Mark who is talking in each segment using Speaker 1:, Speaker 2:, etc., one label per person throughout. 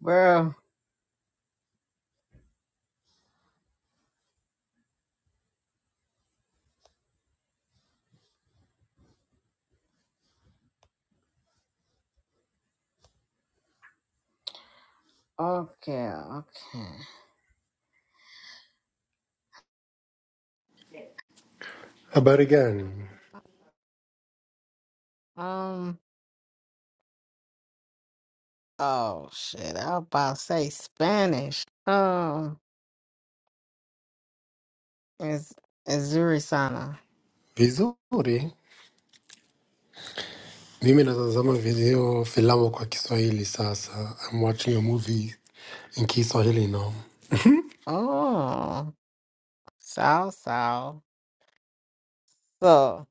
Speaker 1: Bro, okay, okay.
Speaker 2: Habari gani?
Speaker 1: Um, oh shit, I was about to say Spanish. Um, is is
Speaker 2: Vizuri. Mimi natazama video filamu kwa Kiswahili sasa. I'm watching a movie in Kiswahili now.
Speaker 1: Oh, South South. So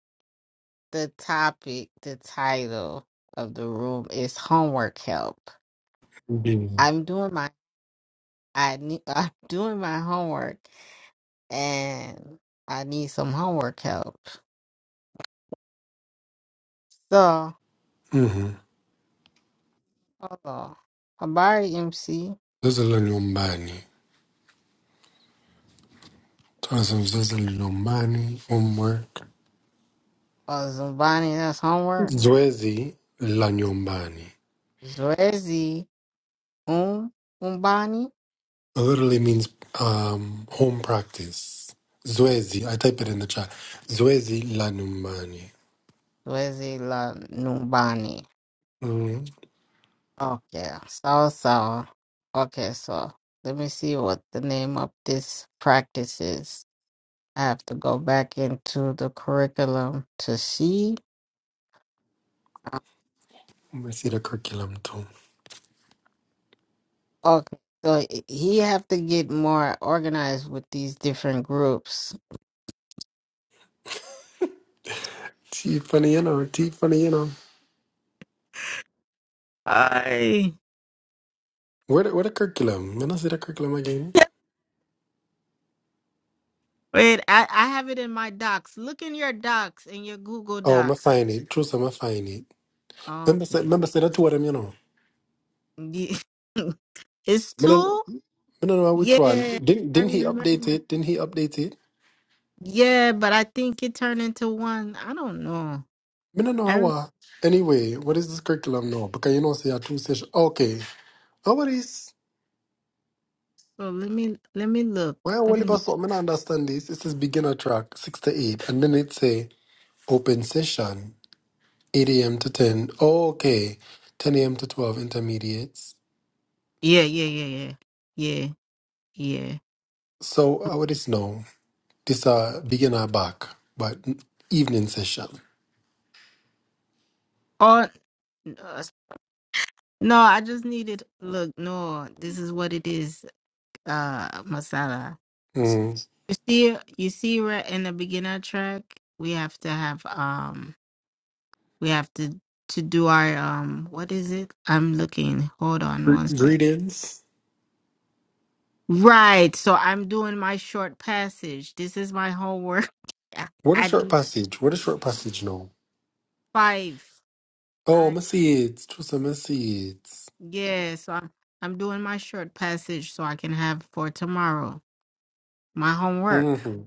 Speaker 1: the topic, the title of the room is homework help.
Speaker 2: Ndiyo.
Speaker 1: I'm doing my I need I'm doing my homework and I need some homework help. So,
Speaker 2: Mhm.
Speaker 1: hold on. Habari MC
Speaker 2: Zoezi la nyumbani. Tunasema zoezi la nyumbani, homework.
Speaker 1: or Zumbani, that's homework.
Speaker 2: Zoezi la nyumbani.
Speaker 1: Zoezi um umbani,
Speaker 2: Literally means um, home practice. Zoezi. I type it in the chat. Zoezi la nyumbani.
Speaker 1: zoezi la numbani.
Speaker 2: Mm.
Speaker 1: Okay, sawa sawa. Okay, so let me see what the name of this practice is. I have to go back into the curriculum to see. Uh,
Speaker 2: I see the curriculum too.
Speaker 1: Okay, so he he have to get more organized with these different groups.
Speaker 2: Tiffany, you know, Tiffany, you know.
Speaker 1: I
Speaker 2: Where the, where the curriculum? When I see the curriculum again.
Speaker 1: wait. I I have it in my docs. Look in your docs in your Google
Speaker 2: Oh, i
Speaker 1: Docs.
Speaker 2: find it. True, so i find it. Remember, say,
Speaker 1: Okay.
Speaker 2: remember, say the two of them. You know.
Speaker 1: Yeah. It's
Speaker 2: I don't,
Speaker 1: two?
Speaker 2: I don't know which one.
Speaker 1: Yeah,
Speaker 2: Didn't
Speaker 1: I
Speaker 2: didn't he update
Speaker 1: remember.
Speaker 2: it? Didn't he update it?
Speaker 1: Yeah, but I think it turned into one. I don't know.
Speaker 2: I don't know
Speaker 1: I
Speaker 2: how.
Speaker 1: don't
Speaker 2: uh, Anyway, what is this curriculum now? Because you know, say a two session. Okay, how about this?
Speaker 1: so let me let me look.
Speaker 2: Why
Speaker 1: Let
Speaker 2: only
Speaker 1: me
Speaker 2: pass up? do not understand this. This is beginner track six to eight, and then it say open session eight a.m. to ten. Oh, okay, ten a.m. to twelve intermediates.
Speaker 1: Yeah, yeah, yeah, yeah. Yeah, yeah.
Speaker 2: So how about this now? This uh begin our back, but evening session.
Speaker 1: Or uh, no, I just needed look, no, this is what it is, uh masala. So
Speaker 2: Mm.
Speaker 1: you see you see right in the beginner track, we have to have um we have to to do our um what is it? I'm looking. Hold on one
Speaker 2: Gre-
Speaker 1: second.
Speaker 2: Greetings.
Speaker 1: Right. So I'm doing my short passage. This is my homework. I
Speaker 2: What a
Speaker 1: I
Speaker 2: short
Speaker 1: need
Speaker 2: passage. What a short passage now.
Speaker 1: five.
Speaker 2: Oh,
Speaker 1: I
Speaker 2: my seeds. Choose my seeds.
Speaker 1: yeah, so I'm I'm doing my short passage so I can have for tomorrow. My homework.
Speaker 2: Mm-hmm.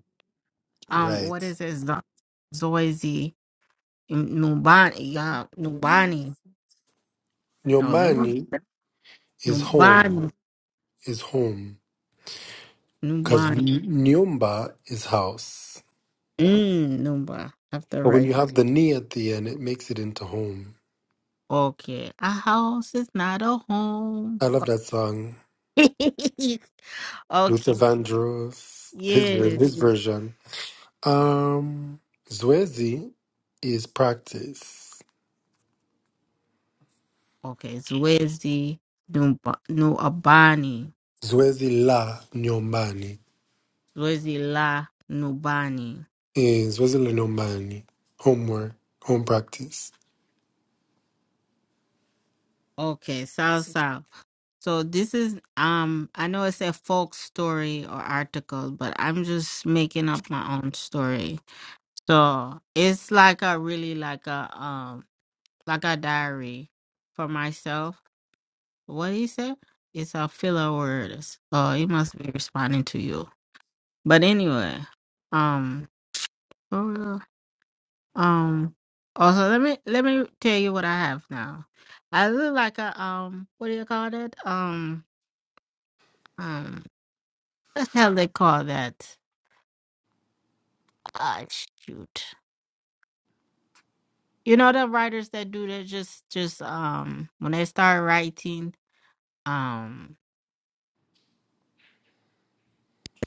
Speaker 1: Um
Speaker 2: Right.
Speaker 1: what is it? Zo- Zoizi M- Nubani yeah, Nubani. No, let me
Speaker 2: Nyumbani is home,
Speaker 1: Nubani.
Speaker 2: is home. Because
Speaker 1: Nubani.
Speaker 2: nyumba is house.
Speaker 1: Mm, Nuba. I have to
Speaker 2: But when
Speaker 1: write.
Speaker 2: you have the ni at the end, it makes it into home.
Speaker 1: Okay. A house is not a home.
Speaker 2: I love that song. Luther
Speaker 1: okay.
Speaker 2: Vandross, his, ver-
Speaker 1: Yes.
Speaker 2: his version. Um, zoezi is practice.
Speaker 1: Okay, Zoezi Numba- Nuabani.
Speaker 2: Zoezi la nyumbani
Speaker 1: Zoezi La Nubani.
Speaker 2: is zoezi la nyumbani, homework, home practice.
Speaker 1: Okay, South South. So this is um I know it's a folk story or article, but I'm just making up my own story. So it's like a really like a um like a diary for myself. What he said? It's a filler word. Oh, he must be responding to you. But anyway, um Um. Also, let me let me tell you what I have now. I look like a um. What do you call that? Um. Um. What the hell they call that? Ah, shoot. You know the writers that do that just just um when they start writing um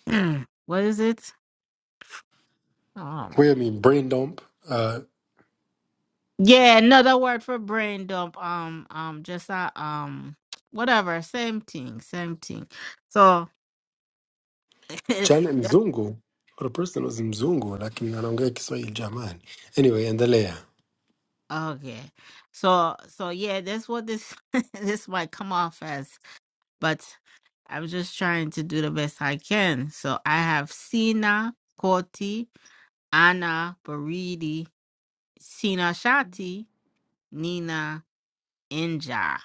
Speaker 1: what is it um
Speaker 2: Wewe ni brain dump. Uh,
Speaker 1: yeah another word for brain dump um um just uh, um whatever same thing same thing so
Speaker 2: Janet mzungu, or the person was mzungu lakini anaongea Kiswahili jamani. Anyway, endelea.
Speaker 1: Okay. So so yeah, that's what this this might come off as, but I'm just trying to do the best I can. So I have Sina Koti, Anna Baridi, Sina Shati, Nina Inja.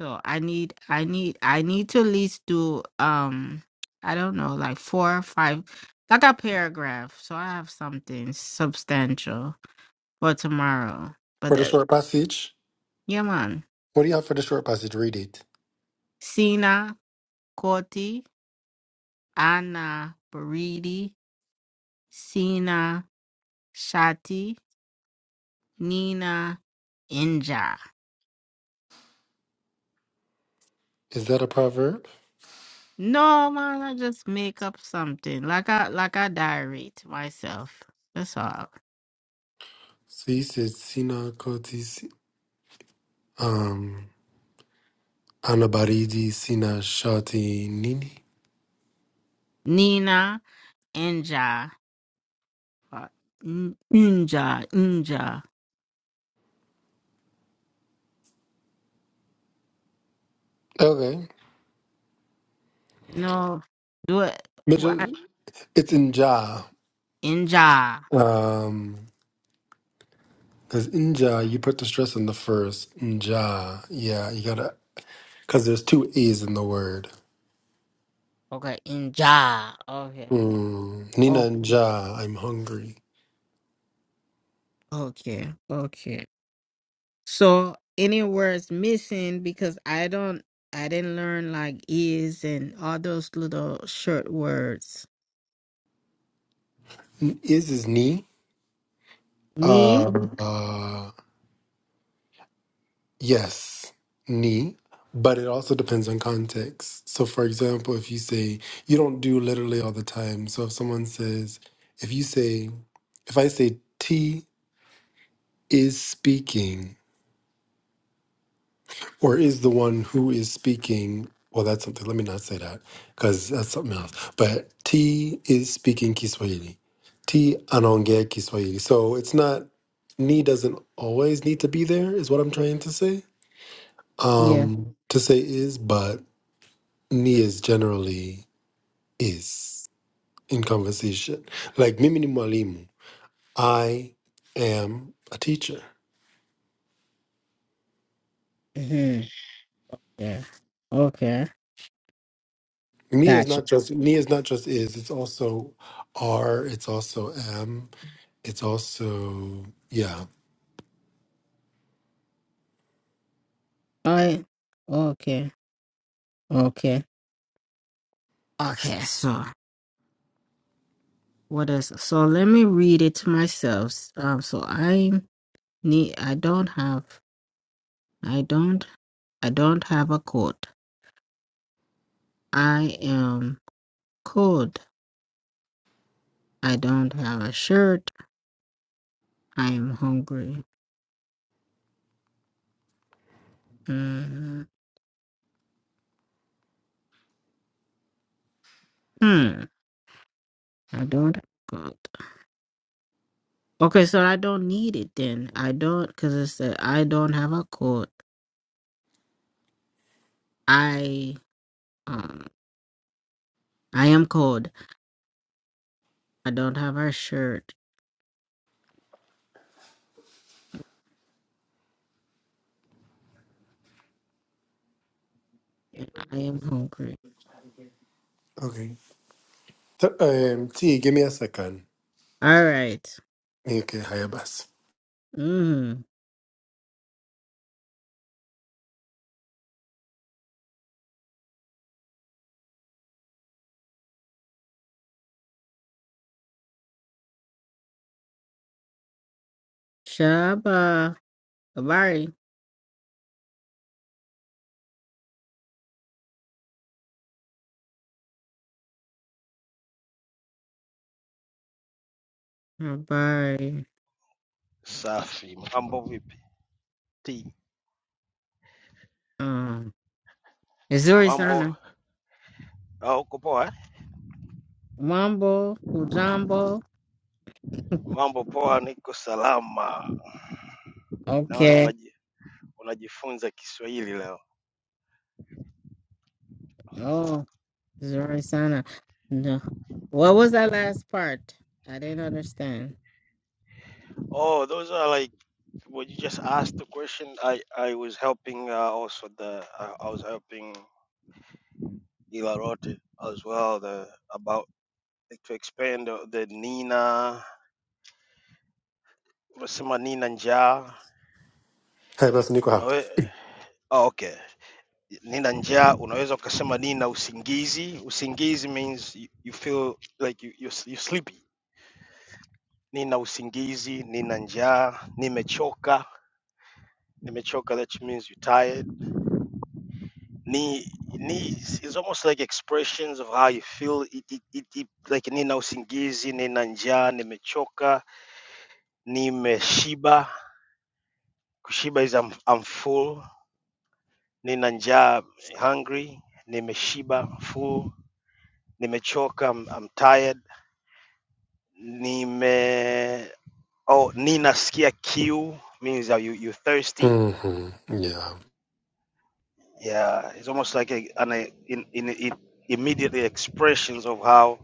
Speaker 1: So I need I need I need to at least do um I don't know, like four or five like a paragraph. So I have something substantial for tomorrow.
Speaker 2: For
Speaker 1: But
Speaker 2: the
Speaker 1: uh,
Speaker 2: short passage,
Speaker 1: yeah man.
Speaker 2: what do you have for the short passage? Read it.
Speaker 1: Sina Koti, Anna, Baridi, Sina, Shati, Nina, Inja.
Speaker 2: Is that a proverb?
Speaker 1: No man, I just make up something. Like I like I diarrhea myself. That's all.
Speaker 2: So you said sina koti, si- um, anabaridi sina shati nini?
Speaker 1: Nina, Inja, uh, N- Inja, Inja.
Speaker 2: Okay.
Speaker 1: No, do it. What?
Speaker 2: It's inja.
Speaker 1: Inja.
Speaker 2: Um, because inja, you put the stress on the first. Inja. Yeah, you gotta, because there's two A's in the word.
Speaker 1: Okay, Inja. Okay.
Speaker 2: Mm. Nina
Speaker 1: Okay.
Speaker 2: inja, I'm hungry.
Speaker 1: Okay. Okay. So any words missing because I don't I didn't learn like is and all those little short words.
Speaker 2: N- Is is ni.
Speaker 1: Knee?
Speaker 2: Uh, uh, yes, ni. But it also depends on context. So, for example, if you say, you don't do literally all the time. So, if someone says, if you say, if I say, T is speaking, or is the one who is speaking well that's something let me not say that because that's something else but t is speaking kiswahili t anaongea kiswahili so it's not ni doesn't always need to be there is what i'm trying to say
Speaker 1: Yeah.
Speaker 2: um to say is but ni is generally is in conversation like mimi ni mwalimu i am a teacher
Speaker 1: hmm Yeah. Okay.
Speaker 2: ni is
Speaker 1: Gotcha.
Speaker 2: not just ni is not just is it's also are it's also am It's also yeah.
Speaker 1: All right. Okay. Okay. Okay, so what is so let me read it to myself. Um so I need I don't have I don't I don't have a coat. I am cold. I don't have a shirt. I am hungry. hmm Hmm. I don't. have God. Okay, so I don't need it then. I don't because it's said I don't have a coat. I um I am cold. I don't have a shirt. I am hungry.
Speaker 2: Okay. Th- um, T, give me a second.
Speaker 1: All right.
Speaker 2: Okay, Hayabas.
Speaker 1: Mm. Shaba. Bye. Bye.
Speaker 3: Safi, mambo vipi? Ti,
Speaker 1: Um. Missouri
Speaker 3: Mambo
Speaker 1: Sana.
Speaker 3: au uko poa? eh?
Speaker 1: Mambo. Ujambo.
Speaker 3: Mambo poa, niko salama. Naona
Speaker 1: Okay.
Speaker 3: unaji, unajifunza Kiswahili leo.
Speaker 1: Oh, Missouri Sana. No. What was that last part? I didn't understand.
Speaker 3: Oh, those are like what you just asked the question. I I was helping uh, also the I, I was helping Ilarote as well the about to expand the, the Nina, wasema Nina njaa.
Speaker 2: Hayabas Niko Hap.
Speaker 3: Unawe Oh, okay. nina njaa unaweza ukasema nina usingizi usingizi means you, you feel like you, you're, you're sleepy nina usingizi nina njaa nimechoka nimechoka that means you're tired ni ni it's almost like expressions of how you feel it, it, it, it, like nina usingizi nina njaa nimechoka nimeshiba kushiba is I'm, I'm full nina njaa hungry nimeshiba full nimechoka I'm, I'm tired Nime oh Nina skia kiu means that you you thirsty.
Speaker 2: Mm-hmm. Yeah.
Speaker 3: Yeah, it's almost like a, an a, in, in, in immediately expressions of how,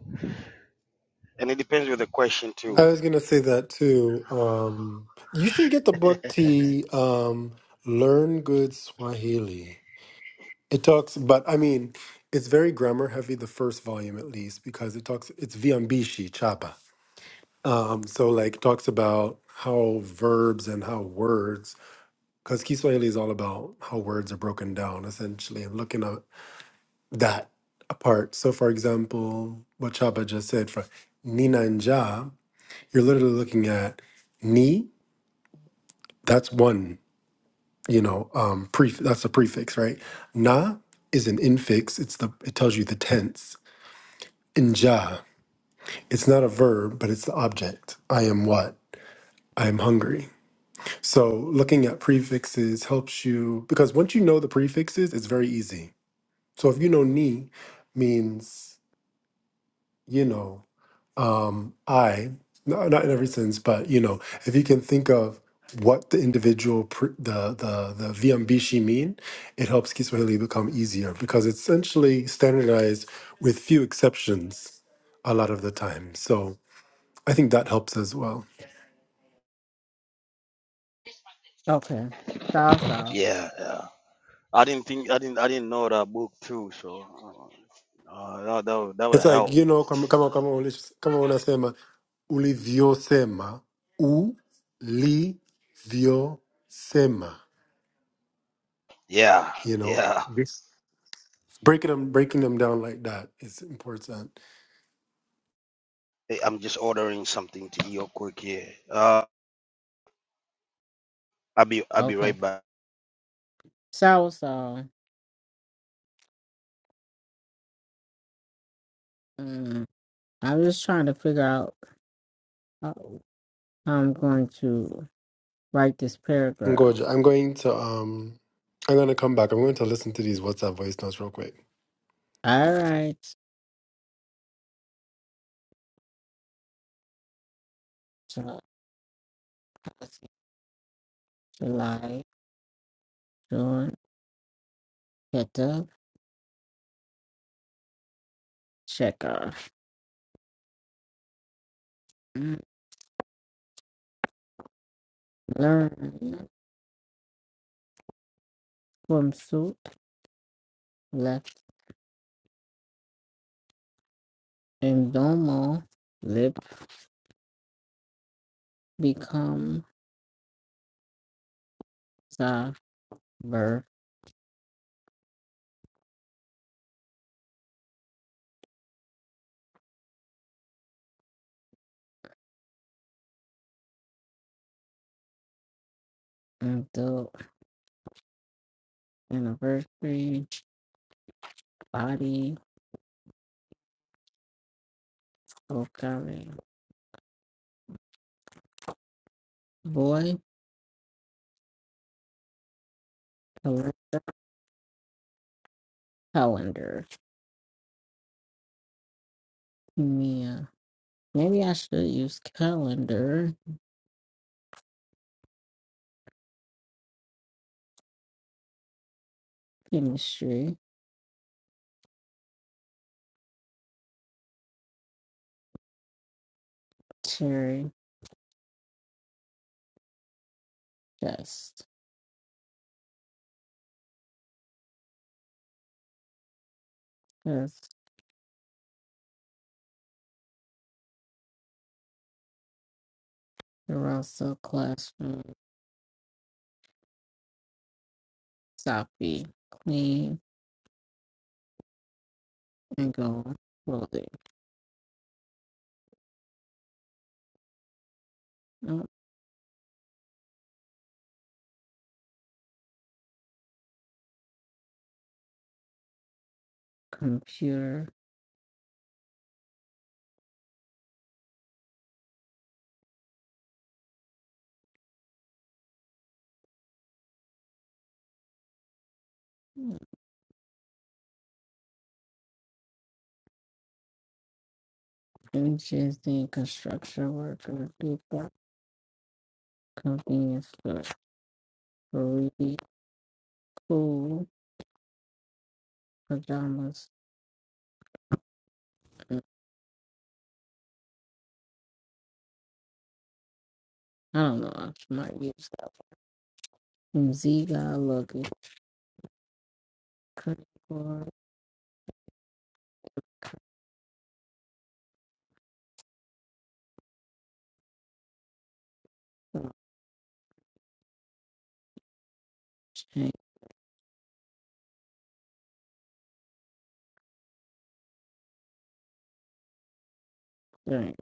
Speaker 3: and it depends with the question too.
Speaker 2: I was gonna say that too. Um, you should get the book T. Um, Learn Good Swahili. It talks, but I mean, it's very grammar heavy. The first volume, at least, because it talks. It's Viambishi Chapa. Um, so like, it talks about how verbs and how words because Kiswahili is all about how words are broken down, essentially, and looking at that apart. So, for example, what Chaba just said for Nina and Ja, you're literally looking at Ni, that's one, you know, um, pref- that's a prefix, right? Na is an infix, it's the it tells you the tense. And Ja, it's not a verb, but it's the object. I am what? I am hungry. So looking at prefixes helps you because once you know the prefixes, it's very easy So if you know ni means, you know, um, I, no, not in every sense, but you know, if you can think of what the individual, pr- the the the viambishi mean, it helps Kiswahili become easier because it's essentially standardized with few exceptions a lot of the time. So I think that helps as well.
Speaker 1: Okay. Sour sour.
Speaker 3: Yeah, yeah. I didn't think I didn't I didn't know that book too, so uh, uh, that that would, that would
Speaker 2: It's like,
Speaker 3: help.
Speaker 2: you know, kama, kama, kama, ulish- kama unasema, ulivyosema, ulivyosema,
Speaker 3: Yeah,
Speaker 2: you know?
Speaker 3: yeah.
Speaker 2: breaking them breaking them down like that is important.
Speaker 3: Hey, I'm just ordering something to eat real quick here. Uh, I'll be I'll be
Speaker 1: Okay.
Speaker 3: right back.
Speaker 1: Sour sour. Mm. I'm just trying to figure out how I'm going to write this paragraph.
Speaker 2: Ngoja, I'm going to um I'm gonna come back. I'm going to listen to these WhatsApp voice notes real quick.
Speaker 1: All right. So, let's see. July, June, get up, checker, Mm. learn, swimsuit, left, and domo lip, become, sa, verb, adult, anniversary, body, vocabulary, boy, calendar. Yeah. Maybe I should use calendar, chemistry, cherry, chest. Because they're also classroom, Sophie, clean, and go clothing. No computer, images, and construction worker, people, convenience store, Really cool, pajamas. and- I don't know, I might use that one. Z got lucky, credit card, and drink,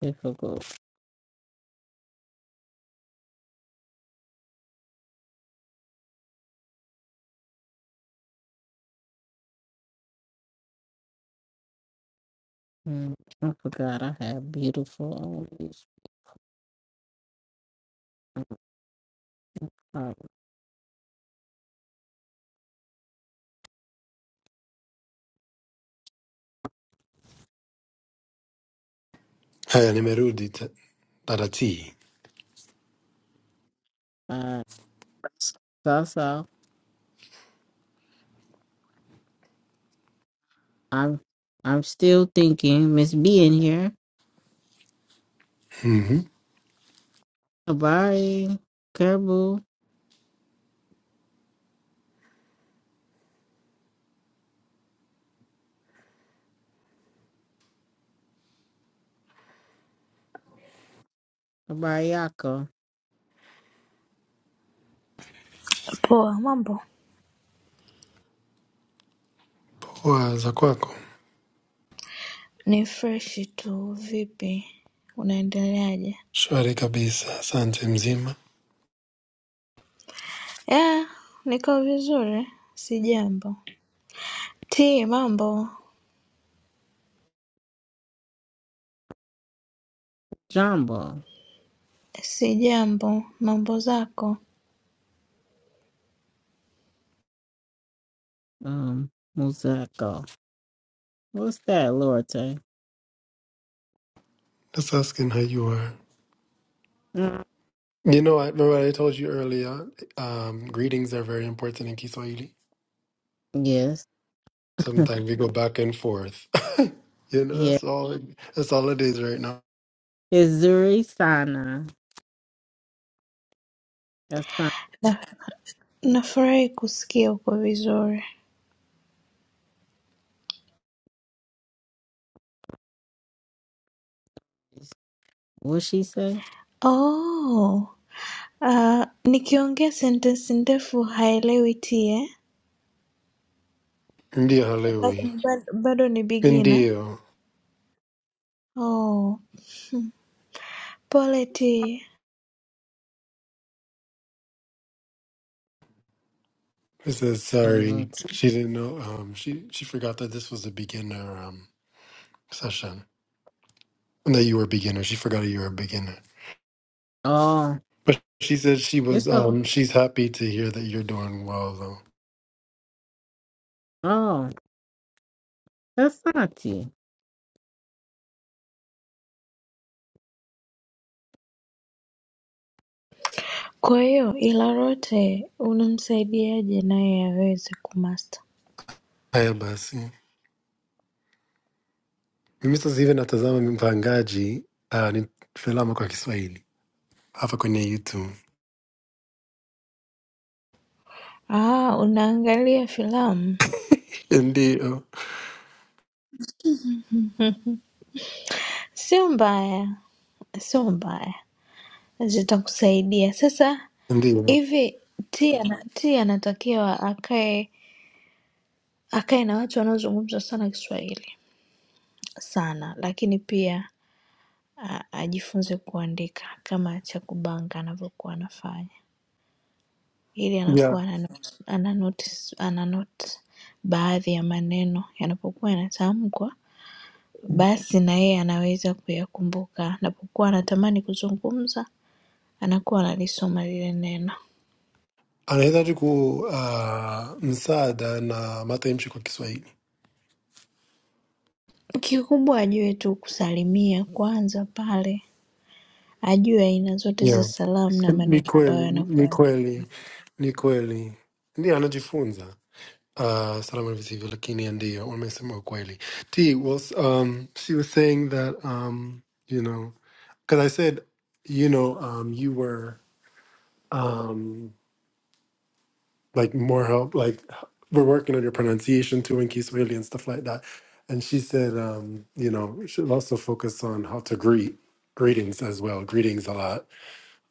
Speaker 1: difficult. Mm, I forgot I had beautiful on this top
Speaker 2: Haya nimerudi te- dada T.
Speaker 1: five. So, so I'm I'm still thinking Miss B in here.
Speaker 2: Mhm.
Speaker 1: Abari, Kerbu, Abariako,
Speaker 4: Poa, mambo?
Speaker 2: Poa za kwako.
Speaker 4: Ni freshi tu. Vipi, unaendeleaje?
Speaker 2: Shwari kabisa. Asante mzima.
Speaker 4: Yeah, niko vizuri, sijambo. T, mambo?
Speaker 1: Jumbo,
Speaker 4: Sijambo. Mambo zako?
Speaker 1: um, Muzako. What's that, Lorte?
Speaker 2: Just asking how you are.
Speaker 1: Mm,
Speaker 2: You know, I remember I told you earlier, um, greetings are very important in Kiswahili.
Speaker 1: yes,
Speaker 2: Sometimes we go back and forth. you know,
Speaker 1: yeah.
Speaker 2: that's all that's all it is right now.
Speaker 1: It's Zuri Sana. That's fine.
Speaker 4: Na- Nafurahi kusikia uko vizuri.
Speaker 1: What she say?
Speaker 4: Oh, uh, nikiongea sentensi ndefu haelewi T eh?
Speaker 2: Ndio
Speaker 4: Bado,
Speaker 2: halewi.
Speaker 4: bado, bado ni bigina.
Speaker 2: Ndio.
Speaker 4: Oh, pole T.
Speaker 2: She says sorry.
Speaker 1: Colote.
Speaker 2: She didn't know. Um, she she forgot that this was a beginner um session and that you were a beginner. She forgot you were a beginner.
Speaker 1: Oh,
Speaker 2: But she said she was
Speaker 1: it's a
Speaker 2: um she's happy to hear that you're doing well though.
Speaker 1: oh, that's Santi.
Speaker 4: Kwa hiyo Ilarote unamsaidiaje naye aweze kumaster?
Speaker 2: Haya basi, mimi sasa hivi natazama mpangaji uh, ni filamu kwa Kiswahili hapa kwenye YouTube.
Speaker 4: Ah, unaangalia filamu?
Speaker 2: Ndio,
Speaker 4: Sio mbaya, sio mbaya, zitakusaidia. Sasa
Speaker 2: ndio,
Speaker 4: hivi T ana- T anatakiwa akae akae na watu wanaozungumza sana Kiswahili sana, lakini pia a, ajifunze kuandika kama Chakubanga anavyokuwa anafanya, ili
Speaker 2: yeah.
Speaker 4: anakuwa ana note- ana notice- ana note baadhi ya maneno yanapokuwa yanatamkwa basi na yeye anaweza kuyakumbuka. Anapokuwa anatamani kuzungumza, anakuwa analisoma lile neno.
Speaker 2: Anahitaji ku uh, msaada na matamshi kwa Kiswahili.
Speaker 4: Kikubwa ajue tu kusalimia kwanza pale, ajue aina zote za
Speaker 2: Yeah,
Speaker 4: salamu na
Speaker 2: ni
Speaker 4: maneno ambayo
Speaker 2: kweli, ni
Speaker 4: yanakuwa.
Speaker 2: kweli. Ni kweli, ndio anajifunza uh, salama visivyo, lakini ya ndio wamesema ukweli. T was um, she was saying that um, you know because I said you know um, you were um, like more help like we're working on your pronunciation too in Kiswahili and stuff like that, and she said um, you know we should also focus on how to greet greetings as well greetings a lot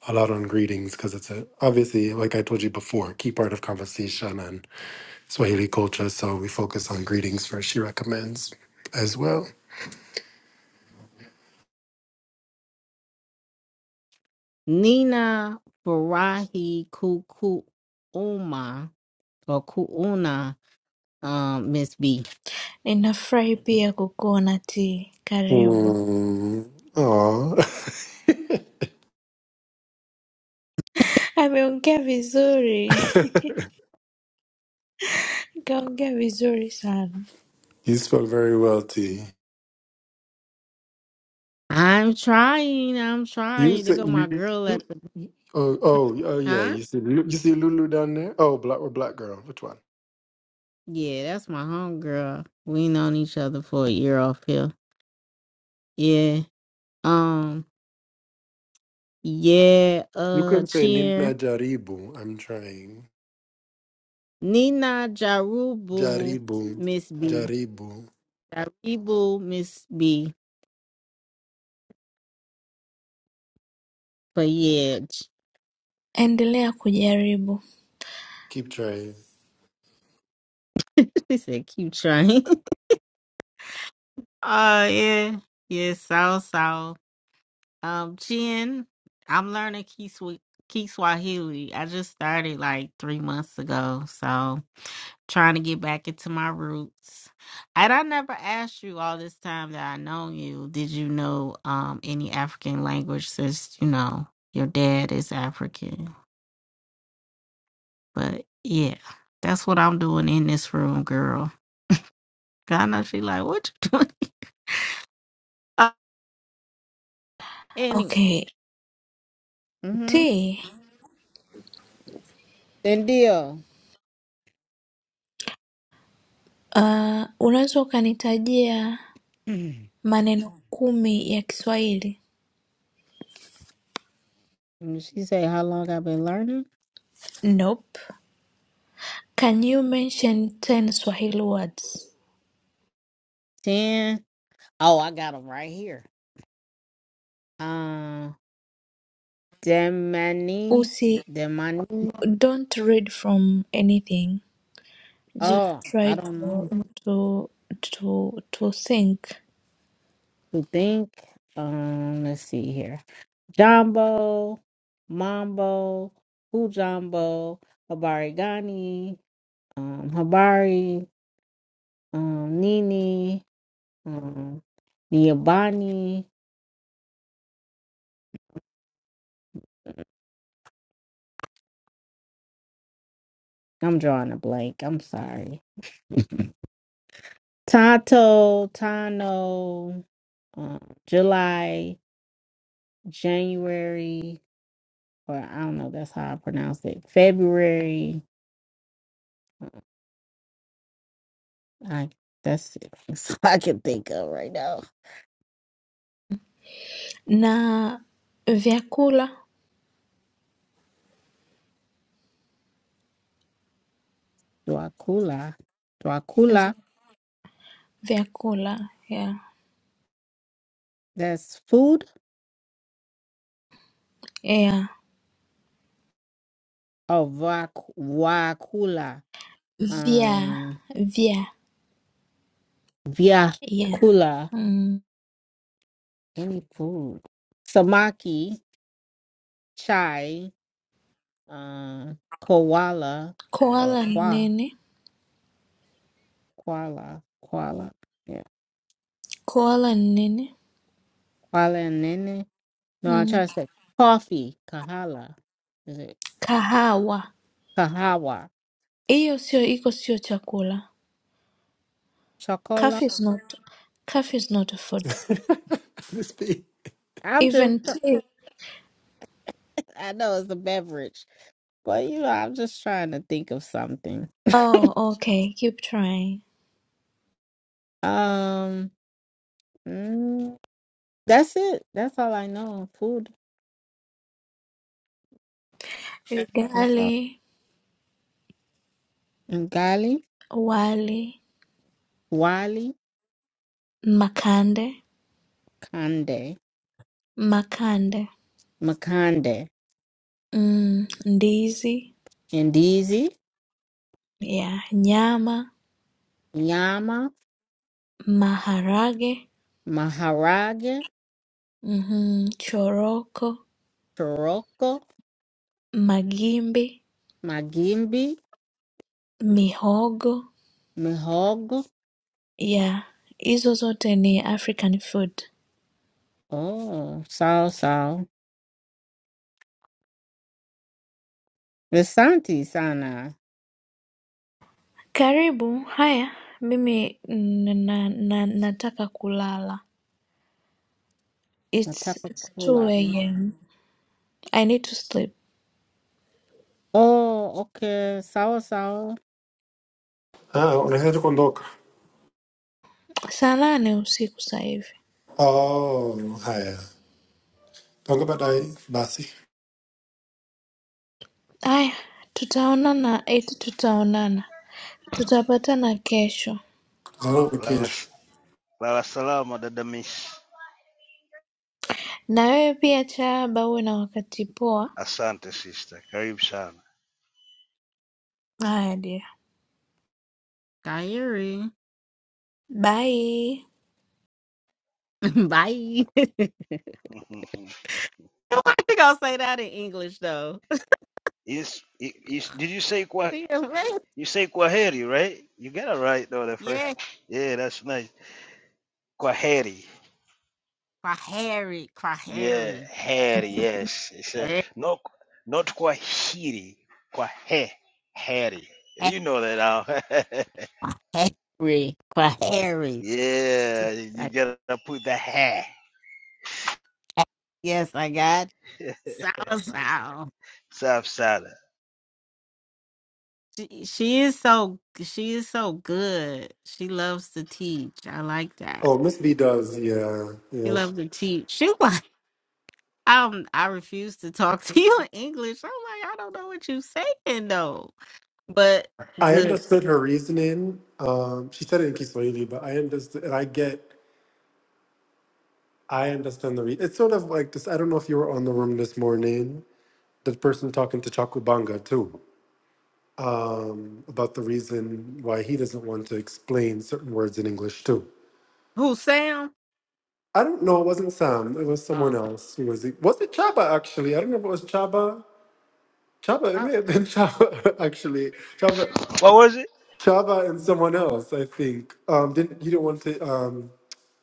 Speaker 2: a lot on greetings because it's a, obviously like i told you before key part of conversation Swahili culture, so we focus on greetings first. She recommends as well.
Speaker 1: Nina Farahi Kukuuma or Kuuna, um, Miss B.
Speaker 4: Ninafurahi pia kukuona T, karibu.
Speaker 2: Mm, aw.
Speaker 4: Ameongea vizuri, kaongea vizuri sana.
Speaker 2: you spoke very well, T.
Speaker 1: I'm trying, I'm
Speaker 2: You
Speaker 1: trying. There
Speaker 2: said
Speaker 1: go my
Speaker 2: you. you-
Speaker 1: girl at the
Speaker 2: Oh, oh, oh, yeah.
Speaker 1: huh?
Speaker 2: You see, Lu- you see Lulu down there. Oh, black or black girl. Which one?
Speaker 1: Yeah, that's my homegirl. We known each other for a year off here. Yeah. Um, yeah,
Speaker 2: You
Speaker 1: uh
Speaker 2: can say
Speaker 1: cheer.
Speaker 2: Nina Jaribu. I'm trying.
Speaker 1: Nina Jarubu,
Speaker 2: Jaribu,
Speaker 1: Miss B.
Speaker 2: Jaribu.
Speaker 1: Jaribu, Miss B. But yeah,
Speaker 4: Endelea kujaribu.
Speaker 2: Keep trying.
Speaker 1: they said keep trying. Uh yeah, yeah, so so. Um, Jen, I'm learning Key Swi- I just started like three months ago, so trying to get back into my roots. And I never asked you all this time that I know you. Did you know um any African language since you know your dad is African? But yeah, that's what I'm doing in this room, girl. 'Cause I know she like, what you doing? uh, anyway,
Speaker 4: Okay,
Speaker 1: mm-hmm.
Speaker 4: T,
Speaker 1: Then deal.
Speaker 4: uh, unaweza ukanitajia maneno kumi ya Kiswahili
Speaker 1: And she say, how long I've been learning?
Speaker 4: Nope. Can you mention 10 Swahili words?
Speaker 1: Ten. Oh, I got them right here. Um, Demani,
Speaker 4: Usi,
Speaker 1: Demani.
Speaker 4: don't read from anything. Just
Speaker 1: Oh,
Speaker 4: try
Speaker 1: I
Speaker 4: to
Speaker 1: don't know.
Speaker 4: to to to think.
Speaker 1: To think. Um, let's see here. Jumbo, Mambo, Ujambo, Habari Gani, um, Habari, um, Nini, um, Niabani. I'm drawing a blank. I'm sorry. Tonto, Tano, um, July, January, or I don't know, that's how I pronounce it. February. Uh, I that's it. That's all I can think of right now.
Speaker 4: Na vyakula,
Speaker 1: Dracula. Dracula.
Speaker 4: vy- vyakula, yeah.
Speaker 1: That's food
Speaker 4: Yeah.
Speaker 1: or vac Wakula.
Speaker 4: Vya,
Speaker 1: Um
Speaker 4: vya, yeah.
Speaker 1: Viacula.
Speaker 4: Mm.
Speaker 1: Any food. Samaki, chai, um koala or
Speaker 4: Koala ni
Speaker 1: qua.
Speaker 4: nini?
Speaker 1: Kuala, Kuala, yeah,
Speaker 4: Koala ni nini?
Speaker 1: Kuala and Nene. No, I try
Speaker 4: Mm.
Speaker 1: to say coffee, Kahala. Is it
Speaker 4: Kahawa.
Speaker 1: Kahawa,
Speaker 4: Hiyo sio iko sio chakula.
Speaker 1: Chocola?
Speaker 4: Coffee is not coffee is not a food.
Speaker 2: This be.
Speaker 1: I'm just,
Speaker 4: Even two.
Speaker 1: I know it's a beverage, but you know, I'm just trying to think of something.
Speaker 4: Oh, okay. Keep trying.
Speaker 1: Um, mm, that's it. That's all I know. on Food. That's all.
Speaker 4: Ugali,
Speaker 1: Ngali,
Speaker 4: wali,
Speaker 1: Wali,
Speaker 4: makande,
Speaker 1: Kande,
Speaker 4: makande,
Speaker 1: Makande,
Speaker 4: mm, ndizi,
Speaker 1: Ndizi,
Speaker 4: yeah, nyama,
Speaker 1: Nyama,
Speaker 4: maharage,
Speaker 1: Maharage,
Speaker 4: mm choroko,
Speaker 1: Choroko,
Speaker 4: magimbi,
Speaker 1: Magimbi,
Speaker 4: mihogo,
Speaker 1: Mihogo.
Speaker 4: yeah. Hizo zote ni African food.
Speaker 1: Oh, sal sal. Vesanti sana.
Speaker 4: Karibu. Haya, mimi n- na, na, nataka kulala. It's, it's 2
Speaker 1: Natapakula.
Speaker 4: a.m. I need to sleep.
Speaker 1: Oh, okay. Sour sour.
Speaker 2: Ah, unaanzaje kuondoka?
Speaker 4: Saa nane usiku saa hivi.
Speaker 2: Oh, haya. Tonga baadaye basi.
Speaker 4: Aya, tutaonana eti tutaonana, tutapatana kesho.
Speaker 2: Hello,
Speaker 3: Lala,
Speaker 2: Rakesh.
Speaker 3: lala salama dada Miss.
Speaker 4: Na wewe pia Chaba, uwe na wakati poa.
Speaker 3: Asante sister. Karibu sana.
Speaker 4: Haya dear,
Speaker 1: Diary.
Speaker 4: bye.
Speaker 1: Bye. I think I'll say that in English though.
Speaker 3: It's, it, it's, did you say qua,
Speaker 1: See you later.
Speaker 3: you say Kwaheri, right? You got it right though the first.
Speaker 1: yeah.
Speaker 3: Yeah, that's nice. Kwaheri.
Speaker 1: Kwaheri.
Speaker 3: Yeah,
Speaker 1: Kwaheri.
Speaker 3: hairy, yes. It's a,
Speaker 1: Eh,
Speaker 3: not not Kwahiri. Kwahe hairy. You know that now.
Speaker 1: Kwaheri. Kwaheri.
Speaker 3: yeah, you
Speaker 1: I-
Speaker 3: gotta put the hair.
Speaker 1: Yes, I got sour sour.
Speaker 3: South Side.
Speaker 1: She, she is so she is so good. She loves to teach. I like that.
Speaker 2: Oh, Miss B does. Yeah,
Speaker 1: She
Speaker 2: yeah. sh-
Speaker 1: loves to teach. She like um I refuse to talk to you in English. I'm like, I don't know what you saying though. But
Speaker 2: I
Speaker 1: good.
Speaker 2: understood her reasoning. Um, she said it in Kiswahili, but I understood. And I get. I understand the. reason. it's sort of like this. I don't know if you were on the room this morning. The person talking to Chakubanga too um, about the reason why he doesn't want to explain certain words in English too.
Speaker 1: Who Sam?
Speaker 2: I don't know. It wasn't Sam. It was
Speaker 1: Oh,
Speaker 2: someone
Speaker 1: okay.
Speaker 2: else. Who was it? Was it Chaba actually? I don't know if it was Chaba. Chaba. It
Speaker 1: Oh,
Speaker 2: may have been Chaba actually. Chaba.
Speaker 3: What was it?
Speaker 2: Chava and someone else, I think. Um, didn't you don't want to um,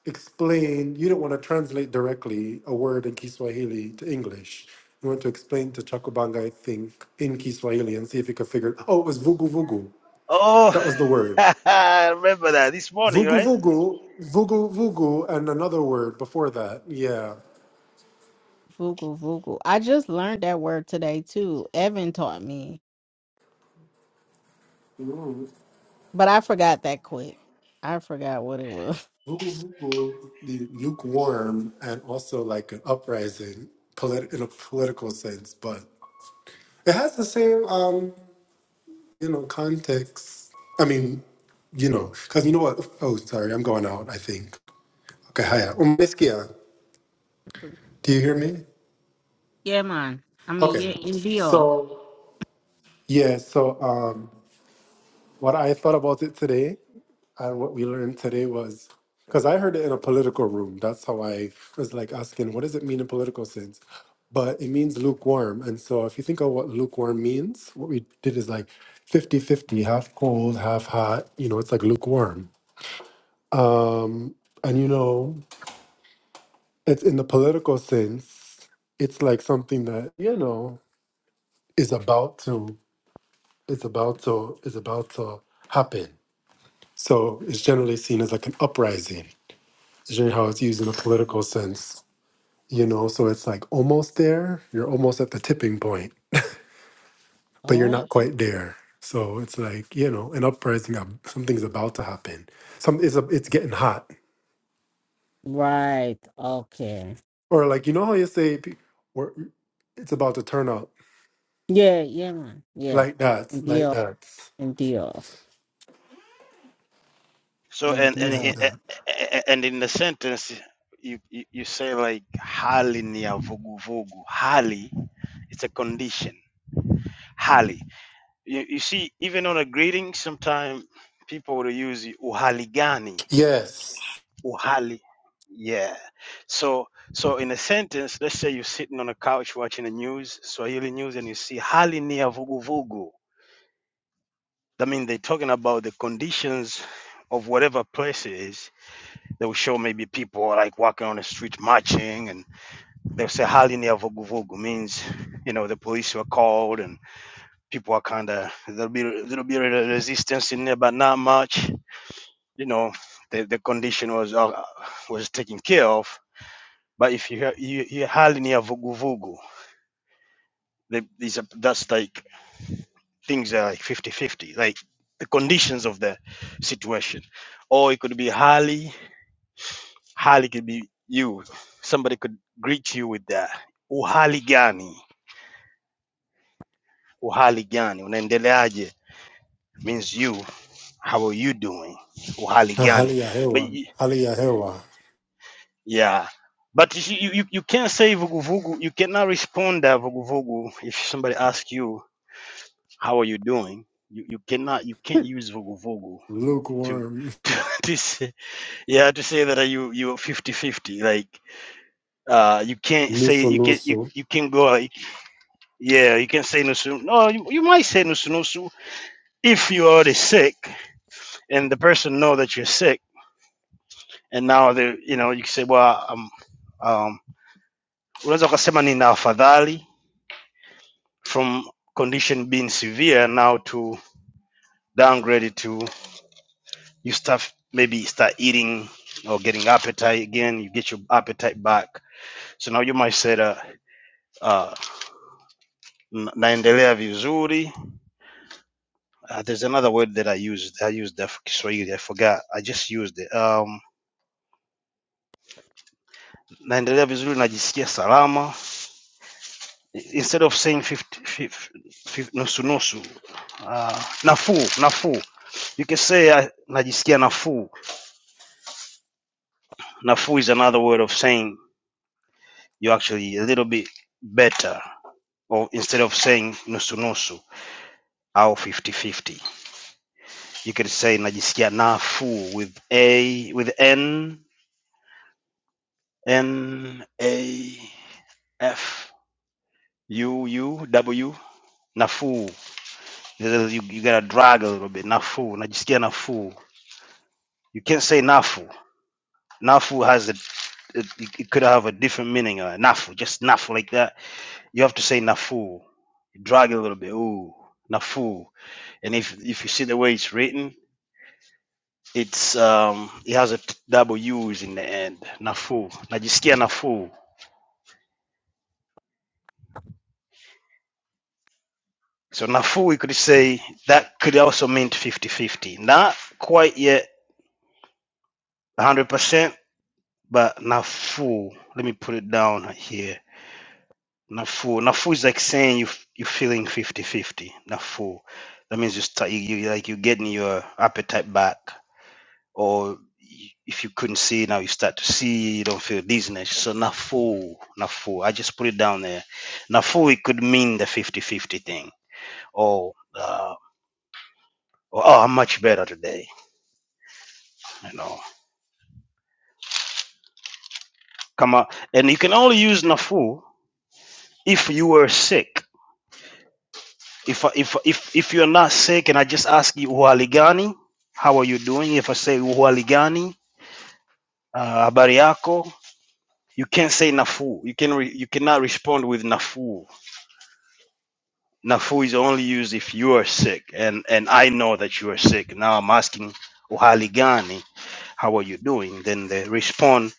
Speaker 2: explain? You don't want to translate directly a word in Kiswahili to English. You want to explain to Chakubanga, I think, in Kiswahili and see if you could figure. Oh, it was vugu vugu.
Speaker 3: Oh
Speaker 2: That was the word.
Speaker 3: I remember that this morning,
Speaker 2: Vugu
Speaker 3: right?
Speaker 2: vugu, vugu vugu, and another word before that. Yeah.
Speaker 1: Vogel Vogel. I just learned that word today too. Evan taught me.
Speaker 2: Mm.
Speaker 1: But I forgot that quick. I forgot what it was.
Speaker 2: Vugu vugu, the lukewarm, and also like an uprising, polit- in a political sense, but it has the same. Um, you know, context. I mean, you know, because you know what? Oh, sorry, I'm going out, I think. Okay, hiya. Um, Miss Kia, do you hear me?
Speaker 1: Yeah, man. I mean yeah,
Speaker 2: Okay.
Speaker 1: in BO.
Speaker 2: So, yeah, so um, what I thought about it today and what we learned today was because I heard it in a political room. That's how I was like asking, what does it mean in political sense? But it means lukewarm. And so if you think of what lukewarm means, what we did is like 50 50, half cold, half hot, you know, it's like lukewarm. Um, and you know, it's in the political sense, it's like something that, you know, is about to is about to is about to happen. So it's generally seen as like an uprising. Is generally how it's used in a political sense. You know, so it's like almost there. You're almost at the tipping point, but you're
Speaker 1: Oh,
Speaker 2: not quite there. So it's like, you know, an uprising of something's about to happen. Some it's a, it's getting hot.
Speaker 1: right. Okay.
Speaker 2: Or like you know how you say pe- we're, it's about to turn out
Speaker 1: Yeah, yeah, man. Yeah.
Speaker 2: Like that, like
Speaker 1: Indeed.
Speaker 2: that,
Speaker 1: Indeed.
Speaker 3: So and and
Speaker 2: like
Speaker 1: Indeed.
Speaker 3: i- a-
Speaker 2: that.
Speaker 3: a- a- and in the sentence you you, you say like hali ni ya vuguvugu. Hali it's a condition. Hali. You, you see even on a greeting sometimes people will use uhali gani.
Speaker 2: Yes.
Speaker 3: Uhali. Yeah. So so in a sentence let's say you're sitting on a couch watching the news, Swahili news and you see hali ni ya vuguvugu. That means they're talking about the conditions of whatever place it is They will show maybe people like walking on the street marching, and they'll say "Hali ni ya vuguvugu" means you know the police were called, and people are kind of there'll be a little bit of resistance in there, but not much. You know, the, the condition was uh, was taken care of. But if you hear, you hear "Hali ni ya vuguvugu," the- these are that's like things are like fifty-fifty, like the conditions of the situation, or it could be "Hali." hali could be you somebody could greet you with that uhali gani uhali gani unaendeleaje means you how are you doing uhali gani but
Speaker 2: Haliyahewa,
Speaker 3: y-
Speaker 2: haliyahewa,
Speaker 3: yeah but you, see, you, you you can't say vuguvugu you cannot respond to vuguvugu if somebody asks you how are you doing you, you cannot you can't use vuguvugu to
Speaker 2: lukewarm,
Speaker 3: to, to say, yeah to say that uh, you you're 50 fifty. like uh you can't say
Speaker 2: luso
Speaker 3: you can you,
Speaker 2: luso.
Speaker 3: you can go Yeah, you can say nusu. No, you, you might say nusu nusu if you're already sick and the person know that you're sick, and now they, you know, you can say, well, um, um, unaweza ukasema nina afadhali from condition being severe now to downgrade it to you start maybe start eating or getting appetite again. You get your appetite back. So now you might say that uh, "Na- naendelea vizuri. Uh, there's another word that I used. I used that for Kiswahili. I forgot. I just used it. Um. naendelea vizuri, najisikia salama instead of saying fifty-fifty, 50, nusu nusu. Uh, nafuu nafuu, you can say uh, najisikia nafuu. Nafuu is another word of saying you actually a little bit better, or instead of saying nusu nusu au 50 fifty, you can say najisikia nafuu with a with n n a f u u w nafuu You, you gotta drag a little bit. Nafuu, unajisikia nafuu. You can't say nafu. Nafu has a it, it could have a different meaning. Uh, nafu, just nafu like that. You have to say nafu. Drag a little bit. Ooh, nafu. And if if you see the way it's written, it's um it has a t- double U's in the end. Nafu, najisikia nafu. So nafu, we could say that could also mean fifty-fifty. Not quite yet 100%, but nafu. Let me put it down here Nafu. Nafu is like saying you f- you're feeling fifty fifty. 50 Nafu. That means you start you, you like you're getting your appetite back, or y- if you couldn't see now you start to see. You don't feel dizziness. So nafu, nafu. I just put it down there. Nafu. It could mean the fifty fifty thing, or uh, or, oh, I'm much better today. You know, come on. And you can only use nafu if you were sick. If I- if if if you're not sick and I just ask you uhaligani, how are you doing? If I say uhaligani, uh, habari yako, you can't say nafu. You can re, you cannot respond with nafu. Nafu is only used if you are sick and and I know that you are sick. Now I'm asking uhaligani, how are you doing? Then they respond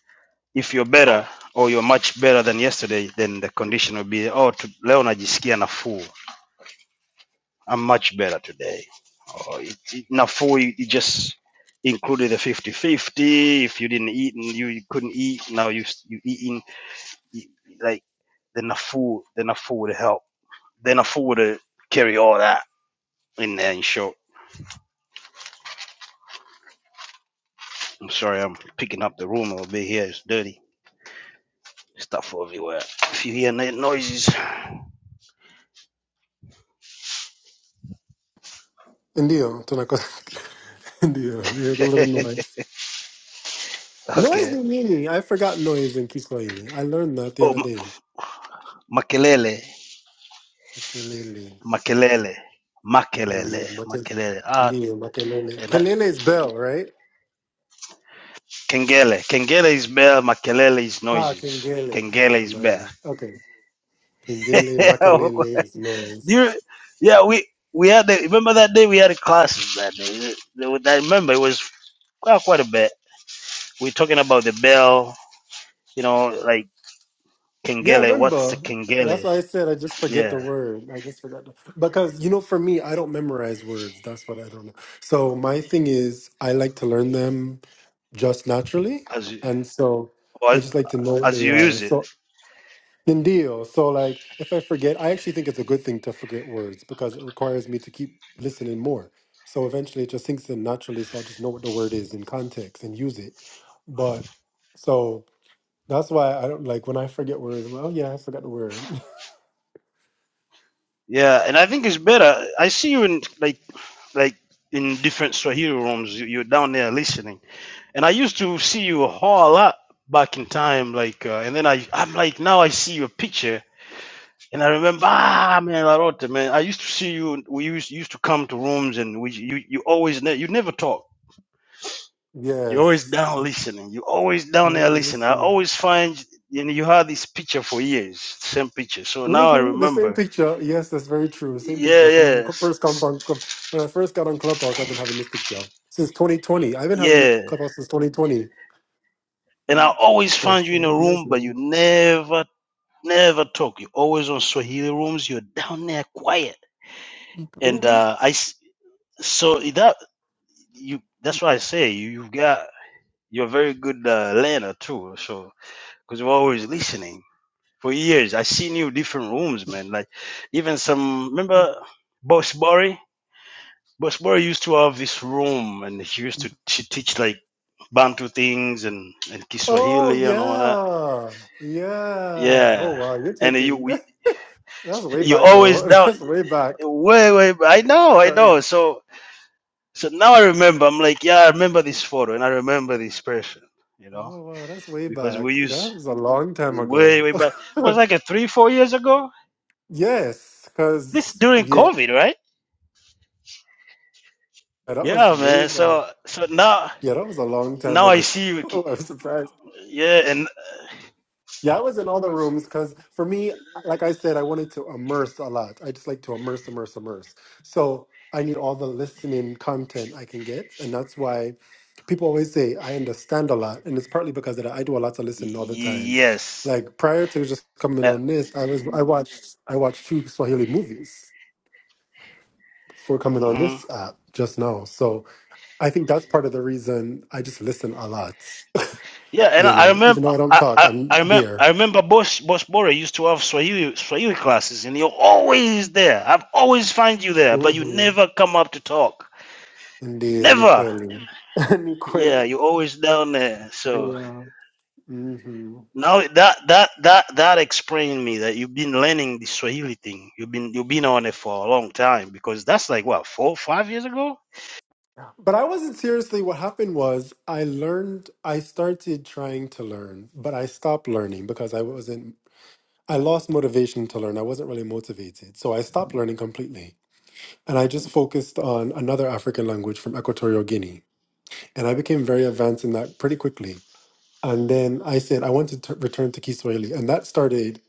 Speaker 3: if you're better or you're much better than yesterday, then the condition will be oh to, leo najisikia nafuu. I'm much better today or it, it, Nafuu, you you just included a fifty-fifty. If you didn't eat and you, you couldn't eat, now you you eating you, like the Nafuu, the Nafuu would help. The Nafuu would carry all that in there. In short, I'm sorry, I'm picking up the room a little bit here. It's dirty. Stuff everywhere. If you hear no- noises,
Speaker 2: Ndio, tunako. Ndio, we heard a
Speaker 3: okay.
Speaker 2: little noise. Noise ni nini? I forgot noise in Kiswahili. I learned that the
Speaker 3: Oh,
Speaker 2: other
Speaker 3: ma-
Speaker 2: day.
Speaker 3: makelele,
Speaker 2: Kelele.
Speaker 3: makelele,
Speaker 2: Ndio,
Speaker 3: makelele,
Speaker 2: make,
Speaker 3: makelele. Ah,
Speaker 2: ndio, makelele. Kelele is bell, right?
Speaker 3: Kengele. Kengele is bell. Makelele is
Speaker 2: Ah,
Speaker 3: noises.
Speaker 2: kengele. Ay,
Speaker 3: Kengele is bell.
Speaker 2: jamani. Okay. Kengele, makelele is
Speaker 3: Do
Speaker 2: noise.
Speaker 3: you, yeah, we we had a, remember that day we had a class that day. I remember it was quite quite a bit. We are talking about the bell. You know, like
Speaker 2: Yeah, I
Speaker 3: Kengele. What's the
Speaker 2: remember. That's
Speaker 3: Kengele?
Speaker 2: why I said I just forget
Speaker 3: Yeah,
Speaker 2: the word. I just forgot the, because you know, for me, I don't memorize words. That's what I don't know. So my thing is, I like to learn them just naturally,
Speaker 3: as you,
Speaker 2: and so
Speaker 3: or
Speaker 2: I just like to know what
Speaker 3: as
Speaker 2: they
Speaker 3: you
Speaker 2: are.
Speaker 3: use it.
Speaker 2: So Nindio. So like, if I forget, I actually think it's a good thing to forget words because it requires me to keep listening more. So eventually, it just sinks in naturally. So I just know what the word is in context and use it. But so. That's why I don't like when I forget words. I'm like, oh yeah, I forgot the word.
Speaker 3: Yeah, and I think it's better. I see you in like like in different Swahili rooms. You, you're down there listening. and I used to see you a whole lot back in time, like, uh, and then I, I'm like, now I see your picture, and I remember, ah, man, Larote, man, I used to see you. We used used to come to rooms, and we, you, you always, ne- you never talk. You're always
Speaker 2: yes.
Speaker 3: down listening. You're always
Speaker 2: I
Speaker 3: down there
Speaker 2: missing.
Speaker 3: listening. I
Speaker 2: listening.
Speaker 3: always find, you know, you had this picture for years, same picture. So now I
Speaker 2: Mhm, The same
Speaker 3: remember.
Speaker 2: picture. Yes, that's very true. Same picture
Speaker 3: Yeah,
Speaker 2: from
Speaker 3: yeah,
Speaker 2: when we co-
Speaker 3: s-
Speaker 2: first come
Speaker 3: s-
Speaker 2: on club. When I first got on Clubhouse, I've been having this picture since 2020. I've been having
Speaker 3: yeah.
Speaker 2: Clubhouse since 2020,
Speaker 3: And I always
Speaker 2: so
Speaker 3: find you in a
Speaker 2: five years
Speaker 3: room, but
Speaker 2: now.
Speaker 3: you never, never talk. You're always on Swahili rooms. You're down there quiet and
Speaker 2: hmm
Speaker 3: uh, I s- so that you that's why I say you you got you're a very good uh, learner too. So because you're always listening for years. I seen you different rooms, man. Like even some remember Boss Bori. Boss Bori used to have this room, and she used to she teach like Bantu things and and
Speaker 2: Oh
Speaker 3: Kiswahili and all that.
Speaker 2: yeah, yeah. Oh
Speaker 3: Yeah,
Speaker 2: wow, you're
Speaker 3: and you
Speaker 2: taking
Speaker 3: we,
Speaker 2: that's way
Speaker 3: you
Speaker 2: back
Speaker 3: always
Speaker 2: though.
Speaker 3: down
Speaker 2: That's way back.
Speaker 3: way way. I know, I know.
Speaker 2: Cause
Speaker 3: So So now I remember. I'm like, yeah, I remember this photo and I remember this person, you know,
Speaker 2: oh wow, that's way
Speaker 3: because
Speaker 2: back.
Speaker 3: we used
Speaker 2: That was a long time
Speaker 3: way,
Speaker 2: ago.
Speaker 3: way back. It was like a three, four years ago.
Speaker 2: Yes,
Speaker 3: This
Speaker 2: because
Speaker 3: during
Speaker 2: yeah,
Speaker 3: COVID, right?
Speaker 2: that was
Speaker 3: Yeah,
Speaker 2: way
Speaker 3: man.
Speaker 2: back.
Speaker 3: So, so now,
Speaker 2: Yeah, that was a long time
Speaker 3: now I
Speaker 2: ago.
Speaker 3: see you.
Speaker 2: I'm surprised.
Speaker 3: Yeah, and
Speaker 2: Yeah, I was in all the rooms because for me, like I said, I wanted to immerse a lot. I just like to immerse, immerse, immerse. So I need all the listening content I can get, and that's why people always say I understand a lot, and it's partly because of that I do a lot of
Speaker 3: y-
Speaker 2: listening all the
Speaker 3: y-
Speaker 2: time.
Speaker 3: yes.
Speaker 2: Like prior to just coming
Speaker 3: Uh,
Speaker 2: on this, I was I watched I watched two Swahili movies before coming on
Speaker 3: mhm.
Speaker 2: this app just now. So I think that's part of the reason I just listen a lot.
Speaker 3: Yeah, and
Speaker 2: You
Speaker 3: I
Speaker 2: know,
Speaker 3: remember,
Speaker 2: even though I don't
Speaker 3: I,
Speaker 2: talk,
Speaker 3: I,
Speaker 2: I'm
Speaker 3: I remember,
Speaker 2: there.
Speaker 3: I remember. Boss, Boss Bora used to have Swahili, Swahili classes, and you're always there. I've always find you there, but you
Speaker 2: Mm-hmm.
Speaker 3: never come up to talk.
Speaker 2: And there,
Speaker 3: Never.
Speaker 2: Nicole.
Speaker 3: Yeah, you always down there. So
Speaker 2: Yeah. hmm
Speaker 3: now that that that that explained me that you've been learning the Swahili thing. You've been you've been on it for a long time because that's like what four five years ago.
Speaker 2: But I wasn't seriously. What happened was I learned, I started trying to learn, but I stopped learning because I wasn't, I lost motivation to learn. I wasn't really motivated. So I stopped learning completely. And I just focused on another African language from Equatorial Guinea. And I became very advanced in that pretty quickly. And then I said, I want to t- return to Kiswahili. And that started,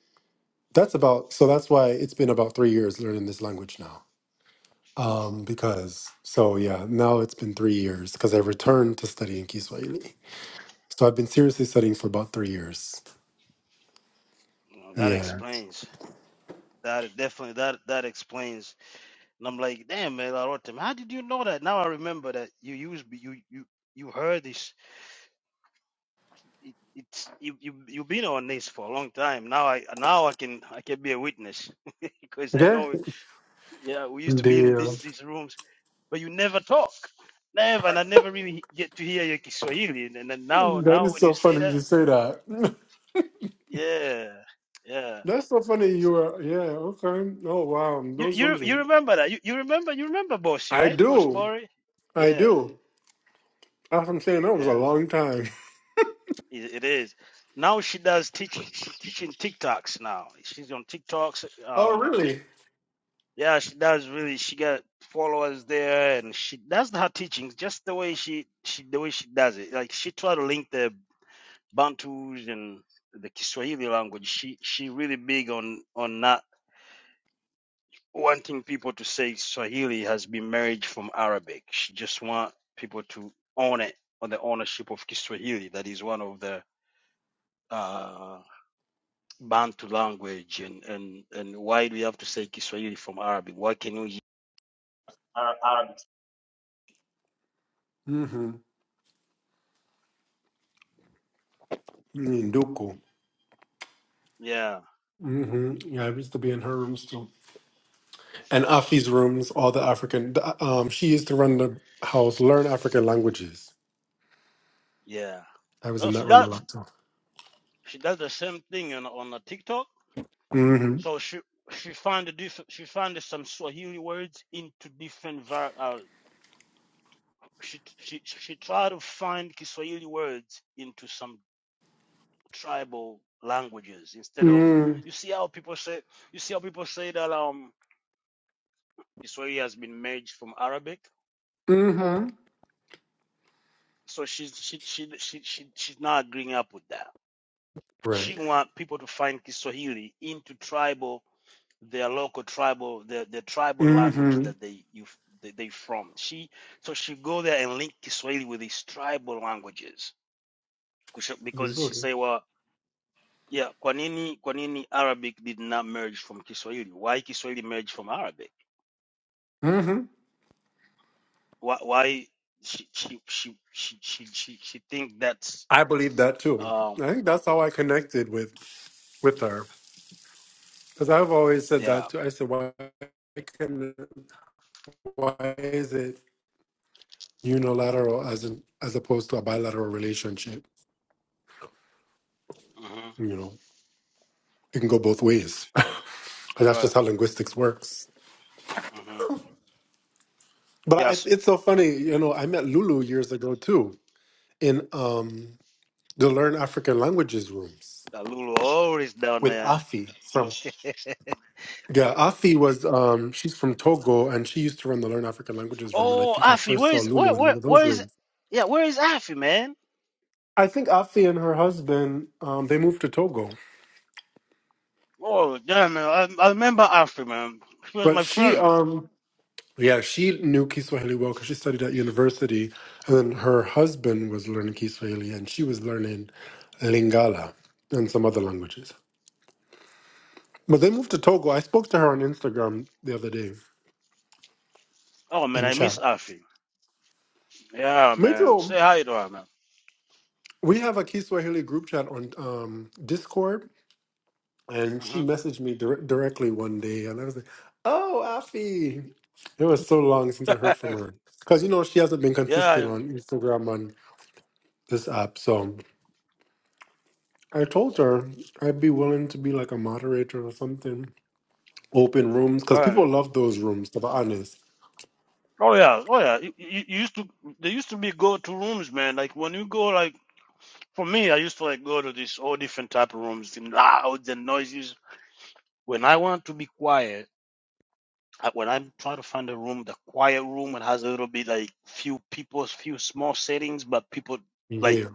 Speaker 2: that's about, so that's why it's been about three years learning this language now. Um, because, so yeah, now it's been three years because I returned to studying Kiswahili. So I've been seriously studying for about three years.
Speaker 3: You that
Speaker 2: Yeah.
Speaker 3: explains that definitely that that explains. And I'm like, damn man, I wrote to him. How did you know that? Now I remember that you use you you you heard this. It, it's you you you've been on this for a long time. Now I now I can I can be a witness because I
Speaker 2: Yeah.
Speaker 3: know. Yeah, we used to be in these
Speaker 2: Damn.
Speaker 3: these rooms but you never talk. never, and I never really get to hear your Kiswahili, and, and then now,
Speaker 2: That
Speaker 3: now
Speaker 2: is
Speaker 3: when you
Speaker 2: so
Speaker 3: say
Speaker 2: funny
Speaker 3: that,
Speaker 2: you say that.
Speaker 3: yeah, yeah.
Speaker 2: That's so funny you
Speaker 3: So
Speaker 2: were, yeah, okay. Oh, wow.
Speaker 3: you
Speaker 2: Those
Speaker 3: you
Speaker 2: rooms are,
Speaker 3: you remember that? You, you remember you remember Boshi,
Speaker 2: I
Speaker 3: right? Bosh
Speaker 2: do.
Speaker 3: Bori?
Speaker 2: I
Speaker 3: Yeah,
Speaker 2: do. That's what I'm saying. That was a
Speaker 3: yeah.
Speaker 2: long time.
Speaker 3: It, it is. Now she does teaching. She teaching TikToks now. She's on TikToks.
Speaker 2: Oh,
Speaker 3: Um,
Speaker 2: really?
Speaker 3: yeah, she does really. She got followers there, and she that's her teachings. Just the way she she the way she does it. Like she try to link the Bantus and the Kiswahili language. She she really big on on not wanting people to say Swahili has been merged from Arabic. She just want people to own it on the ownership of Kiswahili. That is one of the uh, Bantu language. And and and why do we have to say Kiswahili from Arabic? Why can we use Arabic?
Speaker 2: hmm Mm, Nduku.
Speaker 3: Yeah,
Speaker 2: hmm Yeah, I used to be in her rooms too. And Afi's rooms, all the African. the- Um, she used to run the house, learn African languages.
Speaker 3: yeah.
Speaker 2: I was
Speaker 3: So
Speaker 2: in
Speaker 3: she
Speaker 2: that room a
Speaker 3: does
Speaker 2: lot too.
Speaker 3: she does the same thing on on the TikTok
Speaker 2: Mm-hmm.
Speaker 3: So she she found a diff- she found some Swahili words into different var- uh, she she she tried to find Kiswahili words into some tribal languages instead of
Speaker 2: Mm,
Speaker 3: you see how people say you see how people say that um Kiswahili has been merged from Arabic.
Speaker 2: hmm
Speaker 3: So she's she she she, she she's not agreeing up with that. She
Speaker 2: Right.
Speaker 3: want people to find Kiswahili into tribal, their local tribal, the the tribal language
Speaker 2: Mm-hmm.
Speaker 3: that they you they, they from. She so she go there and link Kiswahili with these tribal languages Kusha- because she
Speaker 2: Yuzuri.
Speaker 3: say, well, yeah, kwa nini kwa nini Arabic did not merge from Kiswahili? Why Kiswahili merged from Arabic?
Speaker 2: Mm-hmm.
Speaker 3: Why why she she she she she she, she think that's
Speaker 2: I believe that too.
Speaker 3: um
Speaker 2: I think that's how I connected with with her. Because I've always said
Speaker 3: yeah
Speaker 2: that too. I said, why can, why is it unilateral as an as opposed to a bilateral relationship?
Speaker 3: hmm
Speaker 2: You know, it can go both ways. And that's
Speaker 3: right
Speaker 2: just how linguistics works.
Speaker 3: hmm
Speaker 2: But I,
Speaker 3: yes.
Speaker 2: it's so funny, you know. I met Lulu years ago too in um, the Learn African Languages rooms
Speaker 3: Uh, Lulu always down
Speaker 2: with
Speaker 3: there.
Speaker 2: Afi from. Yeah, Afi was um, she's from Togo and she used to run the Learn African Languages room. And I
Speaker 3: Oh,
Speaker 2: think I
Speaker 3: Afi,
Speaker 2: first
Speaker 3: where
Speaker 2: saw
Speaker 3: is where
Speaker 2: Lulu in
Speaker 3: where
Speaker 2: one of
Speaker 3: where
Speaker 2: those
Speaker 3: is
Speaker 2: rooms.
Speaker 3: yeah, where is Afi, man?
Speaker 2: I think Afi and her husband um, they moved to Togo,
Speaker 3: Oh damn man, I, I remember Afi, man. She was
Speaker 2: but
Speaker 3: my
Speaker 2: she
Speaker 3: friend.
Speaker 2: um, Yeah, she knew Kiswahili well because she studied at university, and then her husband was learning Kiswahili, and she was learning Lingala and some other languages. But they moved to Togo. I spoke to her on Instagram the other day
Speaker 3: Oh man,
Speaker 2: in
Speaker 3: I
Speaker 2: chat.
Speaker 3: miss Afi. Yeah, man.
Speaker 2: Major,
Speaker 3: Say hi to her, man.
Speaker 2: we have a Kiswahili group chat on um, Discord, and she
Speaker 3: hmm
Speaker 2: messaged me dir- directly one day, and I was like, "Oh, Afi!" It was so long since I heard
Speaker 3: yeah,
Speaker 2: from her because you know she hasn't been consistent
Speaker 3: yeah.
Speaker 2: on Instagram on this app, so. I told her I'd be willing to be like a moderator or something. Open rooms, because
Speaker 3: right.
Speaker 2: people love those rooms, to be honest.
Speaker 3: Oh yeah, oh yeah. You, you you used to there used to be go to rooms, man. Like when you go, like for me, I used to like go to this all different type of rooms, the loud, the noises. When I want to be quiet. I- when I'm trying to find a room, the quiet room, it has a little bit like few people, few small settings, but people like
Speaker 2: Yeah.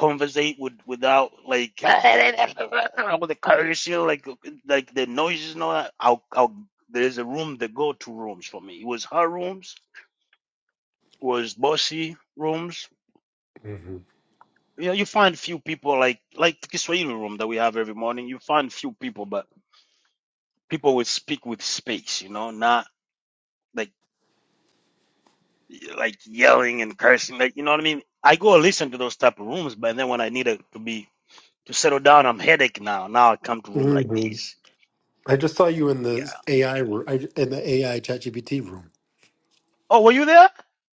Speaker 3: conversate with without like all the cursing, like like the noises and all that. I'll, I'll there's a room, the go-to rooms for me. It was her rooms, was bossy rooms.
Speaker 2: hmm
Speaker 3: You know, you find few people like like the Kiswahili room that we have every morning. You find few people, but people will speak with space, you know, not like like yelling and cursing. Like you know what I mean. I go listen to those type of rooms, but then when I need a, to be to settle down, I'm headache now. Now I come to room like
Speaker 2: hmm
Speaker 3: these.
Speaker 2: I just saw you in
Speaker 3: Yeah.
Speaker 2: the AI room, I, in the AI ChatGPT room.
Speaker 3: Oh, were you there?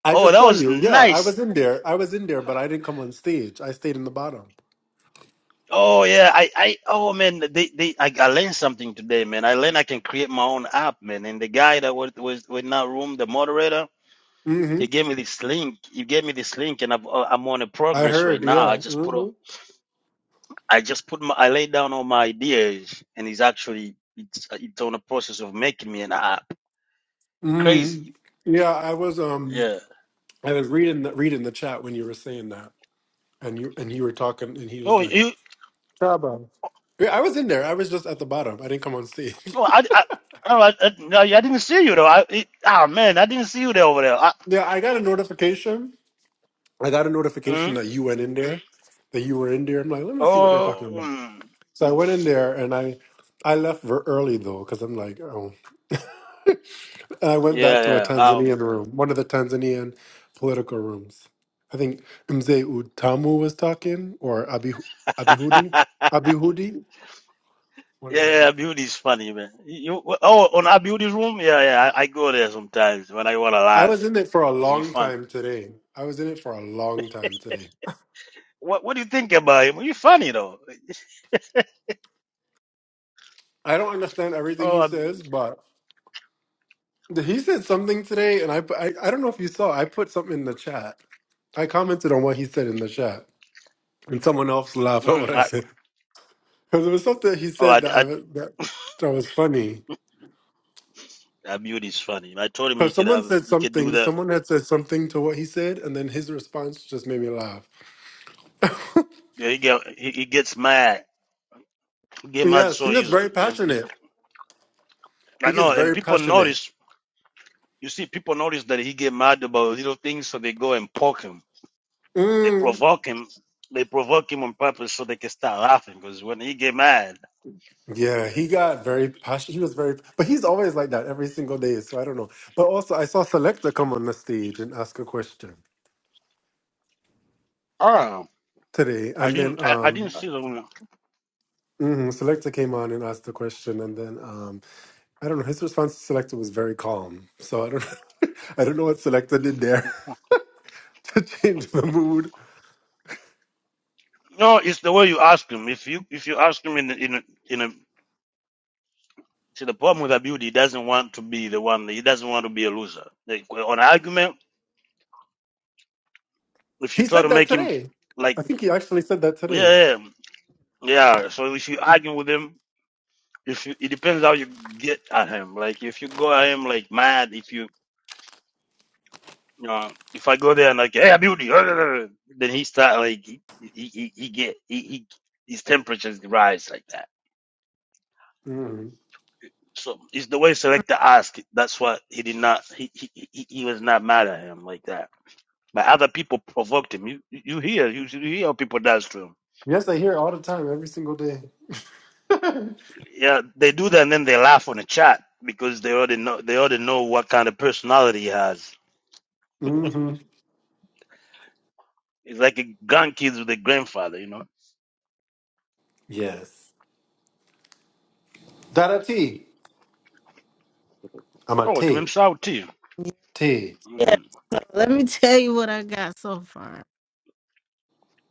Speaker 2: I
Speaker 3: Oh,
Speaker 2: just
Speaker 3: that
Speaker 2: saw
Speaker 3: was
Speaker 2: you. Yeah, I was
Speaker 3: nice.
Speaker 2: in there. I was in there, but I didn't come on stage. I stayed in the bottom.
Speaker 3: Oh yeah, I, I oh man, they, they I, I learned something today, man. I learned I can create my own app, man. And the guy that was was in that room, the moderator,
Speaker 2: hmm
Speaker 3: he gave me this link. He gave me this link, and I've, uh, I'm on a
Speaker 2: I
Speaker 3: progress right
Speaker 2: heard.
Speaker 3: now. I
Speaker 2: Yeah.
Speaker 3: just put a.
Speaker 2: hmm
Speaker 3: I just put my, I lay down all my ideas, and it's actually it's it's on the process of making me an app. Crazy,
Speaker 2: mm Yeah, I was. Um,
Speaker 3: yeah.
Speaker 2: I was reading the, reading the chat when you were saying that, and you and you were talking, and he was
Speaker 3: Oh,
Speaker 2: like.
Speaker 3: you,
Speaker 2: Shaba. Yeah, I was in there. I was just at the bottom. I didn't come on stage.
Speaker 3: oh, I, I, oh, I, I, no, I didn't see you though. I, it, ah, man, I didn't see you there over there. I,
Speaker 2: Yeah, I got a notification. I got a notification
Speaker 3: mm,
Speaker 2: that you went in there, that you were in there. I'm like, let me see what they're talking
Speaker 3: oh,
Speaker 2: about.
Speaker 3: mm,
Speaker 2: So I went in there and I, I left ver- early though because I'm like, oh. And I went back to a
Speaker 3: yeah, yeah. Um,
Speaker 2: Tanzanian room, one of the Tanzanian political rooms. I think Mzee Utamu was talking or Abi Abihudi,
Speaker 3: yeah,
Speaker 2: Abihudi. One of
Speaker 3: yeah.
Speaker 2: them.
Speaker 3: Beauty is funny, man. You, you- oh, on our beauty room, yeah, yeah. I, I go there sometimes when I want to
Speaker 2: I was
Speaker 3: laugh.
Speaker 2: in it for a
Speaker 3: Is he
Speaker 2: long
Speaker 3: fun?
Speaker 2: time today. I was in it for a long time today.
Speaker 3: What What do you think about him? He's funny though.
Speaker 2: I don't understand everything
Speaker 3: Oh,
Speaker 2: he
Speaker 3: I,
Speaker 2: says, but he said something today, and I, put- I I don't know if you saw. I put something in the chat. I commented on what he said in the chat, and someone else laughed at what
Speaker 3: mm,
Speaker 2: I
Speaker 3: I,
Speaker 2: said because it was something he
Speaker 3: oh,
Speaker 2: said
Speaker 3: I,
Speaker 2: that I
Speaker 3: I,
Speaker 2: was- that that was funny.
Speaker 3: That is funny. I told him he
Speaker 2: Because
Speaker 3: could
Speaker 2: someone
Speaker 3: have,
Speaker 2: said
Speaker 3: he could do
Speaker 2: something,
Speaker 3: that.
Speaker 2: someone had said something to what he said, and then his response just made me laugh.
Speaker 3: Yeah, he get, he, he gets mad. He get mad
Speaker 2: Yeah, she
Speaker 3: so
Speaker 2: gets very
Speaker 3: easily. And
Speaker 2: passionate. He
Speaker 3: I
Speaker 2: gets
Speaker 3: know, and
Speaker 2: very
Speaker 3: people
Speaker 2: passionate.
Speaker 3: notice. You see, people notice that he get mad about little things, so they go and poke him. They
Speaker 2: Mm.
Speaker 3: provoke him. They provoke him on purpose so they can start laughing. Because when he get mad,
Speaker 2: Yeah, he got very passionate. He was very, but he's always like that every single day. So I don't know. But also, I saw Selector come on the stage and ask a question
Speaker 3: oh,
Speaker 2: today,
Speaker 3: I
Speaker 2: and
Speaker 3: didn't,
Speaker 2: then
Speaker 3: I, I didn't
Speaker 2: um,
Speaker 3: see the.
Speaker 2: mhm, Selector came on and asked the question, and then um, I don't know. His response to Selector was very calm. So I don't, I don't know what Selector did there to change the mood.
Speaker 3: No, it's the way you ask him. If you, if you ask him in, a- in, a- in a. See, the problem with Abudi, he doesn't want to be the one. He doesn't want to be a loser. Like, on an argument. If you
Speaker 2: He
Speaker 3: try
Speaker 2: said
Speaker 3: to
Speaker 2: that
Speaker 3: make him
Speaker 2: today.
Speaker 3: like,
Speaker 2: I think he actually said that today.
Speaker 3: yeah, yeah, yeah. So if you argue with him, if you, it depends how you get at him. Like if you go at him like mad, if you, you know, if I go there and like, hey, beauty, then he start like he he, he he get he, he his temperatures rise like that.
Speaker 2: Mhm.
Speaker 3: So it's the way selector asked. That's why he did not. He he he he was not mad at him like that. But other people provoked him. You you hear you, you hear how people does to him.
Speaker 2: Yes, I hear it all the time, every single day.
Speaker 3: Yeah, they do that and then they laugh on the chat because they already know they already know what kind of personality he has.
Speaker 2: hmm
Speaker 3: It's like a grandkids with a grandfather, you know.
Speaker 2: Yes, Dada T. I'm a
Speaker 3: Oh,
Speaker 2: T.
Speaker 3: tumemsahau T.
Speaker 2: T.
Speaker 1: Yeah.
Speaker 3: Mm.
Speaker 1: So let me tell you what I got so far.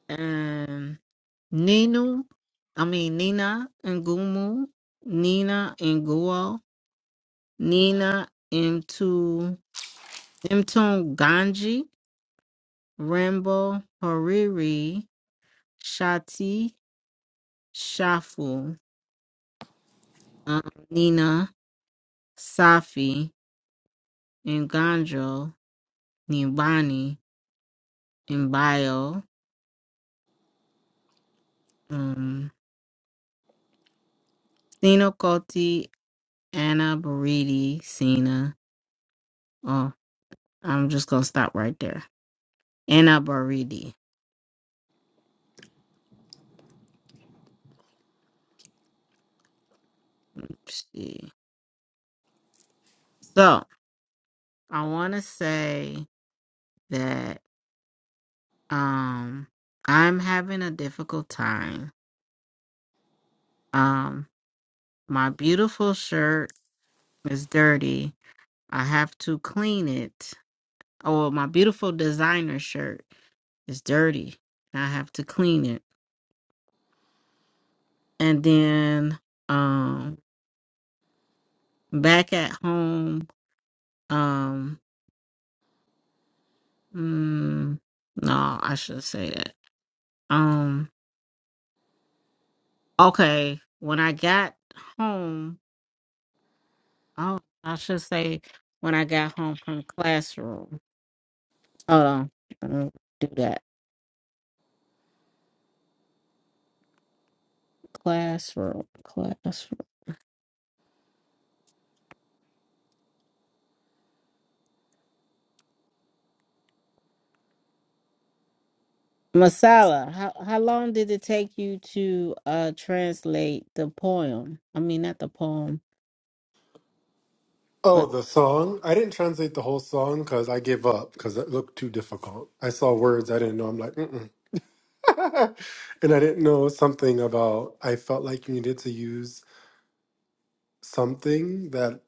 Speaker 1: Um Nino, I mean Nina and Gumu, Nina and Guo, Nina into Mton Ganji, Rambo, Hariri, Shati, Shafu, um, Nina, Safi, and Ganjo, Nibani. in bio. Um, Sino Colty, Anna Baridi, Sina. Oh, I'm just gonna stop right there. Anna Baridi. She. So I want to say that um I'm having a difficult time. Um, my beautiful shirt is dirty. I have to clean it. Oh, well, my beautiful designer shirt is dirty. I have to clean it, and then. um, back at home um mm, no i should say that um okay when i got home oh i should say when i got home from classroom hold on let me do that classroom classroom masala how, how long did it take you to uh translate the poem i mean not the poem but.
Speaker 2: Oh, the song. I didn't translate the whole song because I gave up because it looked too difficult. I saw words I didn't know. I'm like, mm and I didn't know something about. I felt like you needed to use something that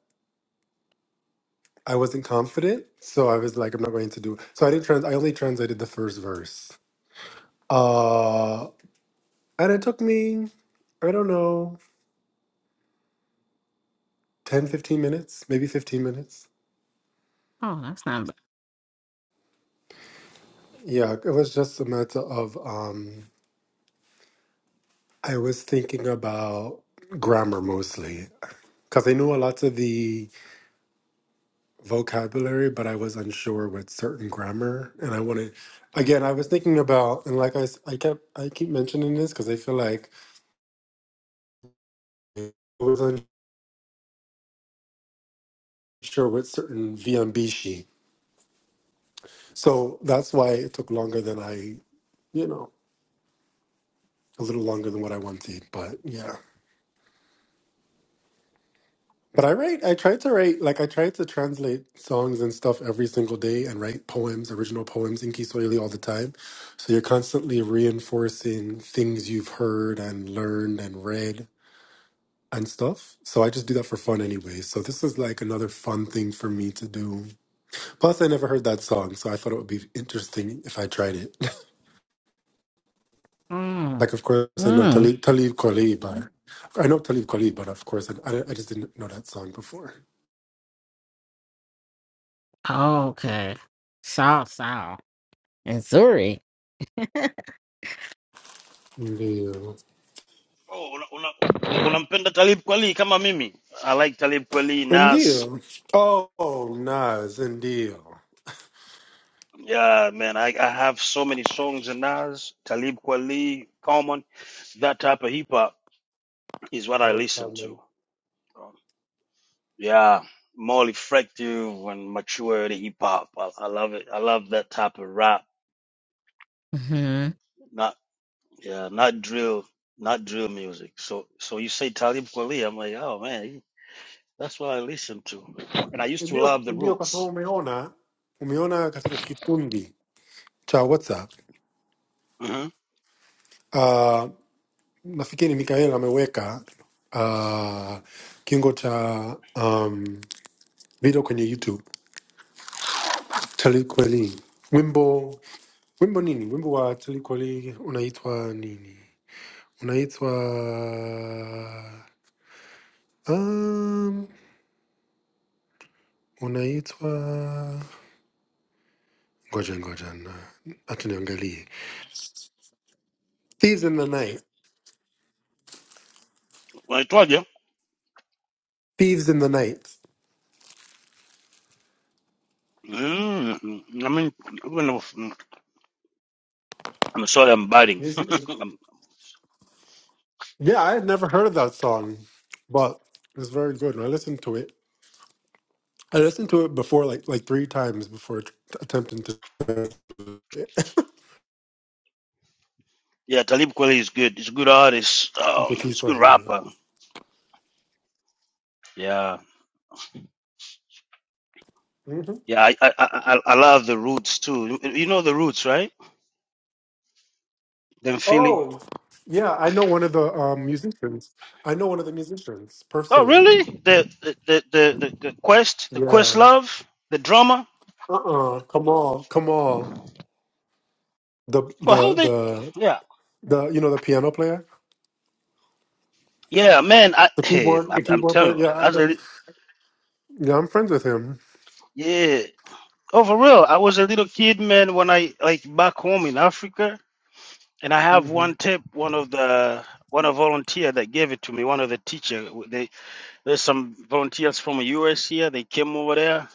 Speaker 2: I wasn't confident. So I was like, I'm not going to do. It. So I didn't. Trans- I only translated the first verse. Uh, and it took me, I don't know, 10, 15 minutes, maybe 15 minutes.
Speaker 1: Oh, that's not bad.
Speaker 2: Yeah, it was just a matter of um I was thinking about grammar mostly because I knew a lot of the vocabulary, but I was unsure with certain grammar. And I wanted, again, I was thinking about, and like I, s- I kept, I keep mentioning this because I feel like I was unsure with certain viambishi. So that's why it took longer than I, you know, a little longer than what I wanted. But yeah. But I write, I tried to write, like, I tried to translate songs and stuff every single day and write poems, original poems in Kiswahili all the time. So you're constantly reinforcing things you've heard and learned and read and stuff. So I just do that for fun anyway. So this is like another fun thing for me to do. Plus, I never heard that song, so I thought it would be interesting if I tried it.
Speaker 1: Mm.
Speaker 2: Like, of course, I know
Speaker 1: Mm.
Speaker 2: Talib, Talib Kweli, but I know Talib Kweli, but of course, I, I I just didn't know that song before.
Speaker 1: okay. Saw, saw. Missouri.
Speaker 2: Ndio.
Speaker 3: Oh, unampenda una, una, unampenda Talib Kweli kama mimi. I like Talib Kweli, Nas.
Speaker 2: Ndio. Oh, Nas, ndio.
Speaker 3: Yeah, man, I, I have so many songs in Nas, Talib Kweli, Common. That type of hip hop is what I
Speaker 2: Okay.
Speaker 3: listen
Speaker 2: man.
Speaker 3: to. Um, Yeah, more effective and mature hip hop. I, I love it. I love that type of rap
Speaker 1: Mm-hmm.
Speaker 3: Not yeah, not drill, not drill music. So so you say Talib Kweli, I'm like, oh man, he- that's what I listen to. And I used to
Speaker 2: Ndio,
Speaker 3: love the
Speaker 2: ndio kwa sababu
Speaker 3: Roots.
Speaker 2: umeona umeona katika kikundi cha WhatsApp
Speaker 3: hmm
Speaker 2: uh, nafikiri Mikael ameweka uh, kingo cha um, video kwenye YouTube Talikweli wimbo wimbo nini wimbo wa Talikweli unaitwa nini unaitwa um, unaitwa Ngoja ngoja na acha niangalie. Thieves in the Night.
Speaker 3: Well, I told you.
Speaker 2: Thieves in the Night.
Speaker 3: mm I mean, I'm, gonna- I'm sorry, I'm biting.
Speaker 2: Music-
Speaker 3: Um,
Speaker 2: Yeah, I had never heard of that song, but it's very good. And I listened to it. I listened to it before like like three times before t- attempting to
Speaker 3: yeah, Talib Kweli is good. He's a good artist. Um,
Speaker 2: into
Speaker 3: he's a good
Speaker 2: Kiswahili.
Speaker 3: rapper. Yeah,
Speaker 2: hmm
Speaker 3: yeah. I I, I I I love the Roots too. You you know the Roots, right? Them Philly.
Speaker 2: Oh, yeah, I know one of the um, musicians. I know one of the musicians
Speaker 3: Oh
Speaker 2: personally.
Speaker 3: really? The the the the, the, the Quest, the Quest
Speaker 2: Yeah.
Speaker 3: Love, the drummer.
Speaker 2: Uh-uh. Kamal. Kamal. The
Speaker 3: Well, how
Speaker 2: the
Speaker 3: they?
Speaker 2: the
Speaker 3: Yeah,
Speaker 2: the you know the piano player,
Speaker 3: yeah, man. I,
Speaker 2: the keyboard, the
Speaker 3: I'm, I'm
Speaker 2: keyboard
Speaker 3: telling
Speaker 2: player.
Speaker 3: you, I was
Speaker 2: Yeah,
Speaker 3: a, li-
Speaker 2: Yeah, I'm friends with him.
Speaker 3: yeah. Oh, for real. I was a little kid, man. When I like back home in Africa, and I have
Speaker 2: hmm
Speaker 3: one tip. One of the one of volunteer that gave it to me. One of the teacher. w- They there's some volunteers from the U.S. here. They came over there,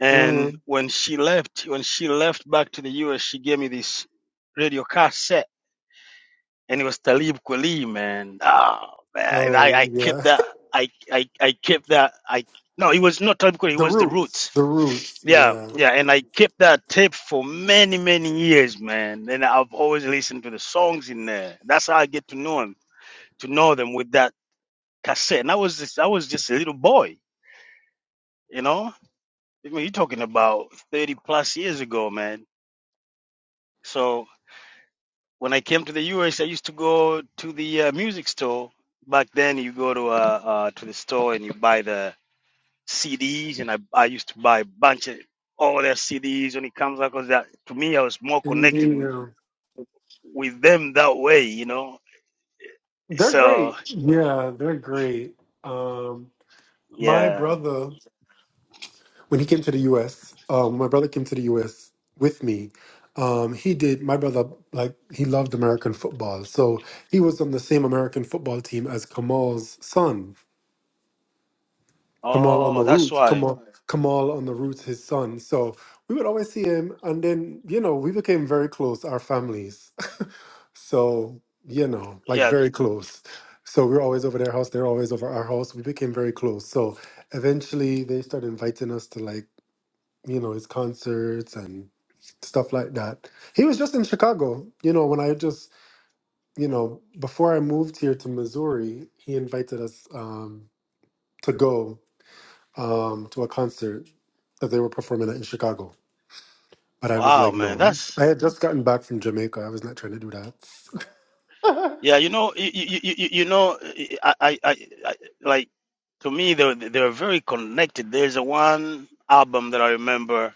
Speaker 3: and
Speaker 2: mm
Speaker 3: when she left, when she left back to the U.S., she gave me this radio cassette. and it was Talib Kweli, man. Oh man, and I, I
Speaker 2: Oh,
Speaker 3: kept
Speaker 2: yeah.
Speaker 3: that. I, I I kept that. I no, it was not Talib Kweli. It
Speaker 2: The
Speaker 3: was the
Speaker 2: Roots.
Speaker 3: Roots.
Speaker 2: The Roots.
Speaker 3: Yeah,
Speaker 2: Yeah.
Speaker 3: yeah, and I kept that tape for many many years, man. And I've always listened to the songs in there. That's how I get to know him, to know them with that cassette. And I was just, I was just a little boy, you know. I mean, you're talking about thirty plus years ago, man. So When I came to the US, I used to go to the uh, music store. Back then, you go to uh, uh, to the store and you buy the CDs, and I, I used to buy a bunch of all their CDs when it comes out because to me, I was more connected
Speaker 2: Indeed.
Speaker 3: with,
Speaker 2: yeah.
Speaker 3: with them that way, you know.
Speaker 2: They're
Speaker 3: So
Speaker 2: great. Yeah, they're great. Um, my
Speaker 3: yeah.
Speaker 2: brother, when he came to the U.S., um, my brother came to the U.S. with me. Um, he did. My brother, like, he loved American football, so he was on the same American football team as Kamal's son. Kamal on the
Speaker 3: Oh, that's
Speaker 2: roots,
Speaker 3: why.
Speaker 2: Kamal, Kamal on the roots, his son. So we would always see him, and then you know we became very close, our families. so you know, like
Speaker 3: Yeah.
Speaker 2: very close. So we were always over their house; they're always over our house. We became very close. So eventually, they started inviting us to like you know his concerts and stuff like that. He was just in Chicago, you know, when I just you know before I moved here to Missouri, he invited us um, to go um, to a concert that they were performing at in Chicago. But I was
Speaker 3: Wow,
Speaker 2: like,
Speaker 3: man.
Speaker 2: no, I'm,
Speaker 3: That's
Speaker 2: I had just gotten back from Jamaica. I was not trying to do that.
Speaker 3: yeah. You know, you you, you, you you know, I, I I I like to me they're they're very connected. There's a one album that I remember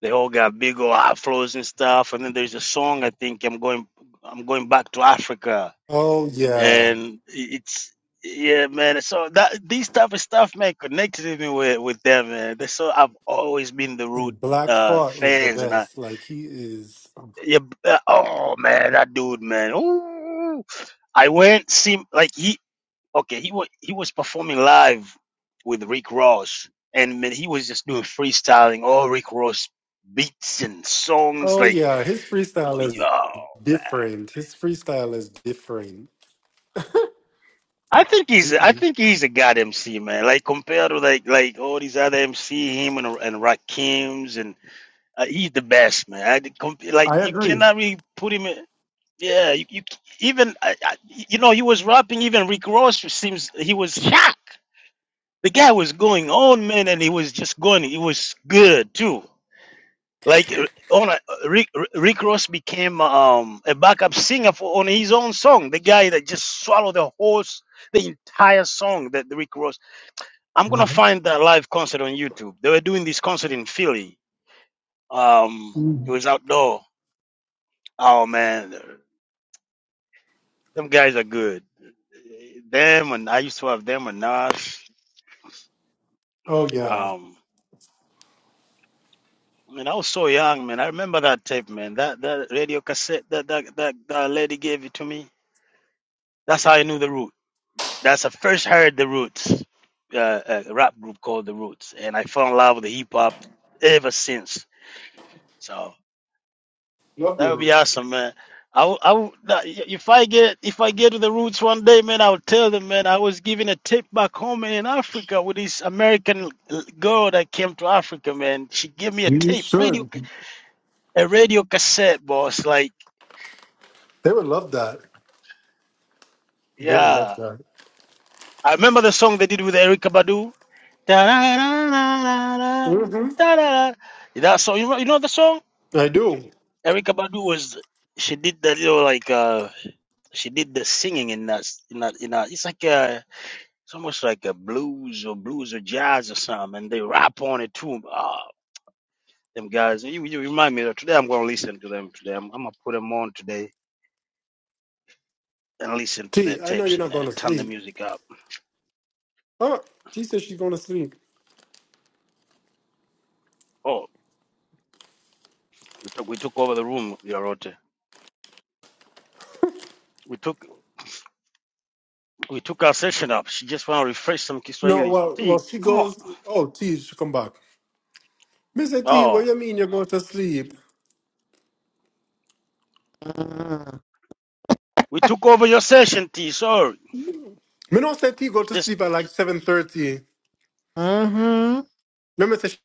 Speaker 3: They all got big old afros and stuff. And then there's a song I think I'm going I'm going back to Africa.
Speaker 2: oh yeah,
Speaker 3: And it's yeah, man. So that these type of stuff man connected me with, with them, man. They so I've always been the root
Speaker 2: and Black
Speaker 3: uh
Speaker 2: Thought is the
Speaker 3: fans and I
Speaker 2: best. Like he is.
Speaker 3: yeah, b- uh, oh man, that dude, man. Ooh. I went see like he okay, he was he was performing live with Rick Ross and man, he was just doing freestyling all Rick Ross beats and songs
Speaker 2: Oh
Speaker 3: like
Speaker 2: yeah, his
Speaker 3: Oh,
Speaker 2: freestyle
Speaker 3: Yo,
Speaker 2: is different. His freestyle is different.
Speaker 3: I think he's I
Speaker 2: Mm-mm.
Speaker 3: think he's a god MC man. Like compared to like like all these other MC, him and and Rakim's and uh, he's the best man. I comp- like
Speaker 2: I
Speaker 3: you
Speaker 2: agree.
Speaker 3: cannot really put him in. Yeah, you, you c- even I, I, you know he was rapping. Even Rick Ross seems he was shocked. The guy was going on man, and he was just going. He was good too. Like uh, on a, uh, Rick, Rick Ross became um, a backup singer for on his own song. The guy that just swallowed the whole, s- the entire song that Rick Ross. I'm gonna
Speaker 2: Mhm.
Speaker 3: find that live concert on YouTube. They were doing this concert in Philly. Um, it
Speaker 2: Mhm.
Speaker 3: was outdoor. Oh man, them guys are good. Them and I used to have them and Nas.
Speaker 2: Oh yeah,
Speaker 3: Um, Man, I was so young, man. I remember that tape, man. That that radio cassette that that that, that lady gave it to me. That's how I knew the root. That's I first heard the Roots, uh, uh, a rap group called the Roots, and I fell in love with the hip hop ever since. So
Speaker 2: love the
Speaker 3: that would be
Speaker 2: roots.
Speaker 3: awesome, man. I, w- I w- that- y- if I get if I get to the Roots one day, man, I'll tell them, man, I was giving a tip back home in Africa with this American l- girl that came to Africa, man. She gave me a
Speaker 2: You
Speaker 3: tape, radio,
Speaker 2: should.
Speaker 3: ca- a radio cassette, boss. Like,
Speaker 2: They would love that. They would love
Speaker 3: yeah,
Speaker 2: that.
Speaker 3: I remember the song they did with Erica Badu. Da-da-da-da-da-da,
Speaker 2: hmm
Speaker 3: da-da-da. That song, you know, you know the song?
Speaker 2: I do.
Speaker 3: Erica Badu was she did the little like uh she did the singing in that in that in that it's like uh it's almost like a blues or blues or jazz or something and they rap on it too. Ah, them guys, you, you remind me that today I'm gonna listen to them today. I'm, I'm gonna put them on today and listen to their
Speaker 2: T, I know
Speaker 3: tapes
Speaker 2: you're
Speaker 3: and
Speaker 2: not
Speaker 3: uh,
Speaker 2: going to
Speaker 3: turn the
Speaker 2: sleep.
Speaker 3: music up.
Speaker 2: Oh, T says she's going to sleep.
Speaker 3: Oh, we took we took over the room, Yarote. We took We took our session up. She just want to refresh some
Speaker 2: No,
Speaker 3: Kiswahili.
Speaker 2: well, well,
Speaker 3: T,
Speaker 2: she
Speaker 3: come on.
Speaker 2: goes. Oh, T, she come back. Me say T, what
Speaker 3: Oh,
Speaker 2: you mean you're going to sleep?
Speaker 3: we took over your session, T. Sorry.
Speaker 2: Me not say T go to
Speaker 3: Just
Speaker 2: sleep at like seven thirty.
Speaker 1: Mm-hmm.
Speaker 2: Me me say she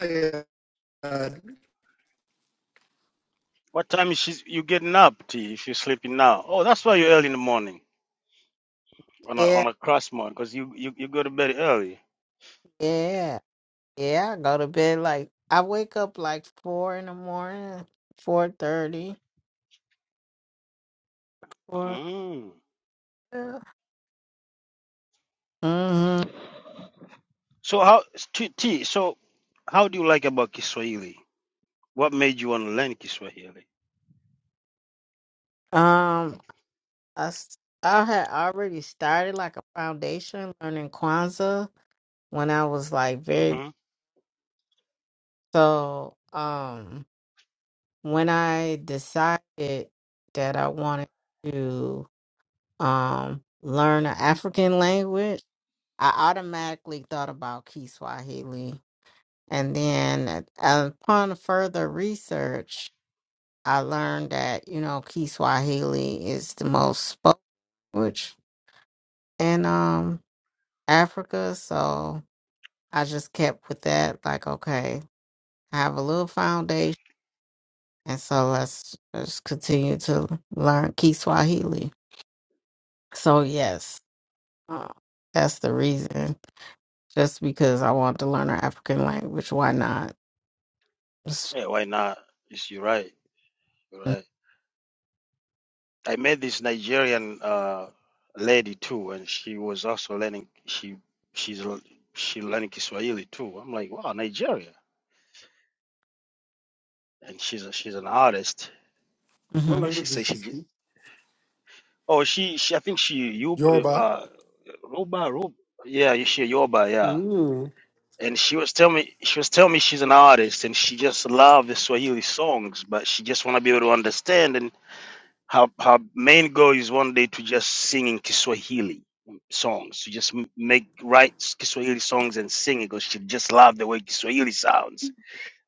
Speaker 2: tired.
Speaker 3: what time is she, you getting up, T? If you're sleeping now. Oh, that's why you're early in the morning on a
Speaker 1: Yeah,
Speaker 3: on a cross morning because you, you you go to bed early.
Speaker 1: yeah, yeah. I go to bed like I wake up like four in the morning, four thirty. For
Speaker 3: Mm.
Speaker 1: hmm
Speaker 3: So how T, T? So how do you like about Kiswahili? What made you want to learn Kiswahili?
Speaker 1: Um, I, s- I had already started like a foundation learning Kwanzaa when I was like very
Speaker 3: Mm-hmm.
Speaker 1: so. Um, when I decided that I wanted to um learn an African language, I automatically thought about Kiswahili, and then uh, upon further research, I learned that you know Kiswahili is the most spoken language in um Africa, so I just kept with that. Like, okay, I have a little foundation, and so let's just continue to learn Kiswahili. So yes, uh, that's the reason. Just because I want to learn an African language, why not?
Speaker 3: Yeah, why not? Yes, you're right. You're right.
Speaker 1: Mm-hmm.
Speaker 3: I met this Nigerian uh, lady too, and she was also learning. She she's l- she learning Kiswahili too. I'm like, wow, Nigeria, and she's a, she's an artist,
Speaker 2: What
Speaker 3: and she
Speaker 2: language does
Speaker 3: says
Speaker 2: she
Speaker 3: she j-
Speaker 2: speak?
Speaker 3: oh she she I think she you
Speaker 2: Yoruba.
Speaker 3: uh Roba Roba yeah she Yoba yeah.
Speaker 2: Mm,
Speaker 3: And she was telling me she was telling me she's an artist and she just loved the Swahili songs, but she just want to be able to understand. her her main goal is one day to just sing in Kiswahili songs, to just m- make write Kiswahili songs and sing it because she just loved the way Kiswahili sounds.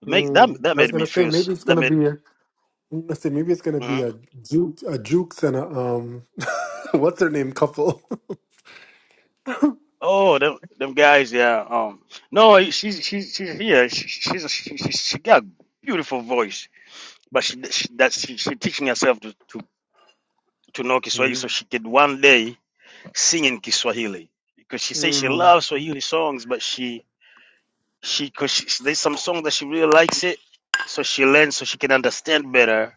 Speaker 3: Make that
Speaker 2: mm.
Speaker 3: that
Speaker 2: I was
Speaker 3: made me
Speaker 2: gonna say
Speaker 3: feel s-
Speaker 2: maybe it's
Speaker 3: that
Speaker 2: gonna
Speaker 3: made
Speaker 2: be. A, I say maybe it's gonna be
Speaker 3: mhm.
Speaker 2: a Duke, a Jukes and a um, what's her name couple.
Speaker 3: oh them them guys yeah um no she's she's she's here she, she's a, she, she she got beautiful voice but she, she that she, she teaching herself to, to to know Kiswahili so
Speaker 2: Mm.
Speaker 3: she could one day sing in Kiswahili because she says she
Speaker 2: Mm.
Speaker 3: loves Swahili songs but she She because she, there's some song that she really likes it, so she learns so she can understand better,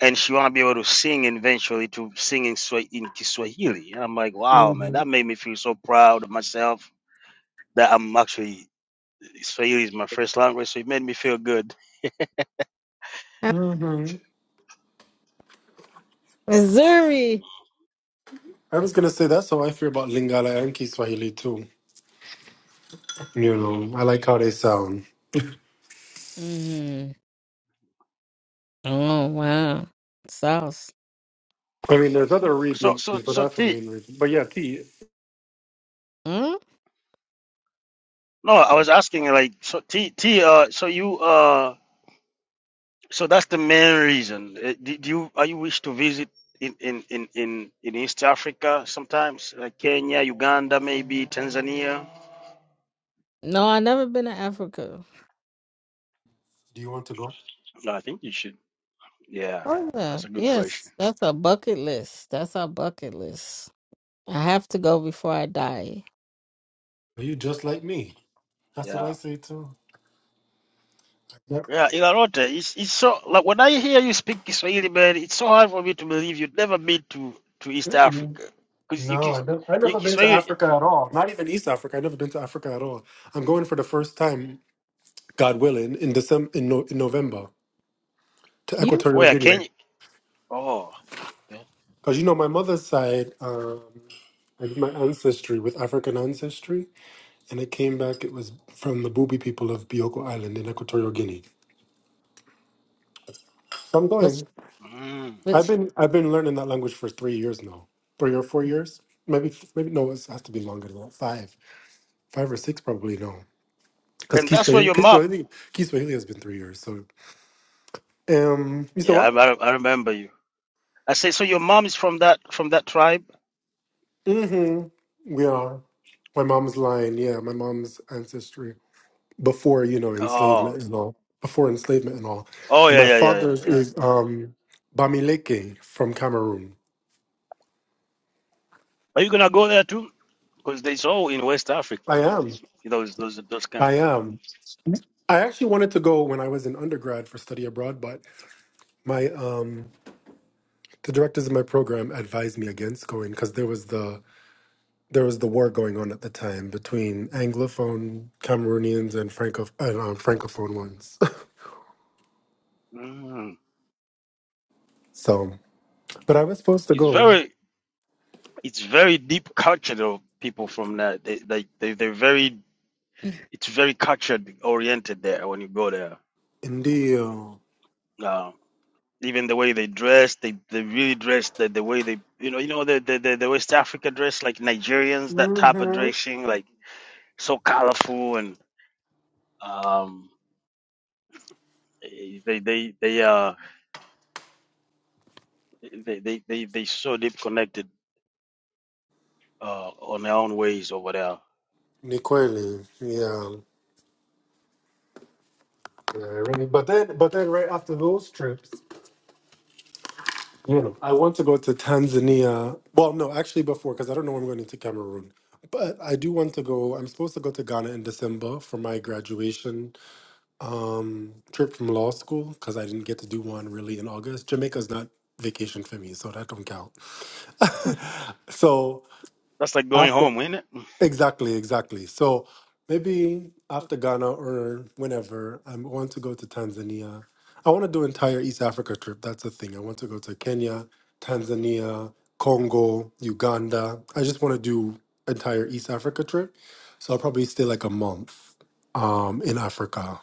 Speaker 3: and she want to be able to sing and eventually to sing in Swa- in Kiswahili. And I'm like, wow, man,
Speaker 2: hmm
Speaker 3: that made me feel so proud of myself that I'm actually Swahili is my first language, so it made me feel good.
Speaker 2: hmm
Speaker 1: Missouri.
Speaker 2: I was gonna say that's how I feel about Lingala and Kiswahili too. You
Speaker 3: hmm
Speaker 2: know, I like how they sound.
Speaker 1: hmm Oh wow, sauce.
Speaker 2: I mean, there's other
Speaker 3: So
Speaker 2: reasons,
Speaker 3: so
Speaker 2: but
Speaker 3: so
Speaker 2: that's the
Speaker 3: T.
Speaker 2: main reason. But yeah, T,
Speaker 1: Mm?
Speaker 3: No, I was asking like so T T. Uh, so you uh. So that's the main reason. Uh, Did you are you wish to visit in in in in, in East Africa sometimes, like Kenya, Uganda, maybe Tanzania?
Speaker 1: No, i never been to Africa.
Speaker 2: do you want to go?
Speaker 3: No, I think you should. Yeah,
Speaker 1: Oh yeah,
Speaker 3: that's a good question.
Speaker 1: yes, that's a bucket list. That's a bucket list. I have to go before I die.
Speaker 2: Are you just like me? That's what
Speaker 3: Yeah.
Speaker 2: I say too. Yeah.
Speaker 3: Yeah, Ilarote, it's it's so like when I hear you speak Kiswahili, man, it's so hard for me to believe you would never been to to East Africa because you
Speaker 2: No, I
Speaker 3: Kis-
Speaker 2: never, I
Speaker 3: you
Speaker 2: never been to
Speaker 3: Kiswahili
Speaker 2: Africa at all. Not even East Africa. I never been to Africa at all. I'm going for the first time, God willing, in December in, no, in November to
Speaker 1: You,
Speaker 2: Equatorial
Speaker 3: where
Speaker 2: Guinea.
Speaker 3: Kenya? Oh, yeah.
Speaker 2: Because you know my mother's side, um, I did my ancestry with African ancestry, and it came back. It was from the Bubi people of Bioko Island in Equatorial Guinea. So I'm
Speaker 1: but,
Speaker 2: going.
Speaker 3: Mm.
Speaker 2: I've
Speaker 1: but
Speaker 2: been I've been learning that language for three years now, three or four years, maybe f- maybe no, it has to be longer than that. Five, five or six probably no, because
Speaker 3: and that's where
Speaker 2: Kiswahili,
Speaker 3: your mom.
Speaker 2: Kiswahili Kiswahili has been three years. So um, you said
Speaker 3: Yeah, I,
Speaker 2: what?
Speaker 3: I I remember you. I say, so your mom is from that from that tribe?
Speaker 2: Mm-hmm. We are. My mom's line, yeah, my mom's ancestry before you know
Speaker 3: Oh,
Speaker 2: enslavement and all, before enslavement and all,
Speaker 3: oh
Speaker 2: and
Speaker 3: yeah,
Speaker 2: my
Speaker 3: yeah, yeah, yeah,
Speaker 2: father's
Speaker 3: yeah.
Speaker 2: is um Bamileke from Cameroon.
Speaker 3: Are you gonna go there too? Because they saw in West Africa
Speaker 2: I am.
Speaker 3: You know, those those those
Speaker 2: I
Speaker 3: countries.
Speaker 2: am. I actually wanted to go when I was in undergrad for study abroad, but my um the directors of my program advised me against going because there was the there was the war going on at the time between anglophone Cameroonians and Franco and um, francophone ones.
Speaker 3: Mm.
Speaker 2: so, but I was supposed to
Speaker 3: It's
Speaker 2: go.
Speaker 3: very it's very deep culture of people from that. They like they they're very it's very culture oriented there when you go there.
Speaker 2: Indio.
Speaker 3: Uh, even the way they dress, they they really dress the the way they you know you know the the the, the West Africa dress like Nigerians that type of
Speaker 2: Mm-hmm.
Speaker 3: dressing like so colorful and. um. Eh, They they they uh they they they, they so deep connected uh on their own ways over there.
Speaker 2: Nikweli. Yeah. Yeah, really. But then, but then, right after those trips, you know, I want to go to Tanzania. Well, no, actually, before because I don't know when I'm going to Cameroon. But I do want to go. I'm supposed to go to Ghana in December for my graduation Um, trip from law school because I didn't get to do one really in August. Jamaica's not vacation for me, so that don't count. so
Speaker 3: That's like going home, isn't it?
Speaker 2: exactly, exactly. So maybe after Ghana or whenever, I want to go to Tanzania. I want to do entire East Africa trip. That's the thing. I want to go to Kenya, Tanzania, Congo, Uganda. I just want to do entire East Africa trip. So I'll probably stay like a month um, in Africa.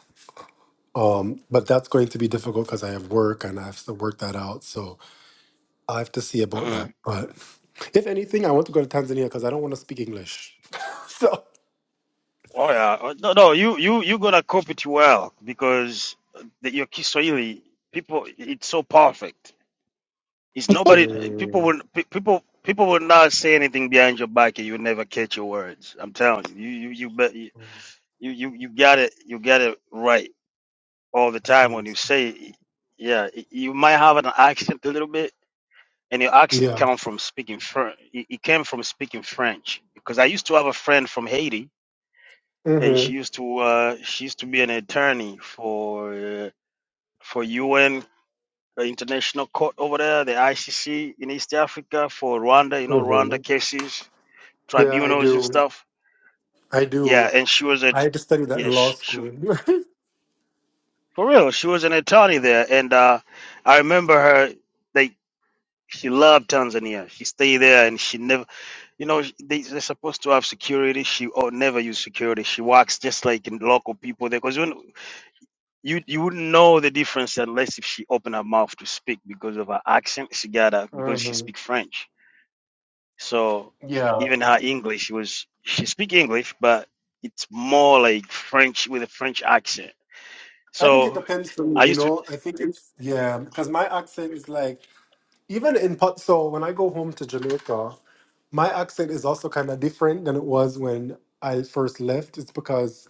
Speaker 2: Um, but that's going to be difficult because I have work and I have to work that out. So I have to see about
Speaker 3: Mhm.
Speaker 2: that. But if anything, I want to go to Tanzania because I don't want to speak English. so
Speaker 3: Oh yeah. Uh, No no you you you going to cope it well because the, your Kiswahili people it's so perfect. It's nobody people
Speaker 2: Mm.
Speaker 3: will pe- people people will not say anything behind your back and you will never catch your words. I'm telling you. You you you bet you
Speaker 2: Mm.
Speaker 3: you you got it you got it right all the
Speaker 2: That
Speaker 3: time when you
Speaker 2: sounds-
Speaker 3: say yeah, y- you might have an accent a little bit and your accent
Speaker 2: yeah.
Speaker 3: came from speaking French. It it came from speaking French because I used to have a friend from Haiti, and
Speaker 2: hmm
Speaker 3: she used to uh, she used to be an attorney for uh, for UN uh, International Court over there, the ICC in East Africa for Rwanda. You know,
Speaker 2: hmm
Speaker 3: Rwanda cases,
Speaker 2: Yeah, I
Speaker 3: tribunals and
Speaker 2: do.
Speaker 3: stuff.
Speaker 2: I
Speaker 3: Yeah,
Speaker 2: do.
Speaker 3: and she was
Speaker 2: I
Speaker 3: at
Speaker 2: had to study that
Speaker 3: yeah
Speaker 2: in law
Speaker 3: she, she
Speaker 2: school.
Speaker 3: for real. She was an attorney there, and uh, I remember her. They she loved Tanzania. She stayed there, and she never. You know, they, they're supposed to have security. She oh, never use security. She works just like in local people there because you, wouldn't- you you wouldn't know the difference unless if she open her mouth to speak because of her accent. She got a because she
Speaker 2: hmm
Speaker 3: speak French. So
Speaker 2: Yeah.
Speaker 3: even her English was she speak English, but it's more like French with a French accent.
Speaker 2: I think it
Speaker 3: So
Speaker 2: depends on,
Speaker 3: I
Speaker 2: you
Speaker 3: used to
Speaker 2: know, I think it's, yeah, because my accent is like, even in, Pot- so when I go home to Jamaica, my accent is also kind of different than it was when I first left. It's because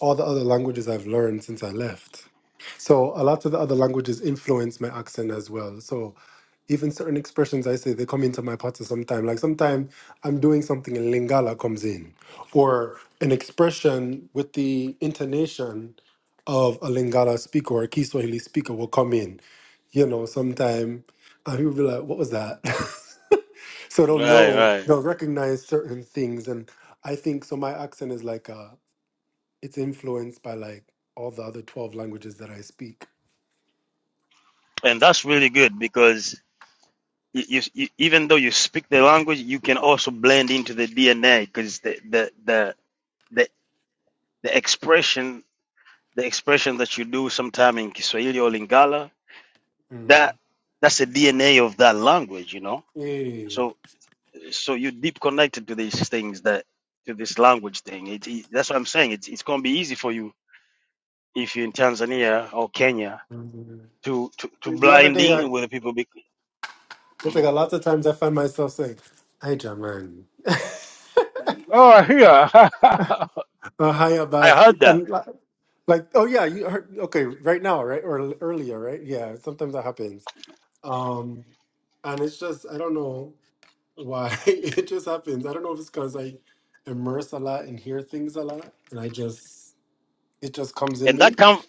Speaker 2: all the other languages I've learned since I left. So a lot of the other languages influence my accent as well. So even certain expressions I say, they come into my pattern sometime. Like sometimes I'm doing something and Lingala comes in, or an expression with the intonation of a Lingala speaker or a Kiswahili speaker will come in you know, sometime uh, people be like, what was that? so they'll
Speaker 3: right
Speaker 2: know,
Speaker 3: right,
Speaker 2: they'll recognize certain things. And I think so my accent is like uh it's influenced by like all the other 12 languages that I speak.
Speaker 3: and that's really good because. You, you, you- even though you speak the language, you can also blend into the DNA because the, the, the the the expression the expression that you do sometime in Kiswahili or Lingala
Speaker 2: Mm.
Speaker 3: that that's the DNA of that language, you know.
Speaker 2: Yeah.
Speaker 3: So so you deep connected to these things that to this language thing. It, it- that's what I'm saying. It's it's gonna be easy for you if you're in Tanzania or Kenya
Speaker 2: Mhm.
Speaker 3: to to, to
Speaker 2: The other
Speaker 3: blind
Speaker 2: day I
Speaker 3: in with the people. Be,
Speaker 2: it's like
Speaker 3: Mhm.
Speaker 2: a lot of times I find myself saying, Hi Jaman. Uh, hi
Speaker 3: I
Speaker 2: Abbas.
Speaker 3: heard that,
Speaker 2: And li- like, oh yeah, you heard okay, right now, right? Or l- earlier, right? Yeah, sometimes that happens. Um and it's just I don't know. Why? It just happens. I don't know if it's because I immerse a lot and hear things a lot, and I just it just comes in
Speaker 3: and
Speaker 2: me.
Speaker 3: that come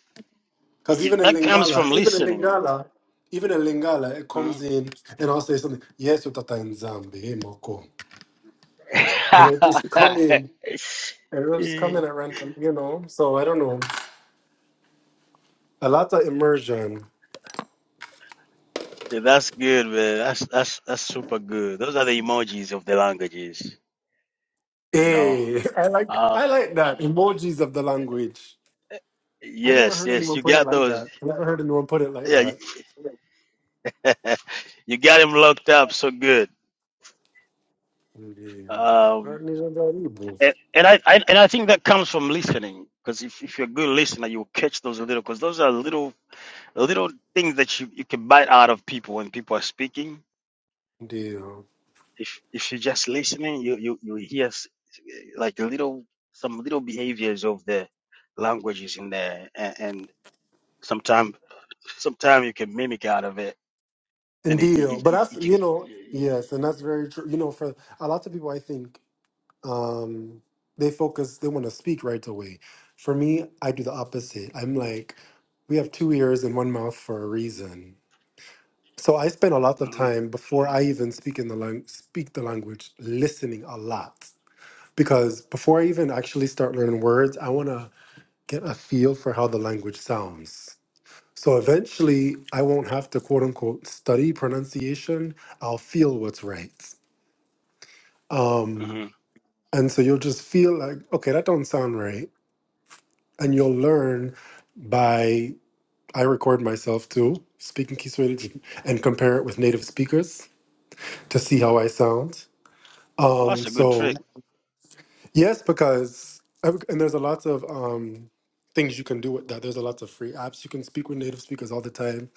Speaker 2: Because even
Speaker 3: it-
Speaker 2: in
Speaker 3: that comes from
Speaker 2: Lingala, even in
Speaker 3: listening.
Speaker 2: Lingala, even in Lingala, it
Speaker 3: Mhm.
Speaker 2: comes in, and I'll say something. Yes, utata in Zambi, eh, moko, and it'll just come in, and it'll just come in at random, you know. So I don't know. A lot of immersion.
Speaker 3: Yeah, that's good, man. That's that's that's super good. Those are the emojis of the languages, you know.
Speaker 2: Hey, I like
Speaker 3: Uh
Speaker 2: I like that emojis of the language. I never
Speaker 3: yes,
Speaker 2: heard
Speaker 3: yes,
Speaker 2: anyone
Speaker 3: you
Speaker 2: put it
Speaker 3: got
Speaker 2: like
Speaker 3: those.
Speaker 2: that. I never heard anyone put it like
Speaker 3: Yeah, you
Speaker 2: that.
Speaker 3: you got him locked up so good.
Speaker 2: Ndio.
Speaker 3: Um
Speaker 2: Nijaribu.
Speaker 3: and, and I, I and I think that comes from listening because if, if you're a good listener, you'll catch those little because those are little little things that you, you can bite out of people when people are speaking
Speaker 2: Ndio.
Speaker 3: if if you're just listening, you you you hear s- like a little some little behaviors of the languages in there, and, and sometimes sometimes you can mimic out of it, and it, it,
Speaker 2: Ndio. But
Speaker 3: it, it,
Speaker 2: that's,
Speaker 3: it can-
Speaker 2: you know,
Speaker 3: yeah, yeah.
Speaker 2: yes, and that's very true. You know, for a lot of people, I think um, they focus, they want to speak right away. For me, I do the opposite. I'm like, we have two ears and one mouth for a reason. So I spend a lot of
Speaker 3: Mhm,
Speaker 2: time before I even speak in the lang- speak the language, listening a lot. Because before I even actually start learning words, I want to get a feel for how the language sounds. So eventually, I won't have to quote unquote study pronunciation. I'll feel what's right. Um,
Speaker 3: mhm.
Speaker 2: and so you'll just feel like, okay, that don't sound right. And you'll learn by, I record myself too, speaking Kiswahili, and compare it with native speakers to see how I sound.
Speaker 3: Well, that's
Speaker 2: Um,
Speaker 3: a good
Speaker 2: so,
Speaker 3: trick.
Speaker 2: yes, because, and there's a lot of um, things you can do with that. There's a lot of free apps. You can speak with native speakers all the time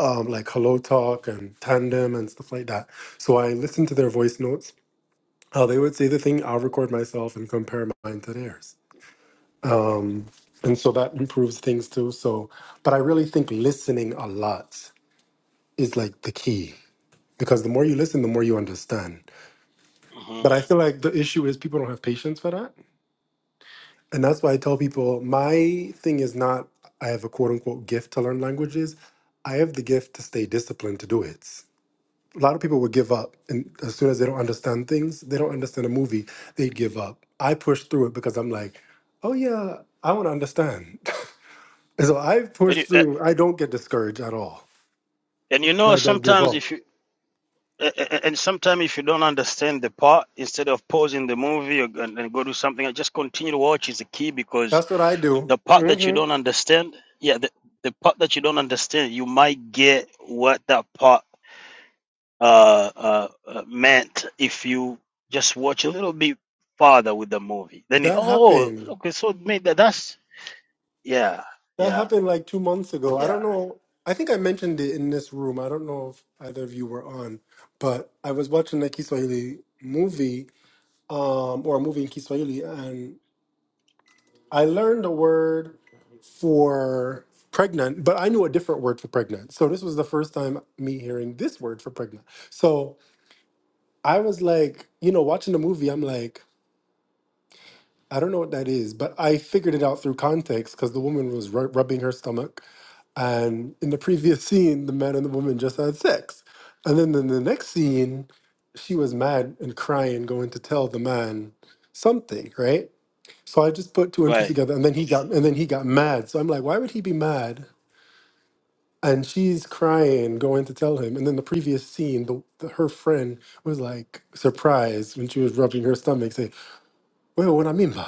Speaker 2: um, like Hello Talk and Tandem and stuff like that. So I listened to their voice notes. Uh, they would say the thing, I'll record myself and compare mine to theirs. And so that improves things too. So, but I really think listening a lot is like the key because the more you listen, the more you understand.
Speaker 3: hmm
Speaker 2: But I feel like the issue is people don't have patience for that. And that's why I tell people my thing is not I have a quote unquote gift to learn languages. I have the gift to stay disciplined to do it. a lot of people would give up and as soon as they don't understand things they don't understand a movie they give up i push through it because i'm like oh yeah i want to understand and so i
Speaker 3: And
Speaker 2: push
Speaker 3: you uh,
Speaker 2: through i don't get discouraged at all
Speaker 3: and you
Speaker 2: and
Speaker 3: know
Speaker 2: i don't give
Speaker 3: sometimes
Speaker 2: up
Speaker 3: if you uh, and sometimes if you don't understand the part, instead of pausing the movie or, and, and go do something, I just continue to watch is the key because
Speaker 2: that's what i do
Speaker 3: the part that you
Speaker 2: hmm
Speaker 3: don't understand yeah the, the part that you don't understand you might get what that part uh, uh uh, meant if you just watch a little bit farther with the movie then you
Speaker 2: that
Speaker 3: oh
Speaker 2: happened
Speaker 3: okay so maybe that- that's yeah
Speaker 2: that
Speaker 3: yeah
Speaker 2: happened like two months ago i don't
Speaker 3: yeah
Speaker 2: know i think i mentioned it in this room i don't know if either of you were on but i was watching a kiswahili movie um, or a movie in kiswahili and. I learned a word for pregnant, but I knew a different word for pregnant. So this was the first time me hearing this word for pregnant. So I was like, you know, watching the movie, I'm like, I don't know what that is, but I figured it out through context because the woman was ru- rubbing her stomach. And in the previous scene, the man and the woman just had sex. And then in the next scene, she was mad and crying, going to tell the man something, right? So I just put two and two
Speaker 3: right
Speaker 2: together, and then he got and then he got mad. So I'm like, why would he be mad? And she's crying, going to tell him. And then the previous scene, the, the her friend was like surprised when she was rubbing her stomach, saying, "Well, what I mean by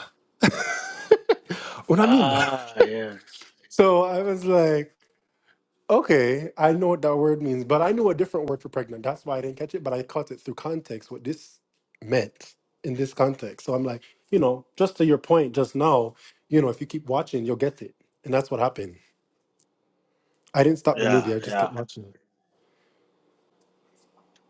Speaker 2: what I mean by."
Speaker 3: ah yeah
Speaker 2: So I was like, okay, I know what that word means, but I knew a different word for pregnant. That's why I didn't catch it, but I caught it through context what this meant in this context. So I'm like, you know, just to your point just now, you know, if you keep watching, you'll get it, and that's what happened. I didn't stop the
Speaker 3: yeah
Speaker 2: movie. I just kept
Speaker 3: yeah
Speaker 2: watching it.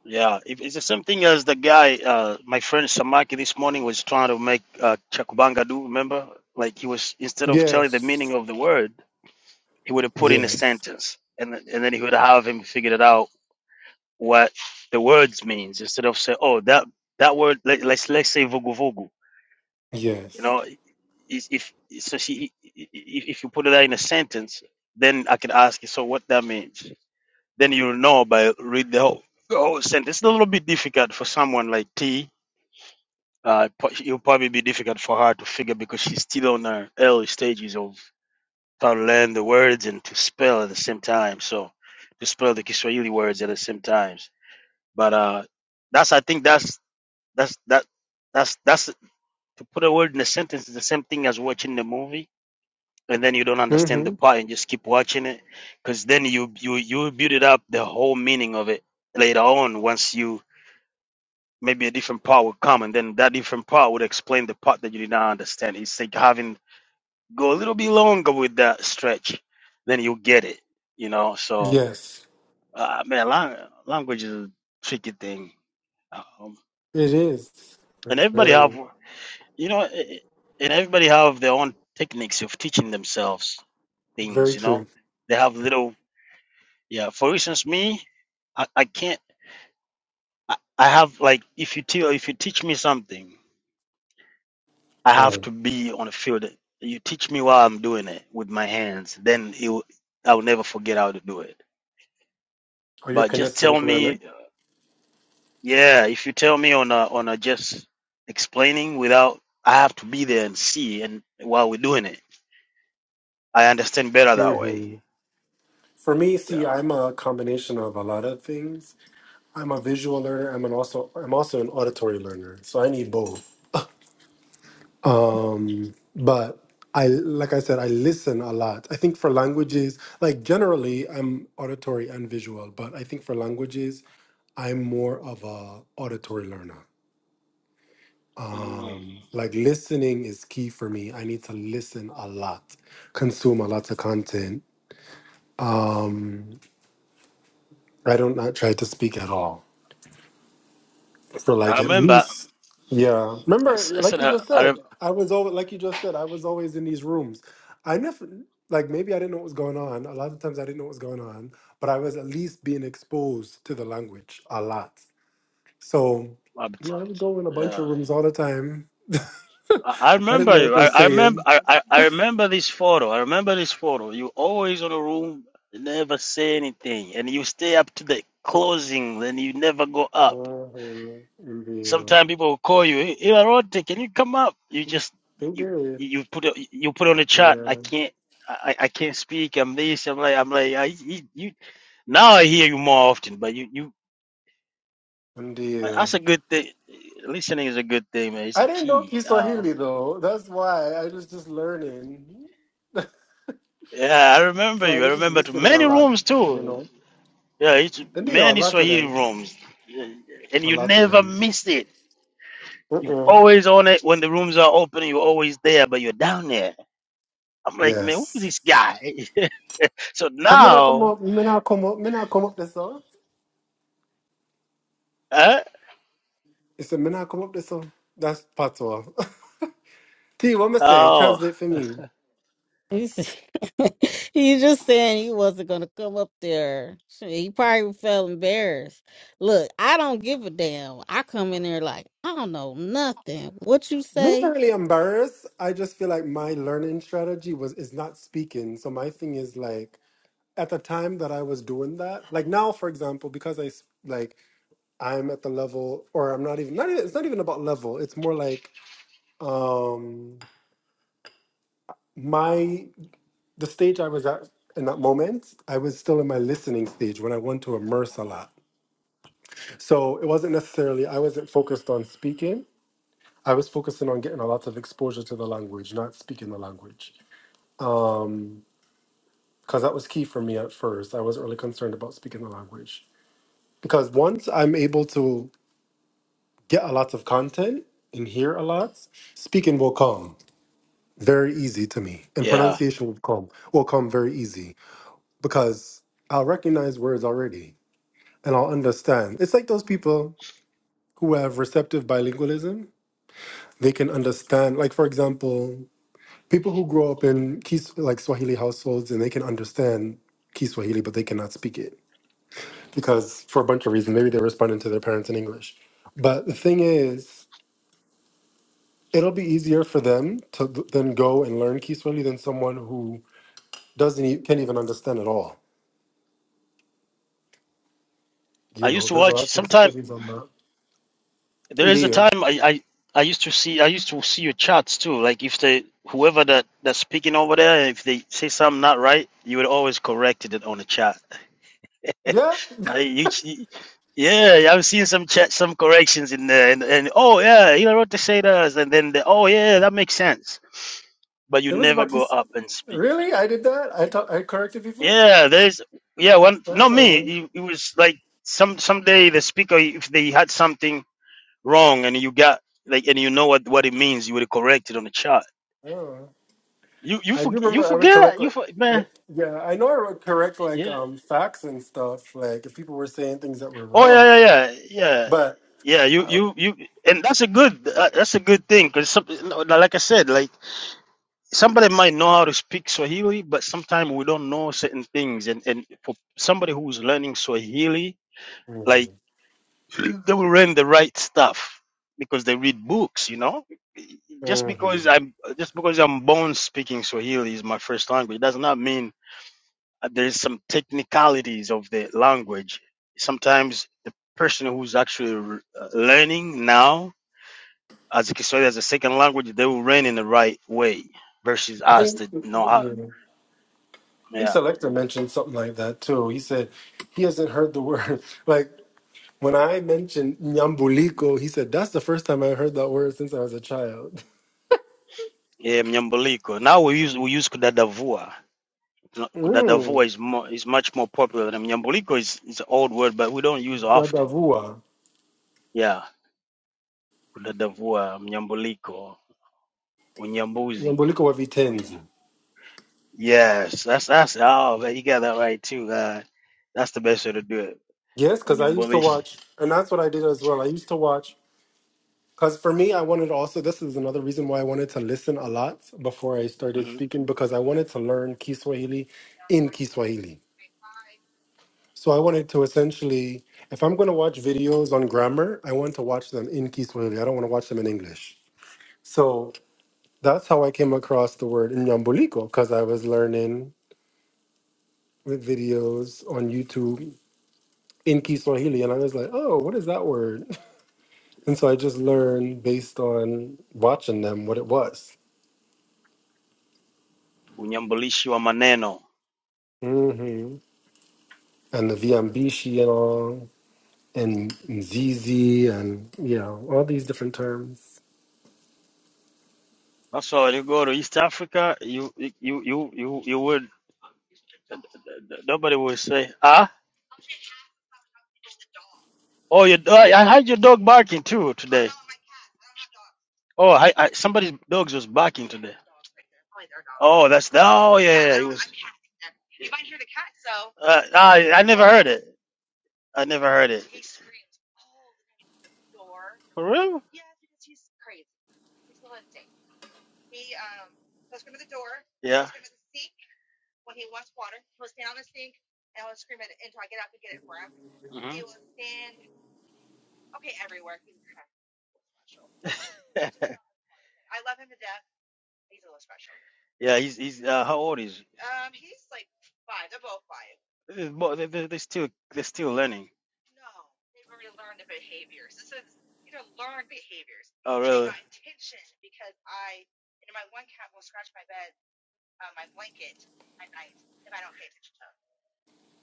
Speaker 3: yeah It- it's the same thing as the guy uh my friend samaki this morning was trying to make uh chakubanga do remember like he was instead of telling the meaning
Speaker 2: Yes.
Speaker 3: of the word he would have put in a
Speaker 2: Yes.
Speaker 3: sentence and th- and then he would have him figured it out what the words means instead of say oh that that word let, let's let's say vugu vugu you
Speaker 2: Yes.
Speaker 3: know if if so she if, if you put that in a sentence then i can ask you so what that means then you'll know by read the whole the whole sentence it's a little bit difficult for someone like t uh, po- it'll probably be difficult for her to figure because she's still on her early stages of. how to learn the words and to spell at the same time. So to spell the Kiswahili words at the same times. But uh, that's I think that's that's that that's that's to put a word in a sentence is the same thing as watching the movie, and then you don't understand the
Speaker 2: Mm-hmm.
Speaker 3: part and just keep watching it, because then you you you build it up the whole meaning of it later on. Once you maybe a different part will come, and then that different part would explain the part that you did not understand. It's like having Go a little bit longer with that stretch, then you get it. You know, so
Speaker 2: Yes.
Speaker 3: uh, man, lang- language is a tricky thing, um,
Speaker 2: It is.
Speaker 3: and everybody
Speaker 2: Very,
Speaker 3: have, you know, eh, eh, and everybody have their own techniques of teaching themselves
Speaker 2: very
Speaker 3: things. You know,
Speaker 2: true.
Speaker 3: they have little, yeah. For instance, me, I, I can't. I, I have like if you tell if you teach me something, I have
Speaker 2: Mm.
Speaker 3: to be on the field. You teach me while I'm doing it with my hands, then it will, I'll never forget how to do it.
Speaker 2: Are you a
Speaker 3: But just tell
Speaker 2: kinesthetic learner?
Speaker 3: me Yeah, if you tell me on a, on a just explaining without, I have to be there and see, and while we're doing it, I understand better that way.
Speaker 2: hmm For me, see,
Speaker 3: Yeah.
Speaker 2: I'm a combination of a lot of things. I'm a visual learner. I'm an also I'm also an auditory learner. So I need both. but I like I said, I listen a lot. I think for languages, like generally, I'm auditory and visual, but I think for languages, I'm more of a auditory learner.
Speaker 3: Mm.
Speaker 2: Um, like listening is key for me. I need to listen a lot, consume a lot of content. I don't not try to speak at all. for
Speaker 3: I
Speaker 2: like at
Speaker 3: remember.
Speaker 2: least yeah
Speaker 3: I,
Speaker 2: remember
Speaker 3: s- I
Speaker 2: like
Speaker 3: said.
Speaker 2: you
Speaker 3: I,
Speaker 2: just
Speaker 3: I,
Speaker 2: said
Speaker 3: rem-
Speaker 2: i was always like you just said i was always in these rooms i never like maybe i didn't know what was going on a lot of times i didn't know what was going on but i was at least being exposed to the language a lot so
Speaker 3: I
Speaker 2: you
Speaker 3: bet-
Speaker 2: know i would go in a bunch
Speaker 3: yeah.
Speaker 2: of rooms all the time
Speaker 3: I, I
Speaker 2: i didn't know
Speaker 3: remember
Speaker 2: what
Speaker 3: you. I,
Speaker 2: they're
Speaker 3: I remember.
Speaker 2: saying
Speaker 3: I, I, I remember this photo. I remember this photo. You always on the room, never say anything, and you stay up to the closing, then you never go up.
Speaker 2: Oh, yeah, ndio.
Speaker 3: Sometimes people will call you, hey, hey, Arote, can you come up? You just
Speaker 2: they
Speaker 3: you
Speaker 2: good
Speaker 3: you put it- you put on the chat. I
Speaker 2: yeah
Speaker 3: can't I, I can't speak. I'm this. I'm like I'm like I you, you now I hear you more often. But you you
Speaker 2: ndio
Speaker 3: that's a good thing. Listening is a good thing, man. It's a
Speaker 2: i didn't know
Speaker 3: key. Uh,
Speaker 2: kiswahili though that's why i was just learning
Speaker 3: yeah, I remember
Speaker 2: So I
Speaker 3: you. I
Speaker 2: was just
Speaker 3: remember too.
Speaker 2: listening a
Speaker 3: many
Speaker 2: lot,
Speaker 3: rooms
Speaker 2: you
Speaker 3: too.
Speaker 2: know.
Speaker 3: Yeah, it's
Speaker 2: Hindi, a
Speaker 3: many
Speaker 2: lot of
Speaker 3: Swahili
Speaker 2: them.
Speaker 3: rooms, and
Speaker 2: A
Speaker 3: you
Speaker 2: lot of
Speaker 3: never
Speaker 2: them.
Speaker 3: miss it. You've
Speaker 2: Mm-mm.
Speaker 3: always on it when the rooms are open. You're always there, but you're down there. I'm like, man, who's
Speaker 2: Yes.
Speaker 3: this guy? So
Speaker 2: Can me not come
Speaker 3: now,
Speaker 2: up? Me not come up? Me not come up this song?
Speaker 3: eh?
Speaker 2: It's a me not come up this song. That's part one. T, what me say?
Speaker 3: oh
Speaker 2: Translate for me.
Speaker 1: you see- you just saying he wasn't gonna come up there. Shit, He probably felt embarrassed. Look, I don't give a damn. I come in there like I don't know nothing. What you
Speaker 2: Me never
Speaker 1: say?
Speaker 2: really embarrassed. I just feel like my learning strategy was is not speaking. So my thing is like at the time that I was doing that, like now, for example, because I s- like I'm at the level, or I'm not even not even. It's not even about level. It's more like um my the stage I was at in that moment, I was still in my listening stage when I want to immerse a lot. So it wasn't necessarily I wasn't focused on speaking. I was focusing on getting a lot of exposure to the language, not speaking the language. Um because that was key for me at first. I wasn't really concerned about speaking the language. Because once I'm able to get a lot of content and hear a lot, speaking will come very easy to me. And
Speaker 3: yeah,
Speaker 2: pronunciation will come will come very easy. because I'll recognize words already and I'll understand. It's like those people who have receptive bilingualism, they can understand, like, for example, people who grow up in Kis- like Swahili households and they can understand Kiswahili, but they cannot speak it because for a bunch of reasons, maybe they're responding to their parents in English. But the thing is, it'll be easier for them to th- then go and learn Kiswahili than someone who doesn't e- can't even understand at all.
Speaker 3: I
Speaker 2: You
Speaker 3: used
Speaker 2: know,
Speaker 3: to
Speaker 2: there's a
Speaker 3: watch.
Speaker 2: lot of
Speaker 3: Sometimes
Speaker 2: studies on that.
Speaker 3: there is a
Speaker 2: Indeed.
Speaker 3: time I, I I used to see I used to see your chats too. Like if they whoever that that's speaking over there, if they say something not right, you would always correct it on the chat.
Speaker 2: Yeah,
Speaker 3: I, you, you- yeah, yeah, I've seen some chat some corrections in there, and, and oh yeah, you know what they say does, and then the, oh yeah, that makes sense. But you
Speaker 2: There was
Speaker 3: never go
Speaker 2: Batista.
Speaker 3: up and speak.
Speaker 2: Really? I did that? I taught, I corrected people?
Speaker 3: Yeah, there's yeah, one not me.
Speaker 2: Oh.
Speaker 3: It, it was like some someday the speaker if they had something wrong and you got like and you know what what it means, you would correct it on the chart.
Speaker 2: Oh.
Speaker 3: You you
Speaker 2: I
Speaker 3: for,
Speaker 2: do
Speaker 3: you
Speaker 2: remember I would collect
Speaker 3: forget you
Speaker 2: like
Speaker 3: for,
Speaker 2: I
Speaker 3: man
Speaker 2: yeah, I know I would correct like
Speaker 3: yeah
Speaker 2: um facts and stuff, like if people were saying things that were
Speaker 3: oh
Speaker 2: wrong.
Speaker 3: yeah yeah yeah yeah
Speaker 2: But
Speaker 3: yeah you
Speaker 2: I
Speaker 3: you you and that's a good uh, that's a good thing because no, like I said like somebody might know how to speak Swahili but sometimes we don't know certain things and and for somebody who's learning Swahili
Speaker 2: mhm,
Speaker 3: like. they will learn the right stuff because they read books you know just because
Speaker 2: mhm.
Speaker 3: i'm just because i'm born speaking swahili is my first language does not mean uh, there's some technicalities of the language sometimes the person who's actually r- uh, learning now as a kiswahili as a second language they will learn in the right way versus
Speaker 2: I
Speaker 3: us
Speaker 2: think
Speaker 3: that know how
Speaker 2: yeah. I think
Speaker 3: yeah
Speaker 2: Selector mentioned something like that too. He said he hasn't heard the word. Like when I mentioned Nyambuliko, he said that's the first time I heard that word since I was a child.
Speaker 3: yeah mnyambuliko now we use we use kudadavua No,
Speaker 2: Mm,
Speaker 3: Kudadavua is more is much more popular than mnyambuliko is is an old word but we don't use often.
Speaker 2: Dadavua.
Speaker 3: Yeah, kudadavua, mnyambuliko, unyambuzi.
Speaker 2: Nyambuliko wa
Speaker 3: Oh, yeah.
Speaker 2: Vitenzi.
Speaker 3: Yes, that's that's oh man, you got that right too. Uh, that's the best way to do it.
Speaker 2: Yes, because I used to
Speaker 3: Unyambulishi,
Speaker 2: watch, and that's what I did as well. I used to watch, because for me, I wanted also, this is another reason why I wanted to listen a lot before I started
Speaker 3: hmm
Speaker 2: speaking, because I wanted to learn Kiswahili in Kiswahili. So I wanted to essentially, if I'm going to watch videos on grammar, I want to watch them in Kiswahili. I don't want to watch them in English. So that's how I came across the word Nyambuliko, because I was learning with videos on YouTube in Kiswahili, and I was like, oh, what is that word? And so I just learned based on watching them what it was.
Speaker 3: unyambulishi wa maneno.
Speaker 2: hmm And the Viambishi and all, and Zizi, and, you know, all these different terms.
Speaker 3: That's why when you go to East Africa, you you you you you would nobody would say ah. Oh, your do- I I heard your dog barking too today. Oh, I, I somebody's dogs was barking today. Oh, that's the, oh yeah, yeah. It was, Uh, I I never heard it. I never heard it. For real? Yeah. Mhm. yeah, he's he's uh, how old is? He? Bo- They they they still they're still learning. Oh really?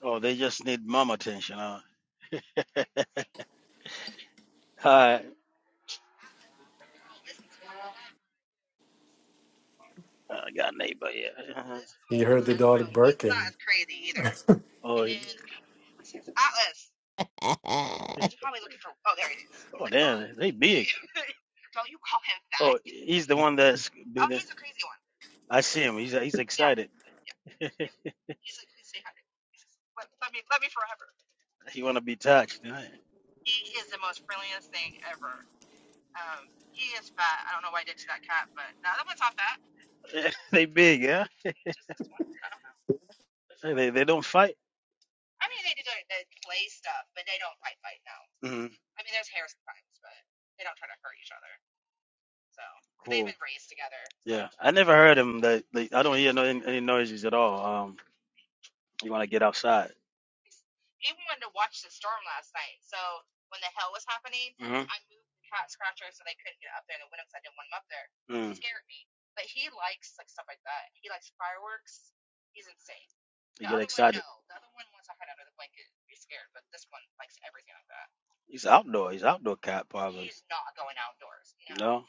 Speaker 3: Oh, they just need mom attention. Huh? Uh, I got a neighbor, yeah. Uh-huh.
Speaker 2: You heard the dog barking.
Speaker 3: Oh, he- then oh, damn, they big. Oh, he's the one that's Oh, been. Oh, one. I see him. He's he's Yeah. excited. He want to be touched. they big, yeah. Hey, They they don't fight. mm hmm They've Cool. Yeah, I never heard him. That like, I don't hear no any, any noises at all. Um, you want to get outside. Mm-hmm. you He's outdoor. He's outdoor cat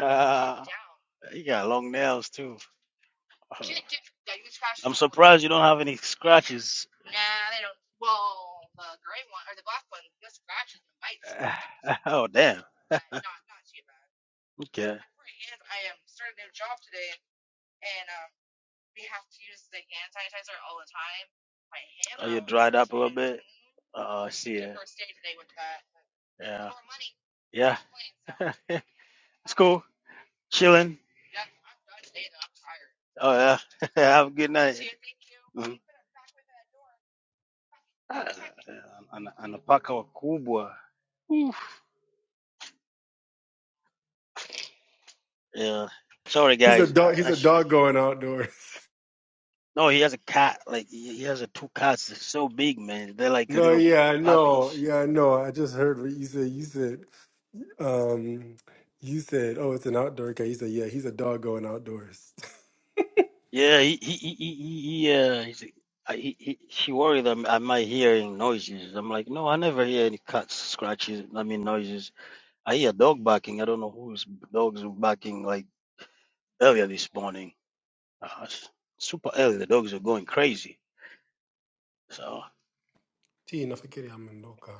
Speaker 3: Calm he got long nails too. surprised you don't have any scratches. oh damn. Okay. Oh, you dried up a little bit? Oh, I see it. Yeah. Yeah. it's cool. Chilling. Oh, yeah. Have a good night. Mhm. Ah, ana- ana paka wakubwa. Yeah. Sorry,
Speaker 2: He's a
Speaker 3: guys.
Speaker 2: dog.
Speaker 3: I,
Speaker 2: He's
Speaker 3: I
Speaker 2: a
Speaker 3: sh-
Speaker 2: dog going outdoors.
Speaker 3: no, he has a cat. Like, he he has a two cats. They're so big, man. They're like
Speaker 2: No,
Speaker 3: little
Speaker 2: yeah, I know.
Speaker 3: puppies.
Speaker 2: Yeah, I know. I just heard what you said. You said, um, you said, oh, it's an outdoor guy. You said, yeah, he's a dog going outdoors.
Speaker 3: Yeah, he he he he, he he, uh, he's, I, he, he she worried that am I might hearing noises. I'm like, no, I never hear any cats scratches. I mean noises. I hear dog barking. I don't know whose dogs were barking like earlier this morning. Uh, s- super early, the dogs are going crazy. So
Speaker 2: Tee, na fikiri amendoka.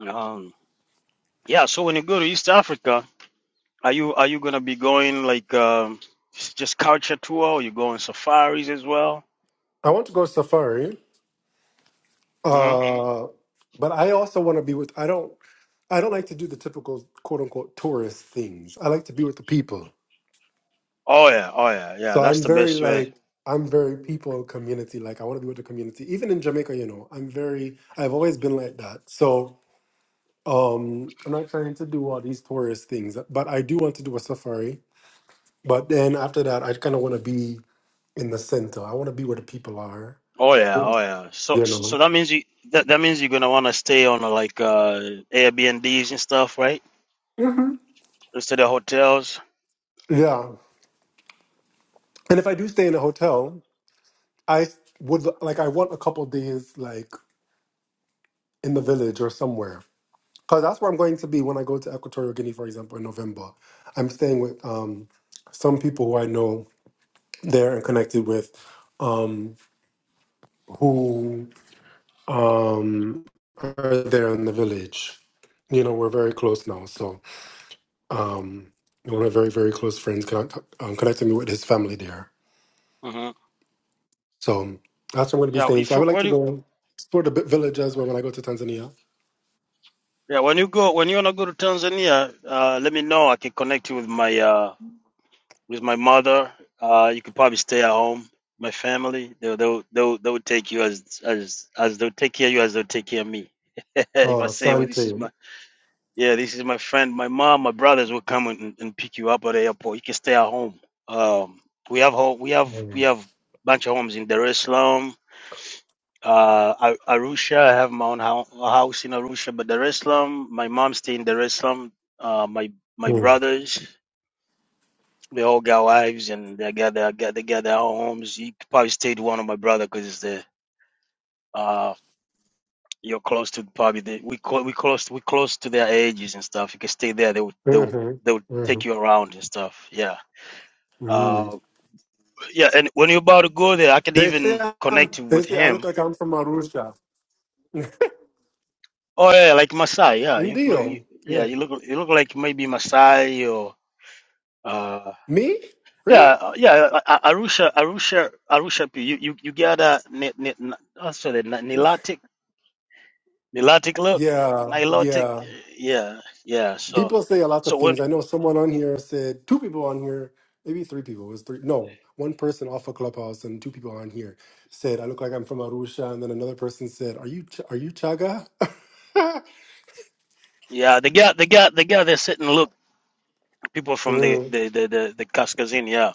Speaker 3: um, yeah. So when you go to East Africa, are you are you gonna be going like um, s- just culture tour? Or you going safaris as well?
Speaker 2: I want to go safari.
Speaker 3: hmm
Speaker 2: Uh, but I also want to be with. I don't. I don't like to do the typical quote unquote tourist things. I like to be with the people.
Speaker 3: Oh yeah, oh yeah, yeah.
Speaker 2: So
Speaker 3: That's
Speaker 2: I'm
Speaker 3: the
Speaker 2: very
Speaker 3: best way.
Speaker 2: like. I'm very people community. Like I want to be with the community. Even in Jamaica, you know, I'm very. I've always been like that. So um, I'm not trying to do all these tourist things, but I do want to do a safari. But then after that, I kind of want to be in the center. I want to be where the people are.
Speaker 3: Oh yeah,
Speaker 2: You
Speaker 3: oh yeah. So so
Speaker 2: know.
Speaker 3: that means you that, that means you're gonna wanna stay on uh, like uh Airbnbs and stuff, right?
Speaker 2: hmm
Speaker 3: Instead of hotels.
Speaker 2: Yeah. And if I do stay in a hotel, I would like I want a couple days like in the village or somewhere because that's where I'm going to be when I go to Equatorial Guinea, for example, in November. I'm staying with um, some people who I know there and connected with, um, who um, are there in the village. You know, we're very close now, so um, one of my very very close friends connect, um, connected me with his family there.
Speaker 3: hmm
Speaker 2: So um, that's where I'm going to be
Speaker 3: Yeah,
Speaker 2: staying. So
Speaker 3: if
Speaker 2: I
Speaker 3: you-
Speaker 2: would like
Speaker 3: when
Speaker 2: to
Speaker 3: you
Speaker 2: go explore the bi- village as well when I go to Tanzania.
Speaker 3: yeah when you go when you wanna go to Tanzania, uh, let me know. I can connect you with my uh with my mother. Uh, you could probably stay at home. My family, they'll they'll they'll, they'll take you as as as they'll take care of you as they'll take care of me. if
Speaker 2: Oh,
Speaker 3: I say well, this is
Speaker 2: asante.
Speaker 3: my Yeah, this is my friend. My mom, my brothers will come and, and pick you up at the airport. You can stay at home. Um, we have home, we have we
Speaker 2: Mm,
Speaker 3: have bunch of homes in Dar es Salaam, uh, Ar- Arusha. I have my own hou- house in Arusha, but Dar es Salaam, my mom stay in Dar es Salaam. Uh, my my
Speaker 2: mm,
Speaker 3: brothers, they all got wives and they got their got they got their own homes. He probably stayed with one of my brother because it's there. Uh, You're close to probably the, we call we close we close to their ages and stuff. You can stay there. They would they would,
Speaker 2: mhm,
Speaker 3: they would take
Speaker 2: mhm,
Speaker 3: you around and stuff. Yeah.
Speaker 2: mm.
Speaker 3: Uh, yeah. And when you're about to go there, I can
Speaker 2: They say
Speaker 3: even
Speaker 2: um,
Speaker 3: connect you
Speaker 2: they
Speaker 3: with
Speaker 2: say I look
Speaker 3: him.
Speaker 2: like I'm from Arusha.
Speaker 3: Oh yeah, like Maasai. Yeah, you look.
Speaker 2: Ndio.
Speaker 3: You, yeah,
Speaker 2: Yeah.
Speaker 3: you look. You look like maybe Maasai or. Uh,
Speaker 2: Me?
Speaker 3: yeah,
Speaker 2: Really?
Speaker 3: uh, yeah. uh, uh, Arusha, Arusha, Arusha. pe- You you you got a ni, ni, ni- oh, sorry, ni- nilotic, nilotic look,
Speaker 2: Yeah,
Speaker 3: nilotic.
Speaker 2: yeah.
Speaker 3: Yeah, yeah. So.
Speaker 2: People say a lot
Speaker 3: so
Speaker 2: of
Speaker 3: when
Speaker 2: things. I know someone on here said two people on here, maybe three people. It was three. No, one person off a clubhouse and two people on here said I look like I'm from Arusha, and then another person said, "Are you Ch- are you Chaga?"
Speaker 3: Yeah, the guy, the guy, the guy. They sit and look people from the
Speaker 2: mm.
Speaker 3: the the the, the Kaskazin. Yeah.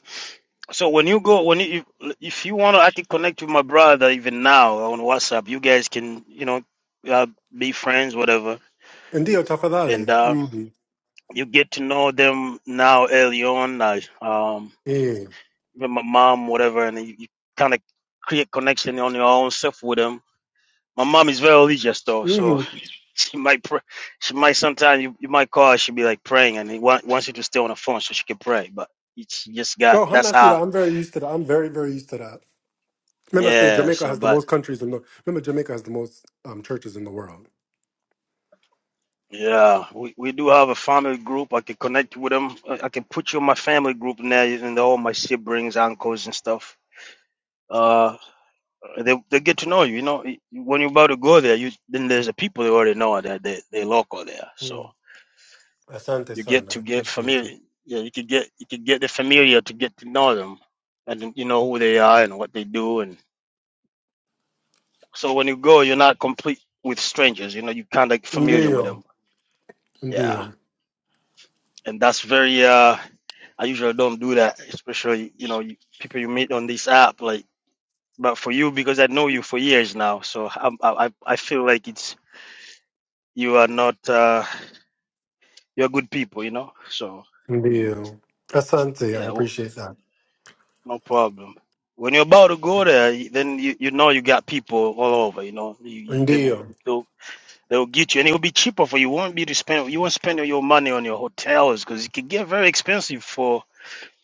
Speaker 3: So when you go, when you if you want to actually connect with my brother, even now on WhatsApp, you guys can you know uh, be friends, whatever,
Speaker 2: Ndio tafadhali.
Speaker 3: and uh,
Speaker 2: Mm-hmm.
Speaker 3: you get to know them now early on. Like um,
Speaker 2: Yeah.
Speaker 3: with my mom, whatever, and you, you kind of create connection on your own self with them My mom is very religious though, so
Speaker 2: Mm-hmm.
Speaker 3: she might pray. She might sometimes you, you might call her. She be like praying and it wa- wants you to stay on the phone so she can pray. But it's just got
Speaker 2: Oh, I'm
Speaker 3: that's
Speaker 2: not sure.
Speaker 3: how.
Speaker 2: I'm very used to that. I'm very, very used to that. Remember, I say
Speaker 3: Yeah.
Speaker 2: Jamaica
Speaker 3: So,
Speaker 2: has the
Speaker 3: but
Speaker 2: most countries in the. Remember, Jamaica has the most um, churches in the world.
Speaker 3: yeah, we, we do have a family group. I can connect you with them. I I can put you in my family group now, and all my siblings, uncles, and stuff. Uh, they they get to know you. You know, when you're about to go there, you then there's the people they already know that they they local there. So.
Speaker 2: Mm. Asante
Speaker 3: You get
Speaker 2: sana. I
Speaker 3: to get
Speaker 2: appreciate it.
Speaker 3: familiar. Yeah, you could get you could get the familiar to get to know them, and then you know who they are and what they do. And so when you go, you're not complete with strangers. You know, you kind of familiar with
Speaker 2: Ndio.
Speaker 3: them. Yeah,
Speaker 2: Ndio.
Speaker 3: and that's very. uh I usually don't do that, especially you know you, people you meet on this app. Like, but for you because I know you for years now, so I'm, I I I feel like it's you are not uh you're good people, you know. So
Speaker 2: Ndio. Asante. I
Speaker 3: yeah,
Speaker 2: appreciate that.
Speaker 3: No problem. When you're about to go there, y- then you, you know you got people all over. You know you, you- they will
Speaker 2: Ndio.
Speaker 3: they'll, they'll get you, and it will be cheaper for you. Won't be to spend you won't spend your money on your hotels because it can get very expensive for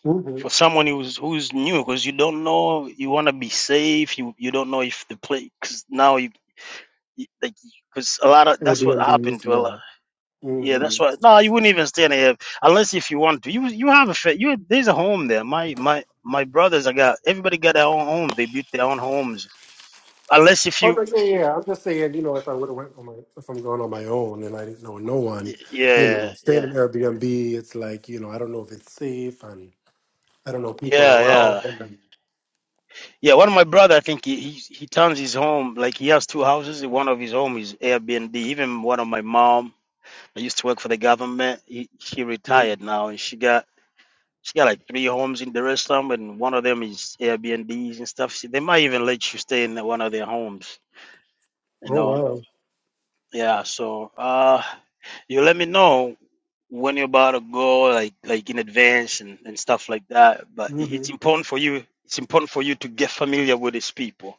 Speaker 2: Mm-hmm.
Speaker 3: for someone who's who's new because you don't know you want to be safe. You you don't know if the place because now you because a lot of that's what
Speaker 2: Airbnbs.
Speaker 3: happened to a lot.
Speaker 2: Yeah.
Speaker 3: Yeah,
Speaker 2: Mm-hmm.
Speaker 3: that's why. No, you wouldn't even stay in here unless if you want to. You you have a fa- you there's a home there. My my my brothers, I got everybody got their own home. They built their own homes. Unless if
Speaker 2: Oh,
Speaker 3: you,
Speaker 2: no, yeah, yeah. I'm just saying, you know, if I would have went on my, if I'm going on my own and I didn't know no one, you
Speaker 3: yeah,
Speaker 2: know, staying
Speaker 3: yeah,
Speaker 2: in Airbnb, it's like, you know, I don't know if it's safe and I don't know people
Speaker 3: yeah, yeah,
Speaker 2: around.
Speaker 3: yeah. One of my brother, I think he he, he turns his home like he has two houses. One of his home is Airbnb. Even one of my mom, I used to work for the government. He, she retired now, and she got. She got like three homes in Dar es Salaam, and one of them is Airbnbs and stuff. She, they might even let you stay in one of their homes You
Speaker 2: Oh,
Speaker 3: know,
Speaker 2: wow.
Speaker 3: yeah. So uh, you let me know when you're about to go, like like in advance and, and stuff like that. But it- it's
Speaker 2: Mm-hmm.
Speaker 3: important for you. It's important for you to get familiar with these people.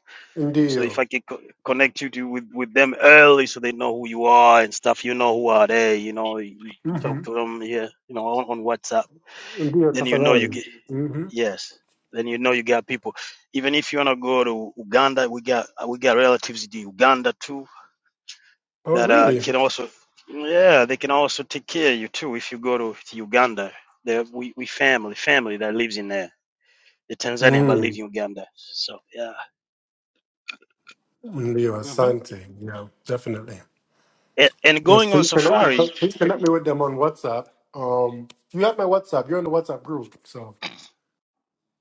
Speaker 3: So if
Speaker 2: Ndio.
Speaker 3: I can co- connect you to with with them early, so they know who you are and stuff. You know who are they. You know, you
Speaker 2: Mm-hmm.
Speaker 3: talk to them here. You know, on, on WhatsApp.
Speaker 2: Ndio
Speaker 3: Then you know you
Speaker 2: tafadhali.
Speaker 3: get
Speaker 2: Mm-hmm.
Speaker 3: yes. Then you know you got people. Even if you wanna go to Uganda, we got we got relatives in Uganda too
Speaker 2: Oh,
Speaker 3: that uh,
Speaker 2: really?
Speaker 3: can also yeah they can also take care of you too if you go to, to uganda there we, we family family that lives in there the tanzania but live
Speaker 2: Mm.
Speaker 3: in uganda so yeah
Speaker 2: Ndio,
Speaker 3: hmm
Speaker 2: asante. Yeah, definitely.
Speaker 3: and, and
Speaker 2: Yes,
Speaker 3: going
Speaker 2: so
Speaker 3: on
Speaker 2: you can, oh, yeah.
Speaker 3: safari
Speaker 2: please connect me with them on WhatsApp. Um, you have my WhatsApp. You're in the WhatsApp group, so.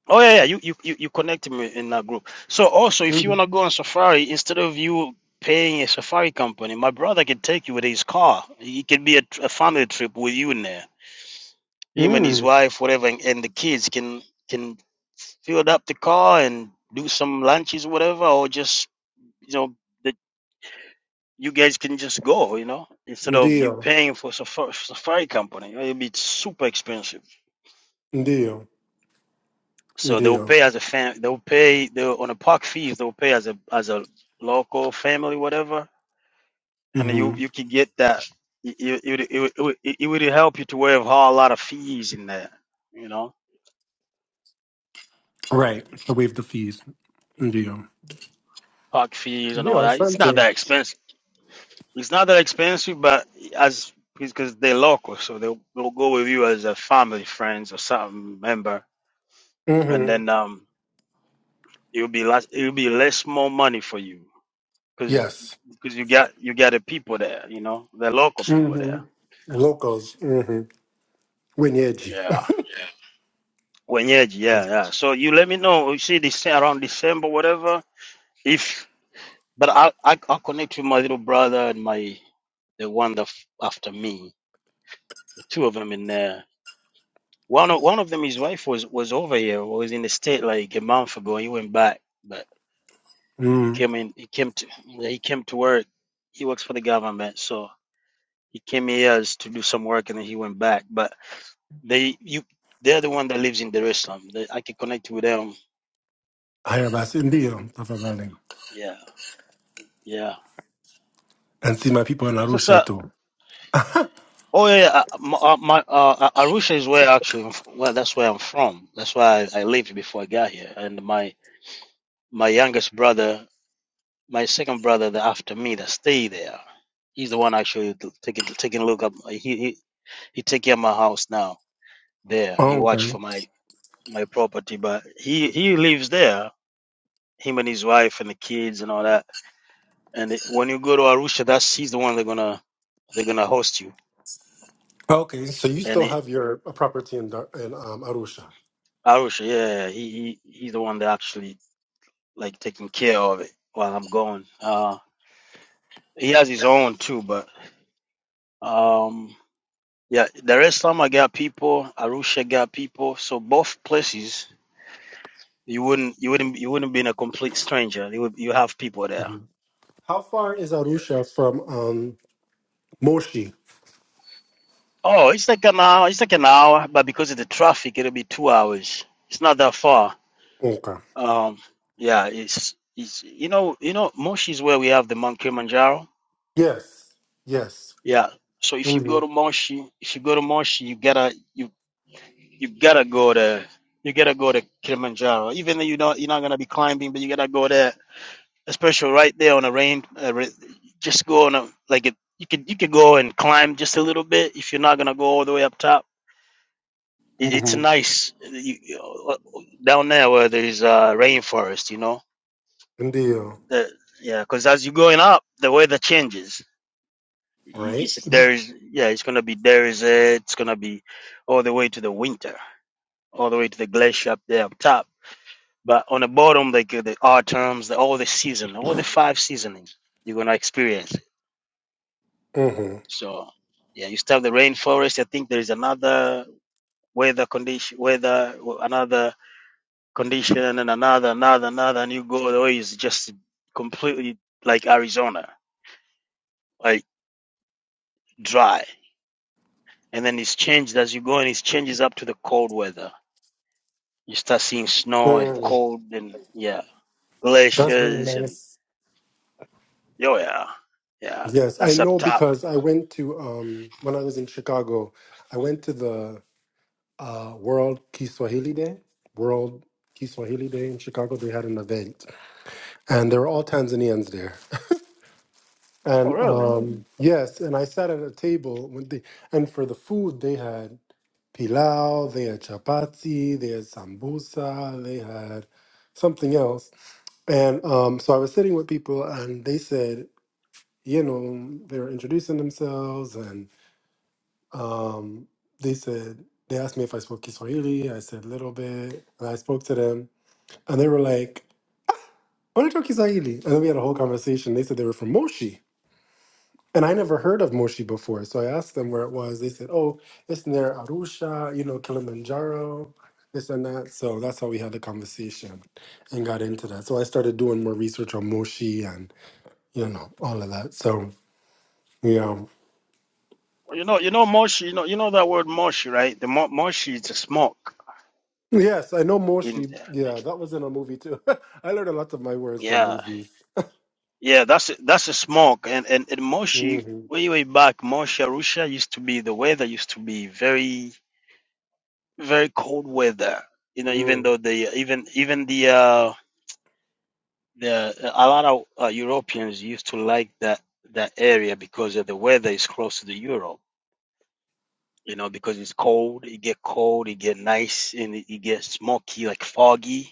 Speaker 3: oh yeah, yeah you, you you you connected me in that group so also if you
Speaker 2: Mm-hmm.
Speaker 3: want to go on safari instead of you paying a safari company my brother can take you with his car it can be a, tr- a family trip with you in there him and his
Speaker 2: Mm.
Speaker 3: wife, whatever, and, and the kids can can fill up the car and do some lunches, whatever, or just you know that you guys can just go, you know, instead of you
Speaker 2: Ndio.
Speaker 3: paying for safari, safari company, you know, it'll be super expensive.
Speaker 2: Ndio.
Speaker 3: So they'll
Speaker 2: Ndio.
Speaker 3: pay as a fam, they'll pay they'll, on the park fees, they'll pay as a as a local family, whatever, and you
Speaker 2: Mm-hmm.
Speaker 3: you can get that. It, it, it, it, would- it, would- it would help you to waive a whole lot of fees in there, you know,
Speaker 2: Right. So waive the fees. Ndio.
Speaker 3: park fees and all
Speaker 2: Ndio,
Speaker 3: that. It's not
Speaker 2: asante.
Speaker 3: that expensive It's not that expensive, but as because they're local, so they'll, they'll go with you as a family, friends, or some member, and
Speaker 2: Mm-hmm.
Speaker 3: then um, it'll be less, it'll be less more money for you because
Speaker 2: Yes.
Speaker 3: because you got you got the people there, you know, the local people there.
Speaker 2: Mm-hmm. Locals. Mm-hmm. Wenyeji.
Speaker 3: Yeah, wenyeji, yeah, yeah. yeah. So you let me know. You see, this around December, whatever. If but I I I'll connect with my little brother and my the one that f- after me, the two of them in there One of one of them, his wife was was over here, was in the state like a month ago. He went back, but he came in. He came to yeah, he came to work. He works for the government, so he came here as to do some work, and then he went back. But they you they're the one that lives in Dar es Salaam. They, I can connect with them.
Speaker 2: Hirabas, India, Tafarani.
Speaker 3: Yeah, yeah.
Speaker 2: And see my people in
Speaker 3: So,
Speaker 2: Arusha
Speaker 3: so
Speaker 2: too.
Speaker 3: oh yeah, yeah, uh, my, uh, my uh, uh, Arusha is where actually. I'm f- Well, that's where I'm from. That's why I, I lived before I got here, and my my youngest brother. my second brother that after me that stayed there. He's the one actually t- taking taking a look up. he he he take care of my house now. There
Speaker 2: Oh,
Speaker 3: he watch
Speaker 2: okay.
Speaker 3: for my my property, but he he lives there. Him and his wife and the kids and all that. And it- when you go to Arusha, that's he's the one they're gonna they're gonna host you.
Speaker 2: okay. So you
Speaker 3: And
Speaker 2: still
Speaker 3: it,
Speaker 2: have your property in, Dar- in um, Arusha.
Speaker 3: Arusha, yeah, he, he he's the one that actually like taking care of it while I'm gone. Uh, he has his own too, but um. Yeah, Dar es Salaam I got people, Arusha got people. So both places you wouldn't you wouldn't you wouldn't be in a complete stranger. You would you have people there.
Speaker 2: Mhm. How far is
Speaker 3: Yeah.
Speaker 2: Arusha from um, Moshi?
Speaker 3: Oh, it's like an hour. It's like an hour, but because of the traffic, it'll be two hours. It's not that far.
Speaker 2: Okay.
Speaker 3: Um, yeah, it's it's you know you know Moshi is where we have the Mount Kilimanjaro.
Speaker 2: Yes. Yes.
Speaker 3: Yeah. So if you go to
Speaker 2: Mm-hmm.
Speaker 3: Moshi, if you go to Moshi, you gotta you you gotta go to you gotta go to Kilimanjaro. Even though you don't you're not gonna be climbing, but you gotta go there especially right there on a rain. Uh, ra- just go on a like it, you could you could go and climb just a little bit if you're not gonna go all the way up top. It, it's
Speaker 2: Mm-hmm.
Speaker 3: nice you, you- uh, down there where there's uh, rainforest. You know,
Speaker 2: India.
Speaker 3: the, yeah, because as you're going up, the weather changes. Y-
Speaker 2: Right?
Speaker 3: It's there's yeah, it's gonna be desert. It's gonna be all the way to the winter, all the way to the glacier up there up top. But on the bottom, like uh, the autumns, the, all the season, all the five seasoning you're gonna experience.
Speaker 2: Mm-hmm.
Speaker 3: So yeah, you still have the rainforest. I think there is another weather condition, weather another condition, and another, another, another, and you go the way is just completely like Arizona, like dry, and then it's changed as you go, and it changes up to the cold weather. You start seeing snow and
Speaker 2: Mm.
Speaker 3: cold, and yeah,
Speaker 2: That's really
Speaker 3: glaciers, and
Speaker 2: nice.
Speaker 3: oh yeah, yeah,
Speaker 2: Yes, I
Speaker 3: that's up
Speaker 2: know
Speaker 3: top.
Speaker 2: because I went to um, when I was in Chicago, I went to the uh, World Kiswahili Day, World Kiswahili Day in Chicago. They had an event, and there were all Tanzanians there. And um, Mhm. yes, and I sat at a table when they, and for the food they had pilau, they had chapati, they had sambusa, they had something else. And um, so I was sitting with people, and they said, you know, they were introducing themselves, and um, they said they asked me if I spoke Kiswahili. I said a little bit, and I spoke to them And they were like, Onatoki Zahili. And then we had a whole conversation. They said they were from Moshi. And I never heard of Moshi before. So I asked them where it was. They said, oh, it's near Arusha, you know, Kilimanjaro, this and that. So that's how we had the conversation and got into that. So I started doing more research on Moshi and, you know, all of that. So, yeah.
Speaker 3: Well, You know, you know Moshi. You know, you know that word Moshi, right? The mo- Moshi is the smoke
Speaker 2: Yes, I know
Speaker 3: in
Speaker 2: Moshi. Yeah, that was in a movie too. I learned a lot of my words from
Speaker 3: yeah.
Speaker 2: movies.
Speaker 3: Yeah, that's that's a smoke. And and, and
Speaker 2: hmm
Speaker 3: Moshi, way way back, Moshi Arusha used to be the weather used to be very very cold weather. You know, even
Speaker 2: Mm-hmm.
Speaker 3: though the even even the uh, the a lot of uh, Europeans used to like that that area because of the weather is close to the Europe. You know, because it's cold, it get cold, it get nice, and it, it gets smoky, like foggy.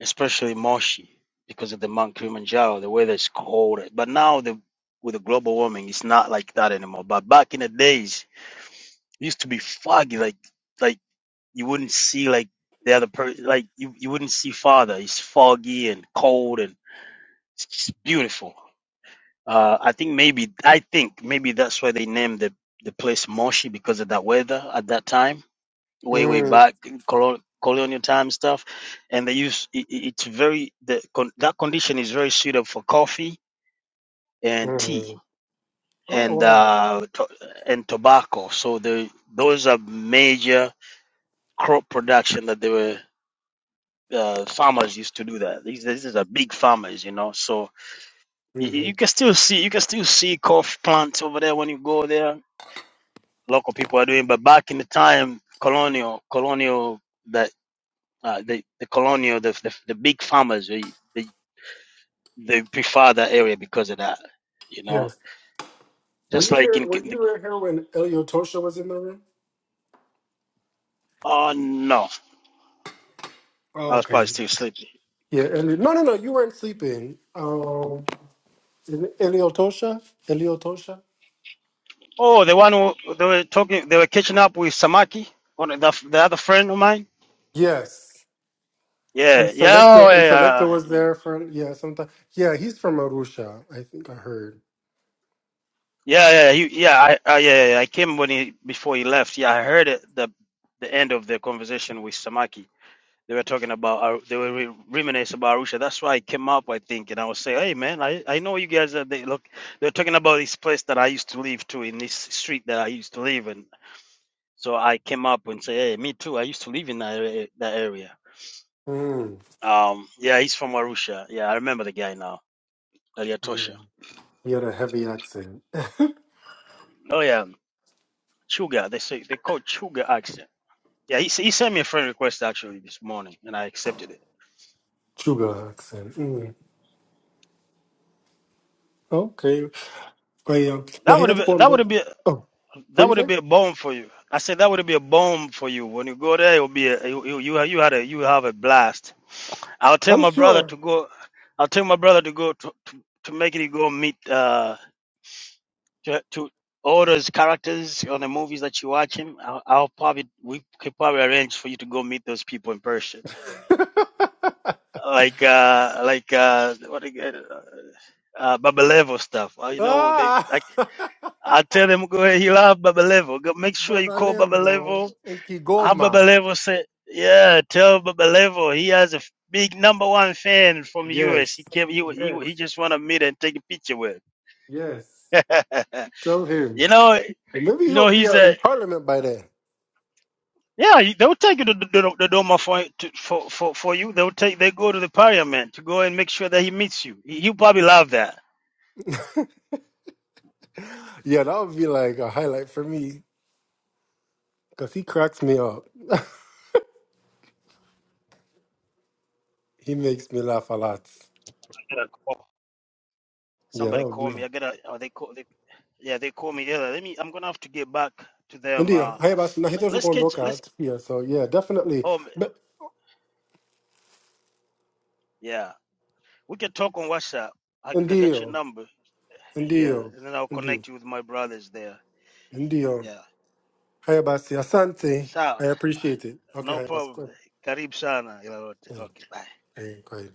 Speaker 3: especially Moshi, because of the Mount Kilimanjaro, the weather is cold. But now the with the global warming, it's not like that anymore. But back in the days, it used to be foggy, like like you wouldn't see like the other per like you, you wouldn't see farther. It's foggy and cold and it's just beautiful. Uh, I think maybe I think maybe that's why they named the the place Moshi because of that weather at that time way way
Speaker 2: Mm-hmm.
Speaker 3: back in colon- colonial time stuff and they use it, it- it's very the con, that condition is very suitable for coffee and tea
Speaker 2: Mm-hmm. Oh,
Speaker 3: and
Speaker 2: wow.
Speaker 3: uh to, and tobacco so the those are major crop production that they were uh, farmers used to do that these these are big farmers you know so you,
Speaker 2: Mm-hmm.
Speaker 3: you can still see you can still see coffee plants over there when you go there local people are doing but back in the time colonial colonial that. uh, the the colonial the the, the big farmers they, they they prefer that area because of that you know
Speaker 2: Yes. Were
Speaker 3: just
Speaker 2: you
Speaker 3: like
Speaker 2: here?
Speaker 3: in,
Speaker 2: Were
Speaker 3: in the,
Speaker 2: you right here when Elio Tosha was in the room?
Speaker 3: oh no I
Speaker 2: Oh,
Speaker 3: was
Speaker 2: okay.
Speaker 3: probably still sleepy
Speaker 2: Yeah, Elio. No, no, no. You weren't sleeping. Um, is it Elio Tosha. Elio Tosha.
Speaker 3: oh the one who they were talking they were catching up with Samaki one of the, the other friend of mine
Speaker 2: Yes. And
Speaker 3: yeah yeah oh,
Speaker 2: Selecto and Selecto
Speaker 3: yeah
Speaker 2: was
Speaker 3: yeah
Speaker 2: there for yeah sometime. Yeah, he's from Arusha. I think I heard.
Speaker 3: yeah yeah you, yeah I, I yeah, yeah I came when he before he left yeah I heard it the the end of the conversation with Samaki They were talking about, Ar- they were re- reminiscing about Arusha. That's why I came up, I think, and I was saying, hey, man, I, I know you guys are, they look, they're talking about this place that I used to live to in this street that I used to live in. So I came up and say, hey, me too. I used to live in that area. That area.
Speaker 2: Mm.
Speaker 3: Um, yeah, he's from Arusha. Yeah, I remember the guy now,
Speaker 2: Yeah.
Speaker 3: Eliatosha.
Speaker 2: He had a heavy accent,
Speaker 3: Oh, yeah, Chuga. They say, they call Chuga accent. Yeah, he, s- he sent me a friend request actually this morning, and I accepted it.
Speaker 2: Chuga accent. Mm. Okay. But yeah, now
Speaker 3: That
Speaker 2: he
Speaker 3: would
Speaker 2: had to
Speaker 3: have been,
Speaker 2: call
Speaker 3: that would have
Speaker 2: him.
Speaker 3: been.
Speaker 2: Oh, what
Speaker 3: That
Speaker 2: you
Speaker 3: would
Speaker 2: say?
Speaker 3: be a bomb for you. I said that would be a bomb for you. When you go there, it'll be a, you you you you had a you have a blast. I'll tell
Speaker 2: I'm
Speaker 3: my brother
Speaker 2: sure.
Speaker 3: to go. I'll tell my brother to go to to, to make it go meet uh to to all those characters on the movies that you're watching. I'll, I'll probably we could probably arrange for you to go meet those people in person, like uh like uh what again uh uh Babalevo stuff. Uh, you know they like.
Speaker 2: ah.
Speaker 3: I tell them go ahead, he love Babalevo. Go make sure
Speaker 2: But
Speaker 3: you
Speaker 2: I
Speaker 3: call
Speaker 2: live
Speaker 3: Babalevo
Speaker 2: in Kigoma.
Speaker 3: Ababalevo said, "Yeah, tell Babalevo he has a f- big number one fan from
Speaker 2: Yes.
Speaker 3: US. He came, he wa- he, wa- he
Speaker 2: Yes.
Speaker 3: just want to meet and take a picture with.
Speaker 2: Yes. Tell him.
Speaker 3: you know,
Speaker 2: And Maybe
Speaker 3: you
Speaker 2: he'll
Speaker 3: know
Speaker 2: be
Speaker 3: he's
Speaker 2: out
Speaker 3: a
Speaker 2: in parliament by then.
Speaker 3: yeah. you- They'll take you to the, the, the Doma for, to, for for for you. They'll take they go to the Parliament to go and make sure that he meets you. He, he'll probably love that.
Speaker 2: Yeah, that would be like a highlight for me because he cracks me up. He makes me laugh a lot.
Speaker 3: I gotta call.
Speaker 2: Yeah, that
Speaker 3: Somebody
Speaker 2: would
Speaker 3: call
Speaker 2: be.
Speaker 3: me. I gotta. Oh, they call. They, yeah, they call me. Yeah, let me. I'm gonna have to get back to them.
Speaker 2: Ndio,
Speaker 3: Uh,
Speaker 2: haya basi na hito
Speaker 3: let, let's catch.
Speaker 2: tukuondoka
Speaker 3: Let's.
Speaker 2: Yeah, So yeah, definitely.
Speaker 3: Oh,
Speaker 2: But
Speaker 3: yeah. We can talk on WhatsApp. I can get your
Speaker 2: ndio,
Speaker 3: number. Yeah,
Speaker 2: ndio,
Speaker 3: and then I'll
Speaker 2: ndio,
Speaker 3: connect you with my brothers there.
Speaker 2: ndio.
Speaker 3: Yeah.
Speaker 2: Haya basi, asante.
Speaker 3: So,
Speaker 2: I appreciate it. Okay,
Speaker 3: no
Speaker 2: haya basi.
Speaker 3: problem.
Speaker 2: Kwa-
Speaker 3: Karib sana. ila
Speaker 2: Mm, mm,
Speaker 3: Okay, bye.
Speaker 2: Hey, go ahead.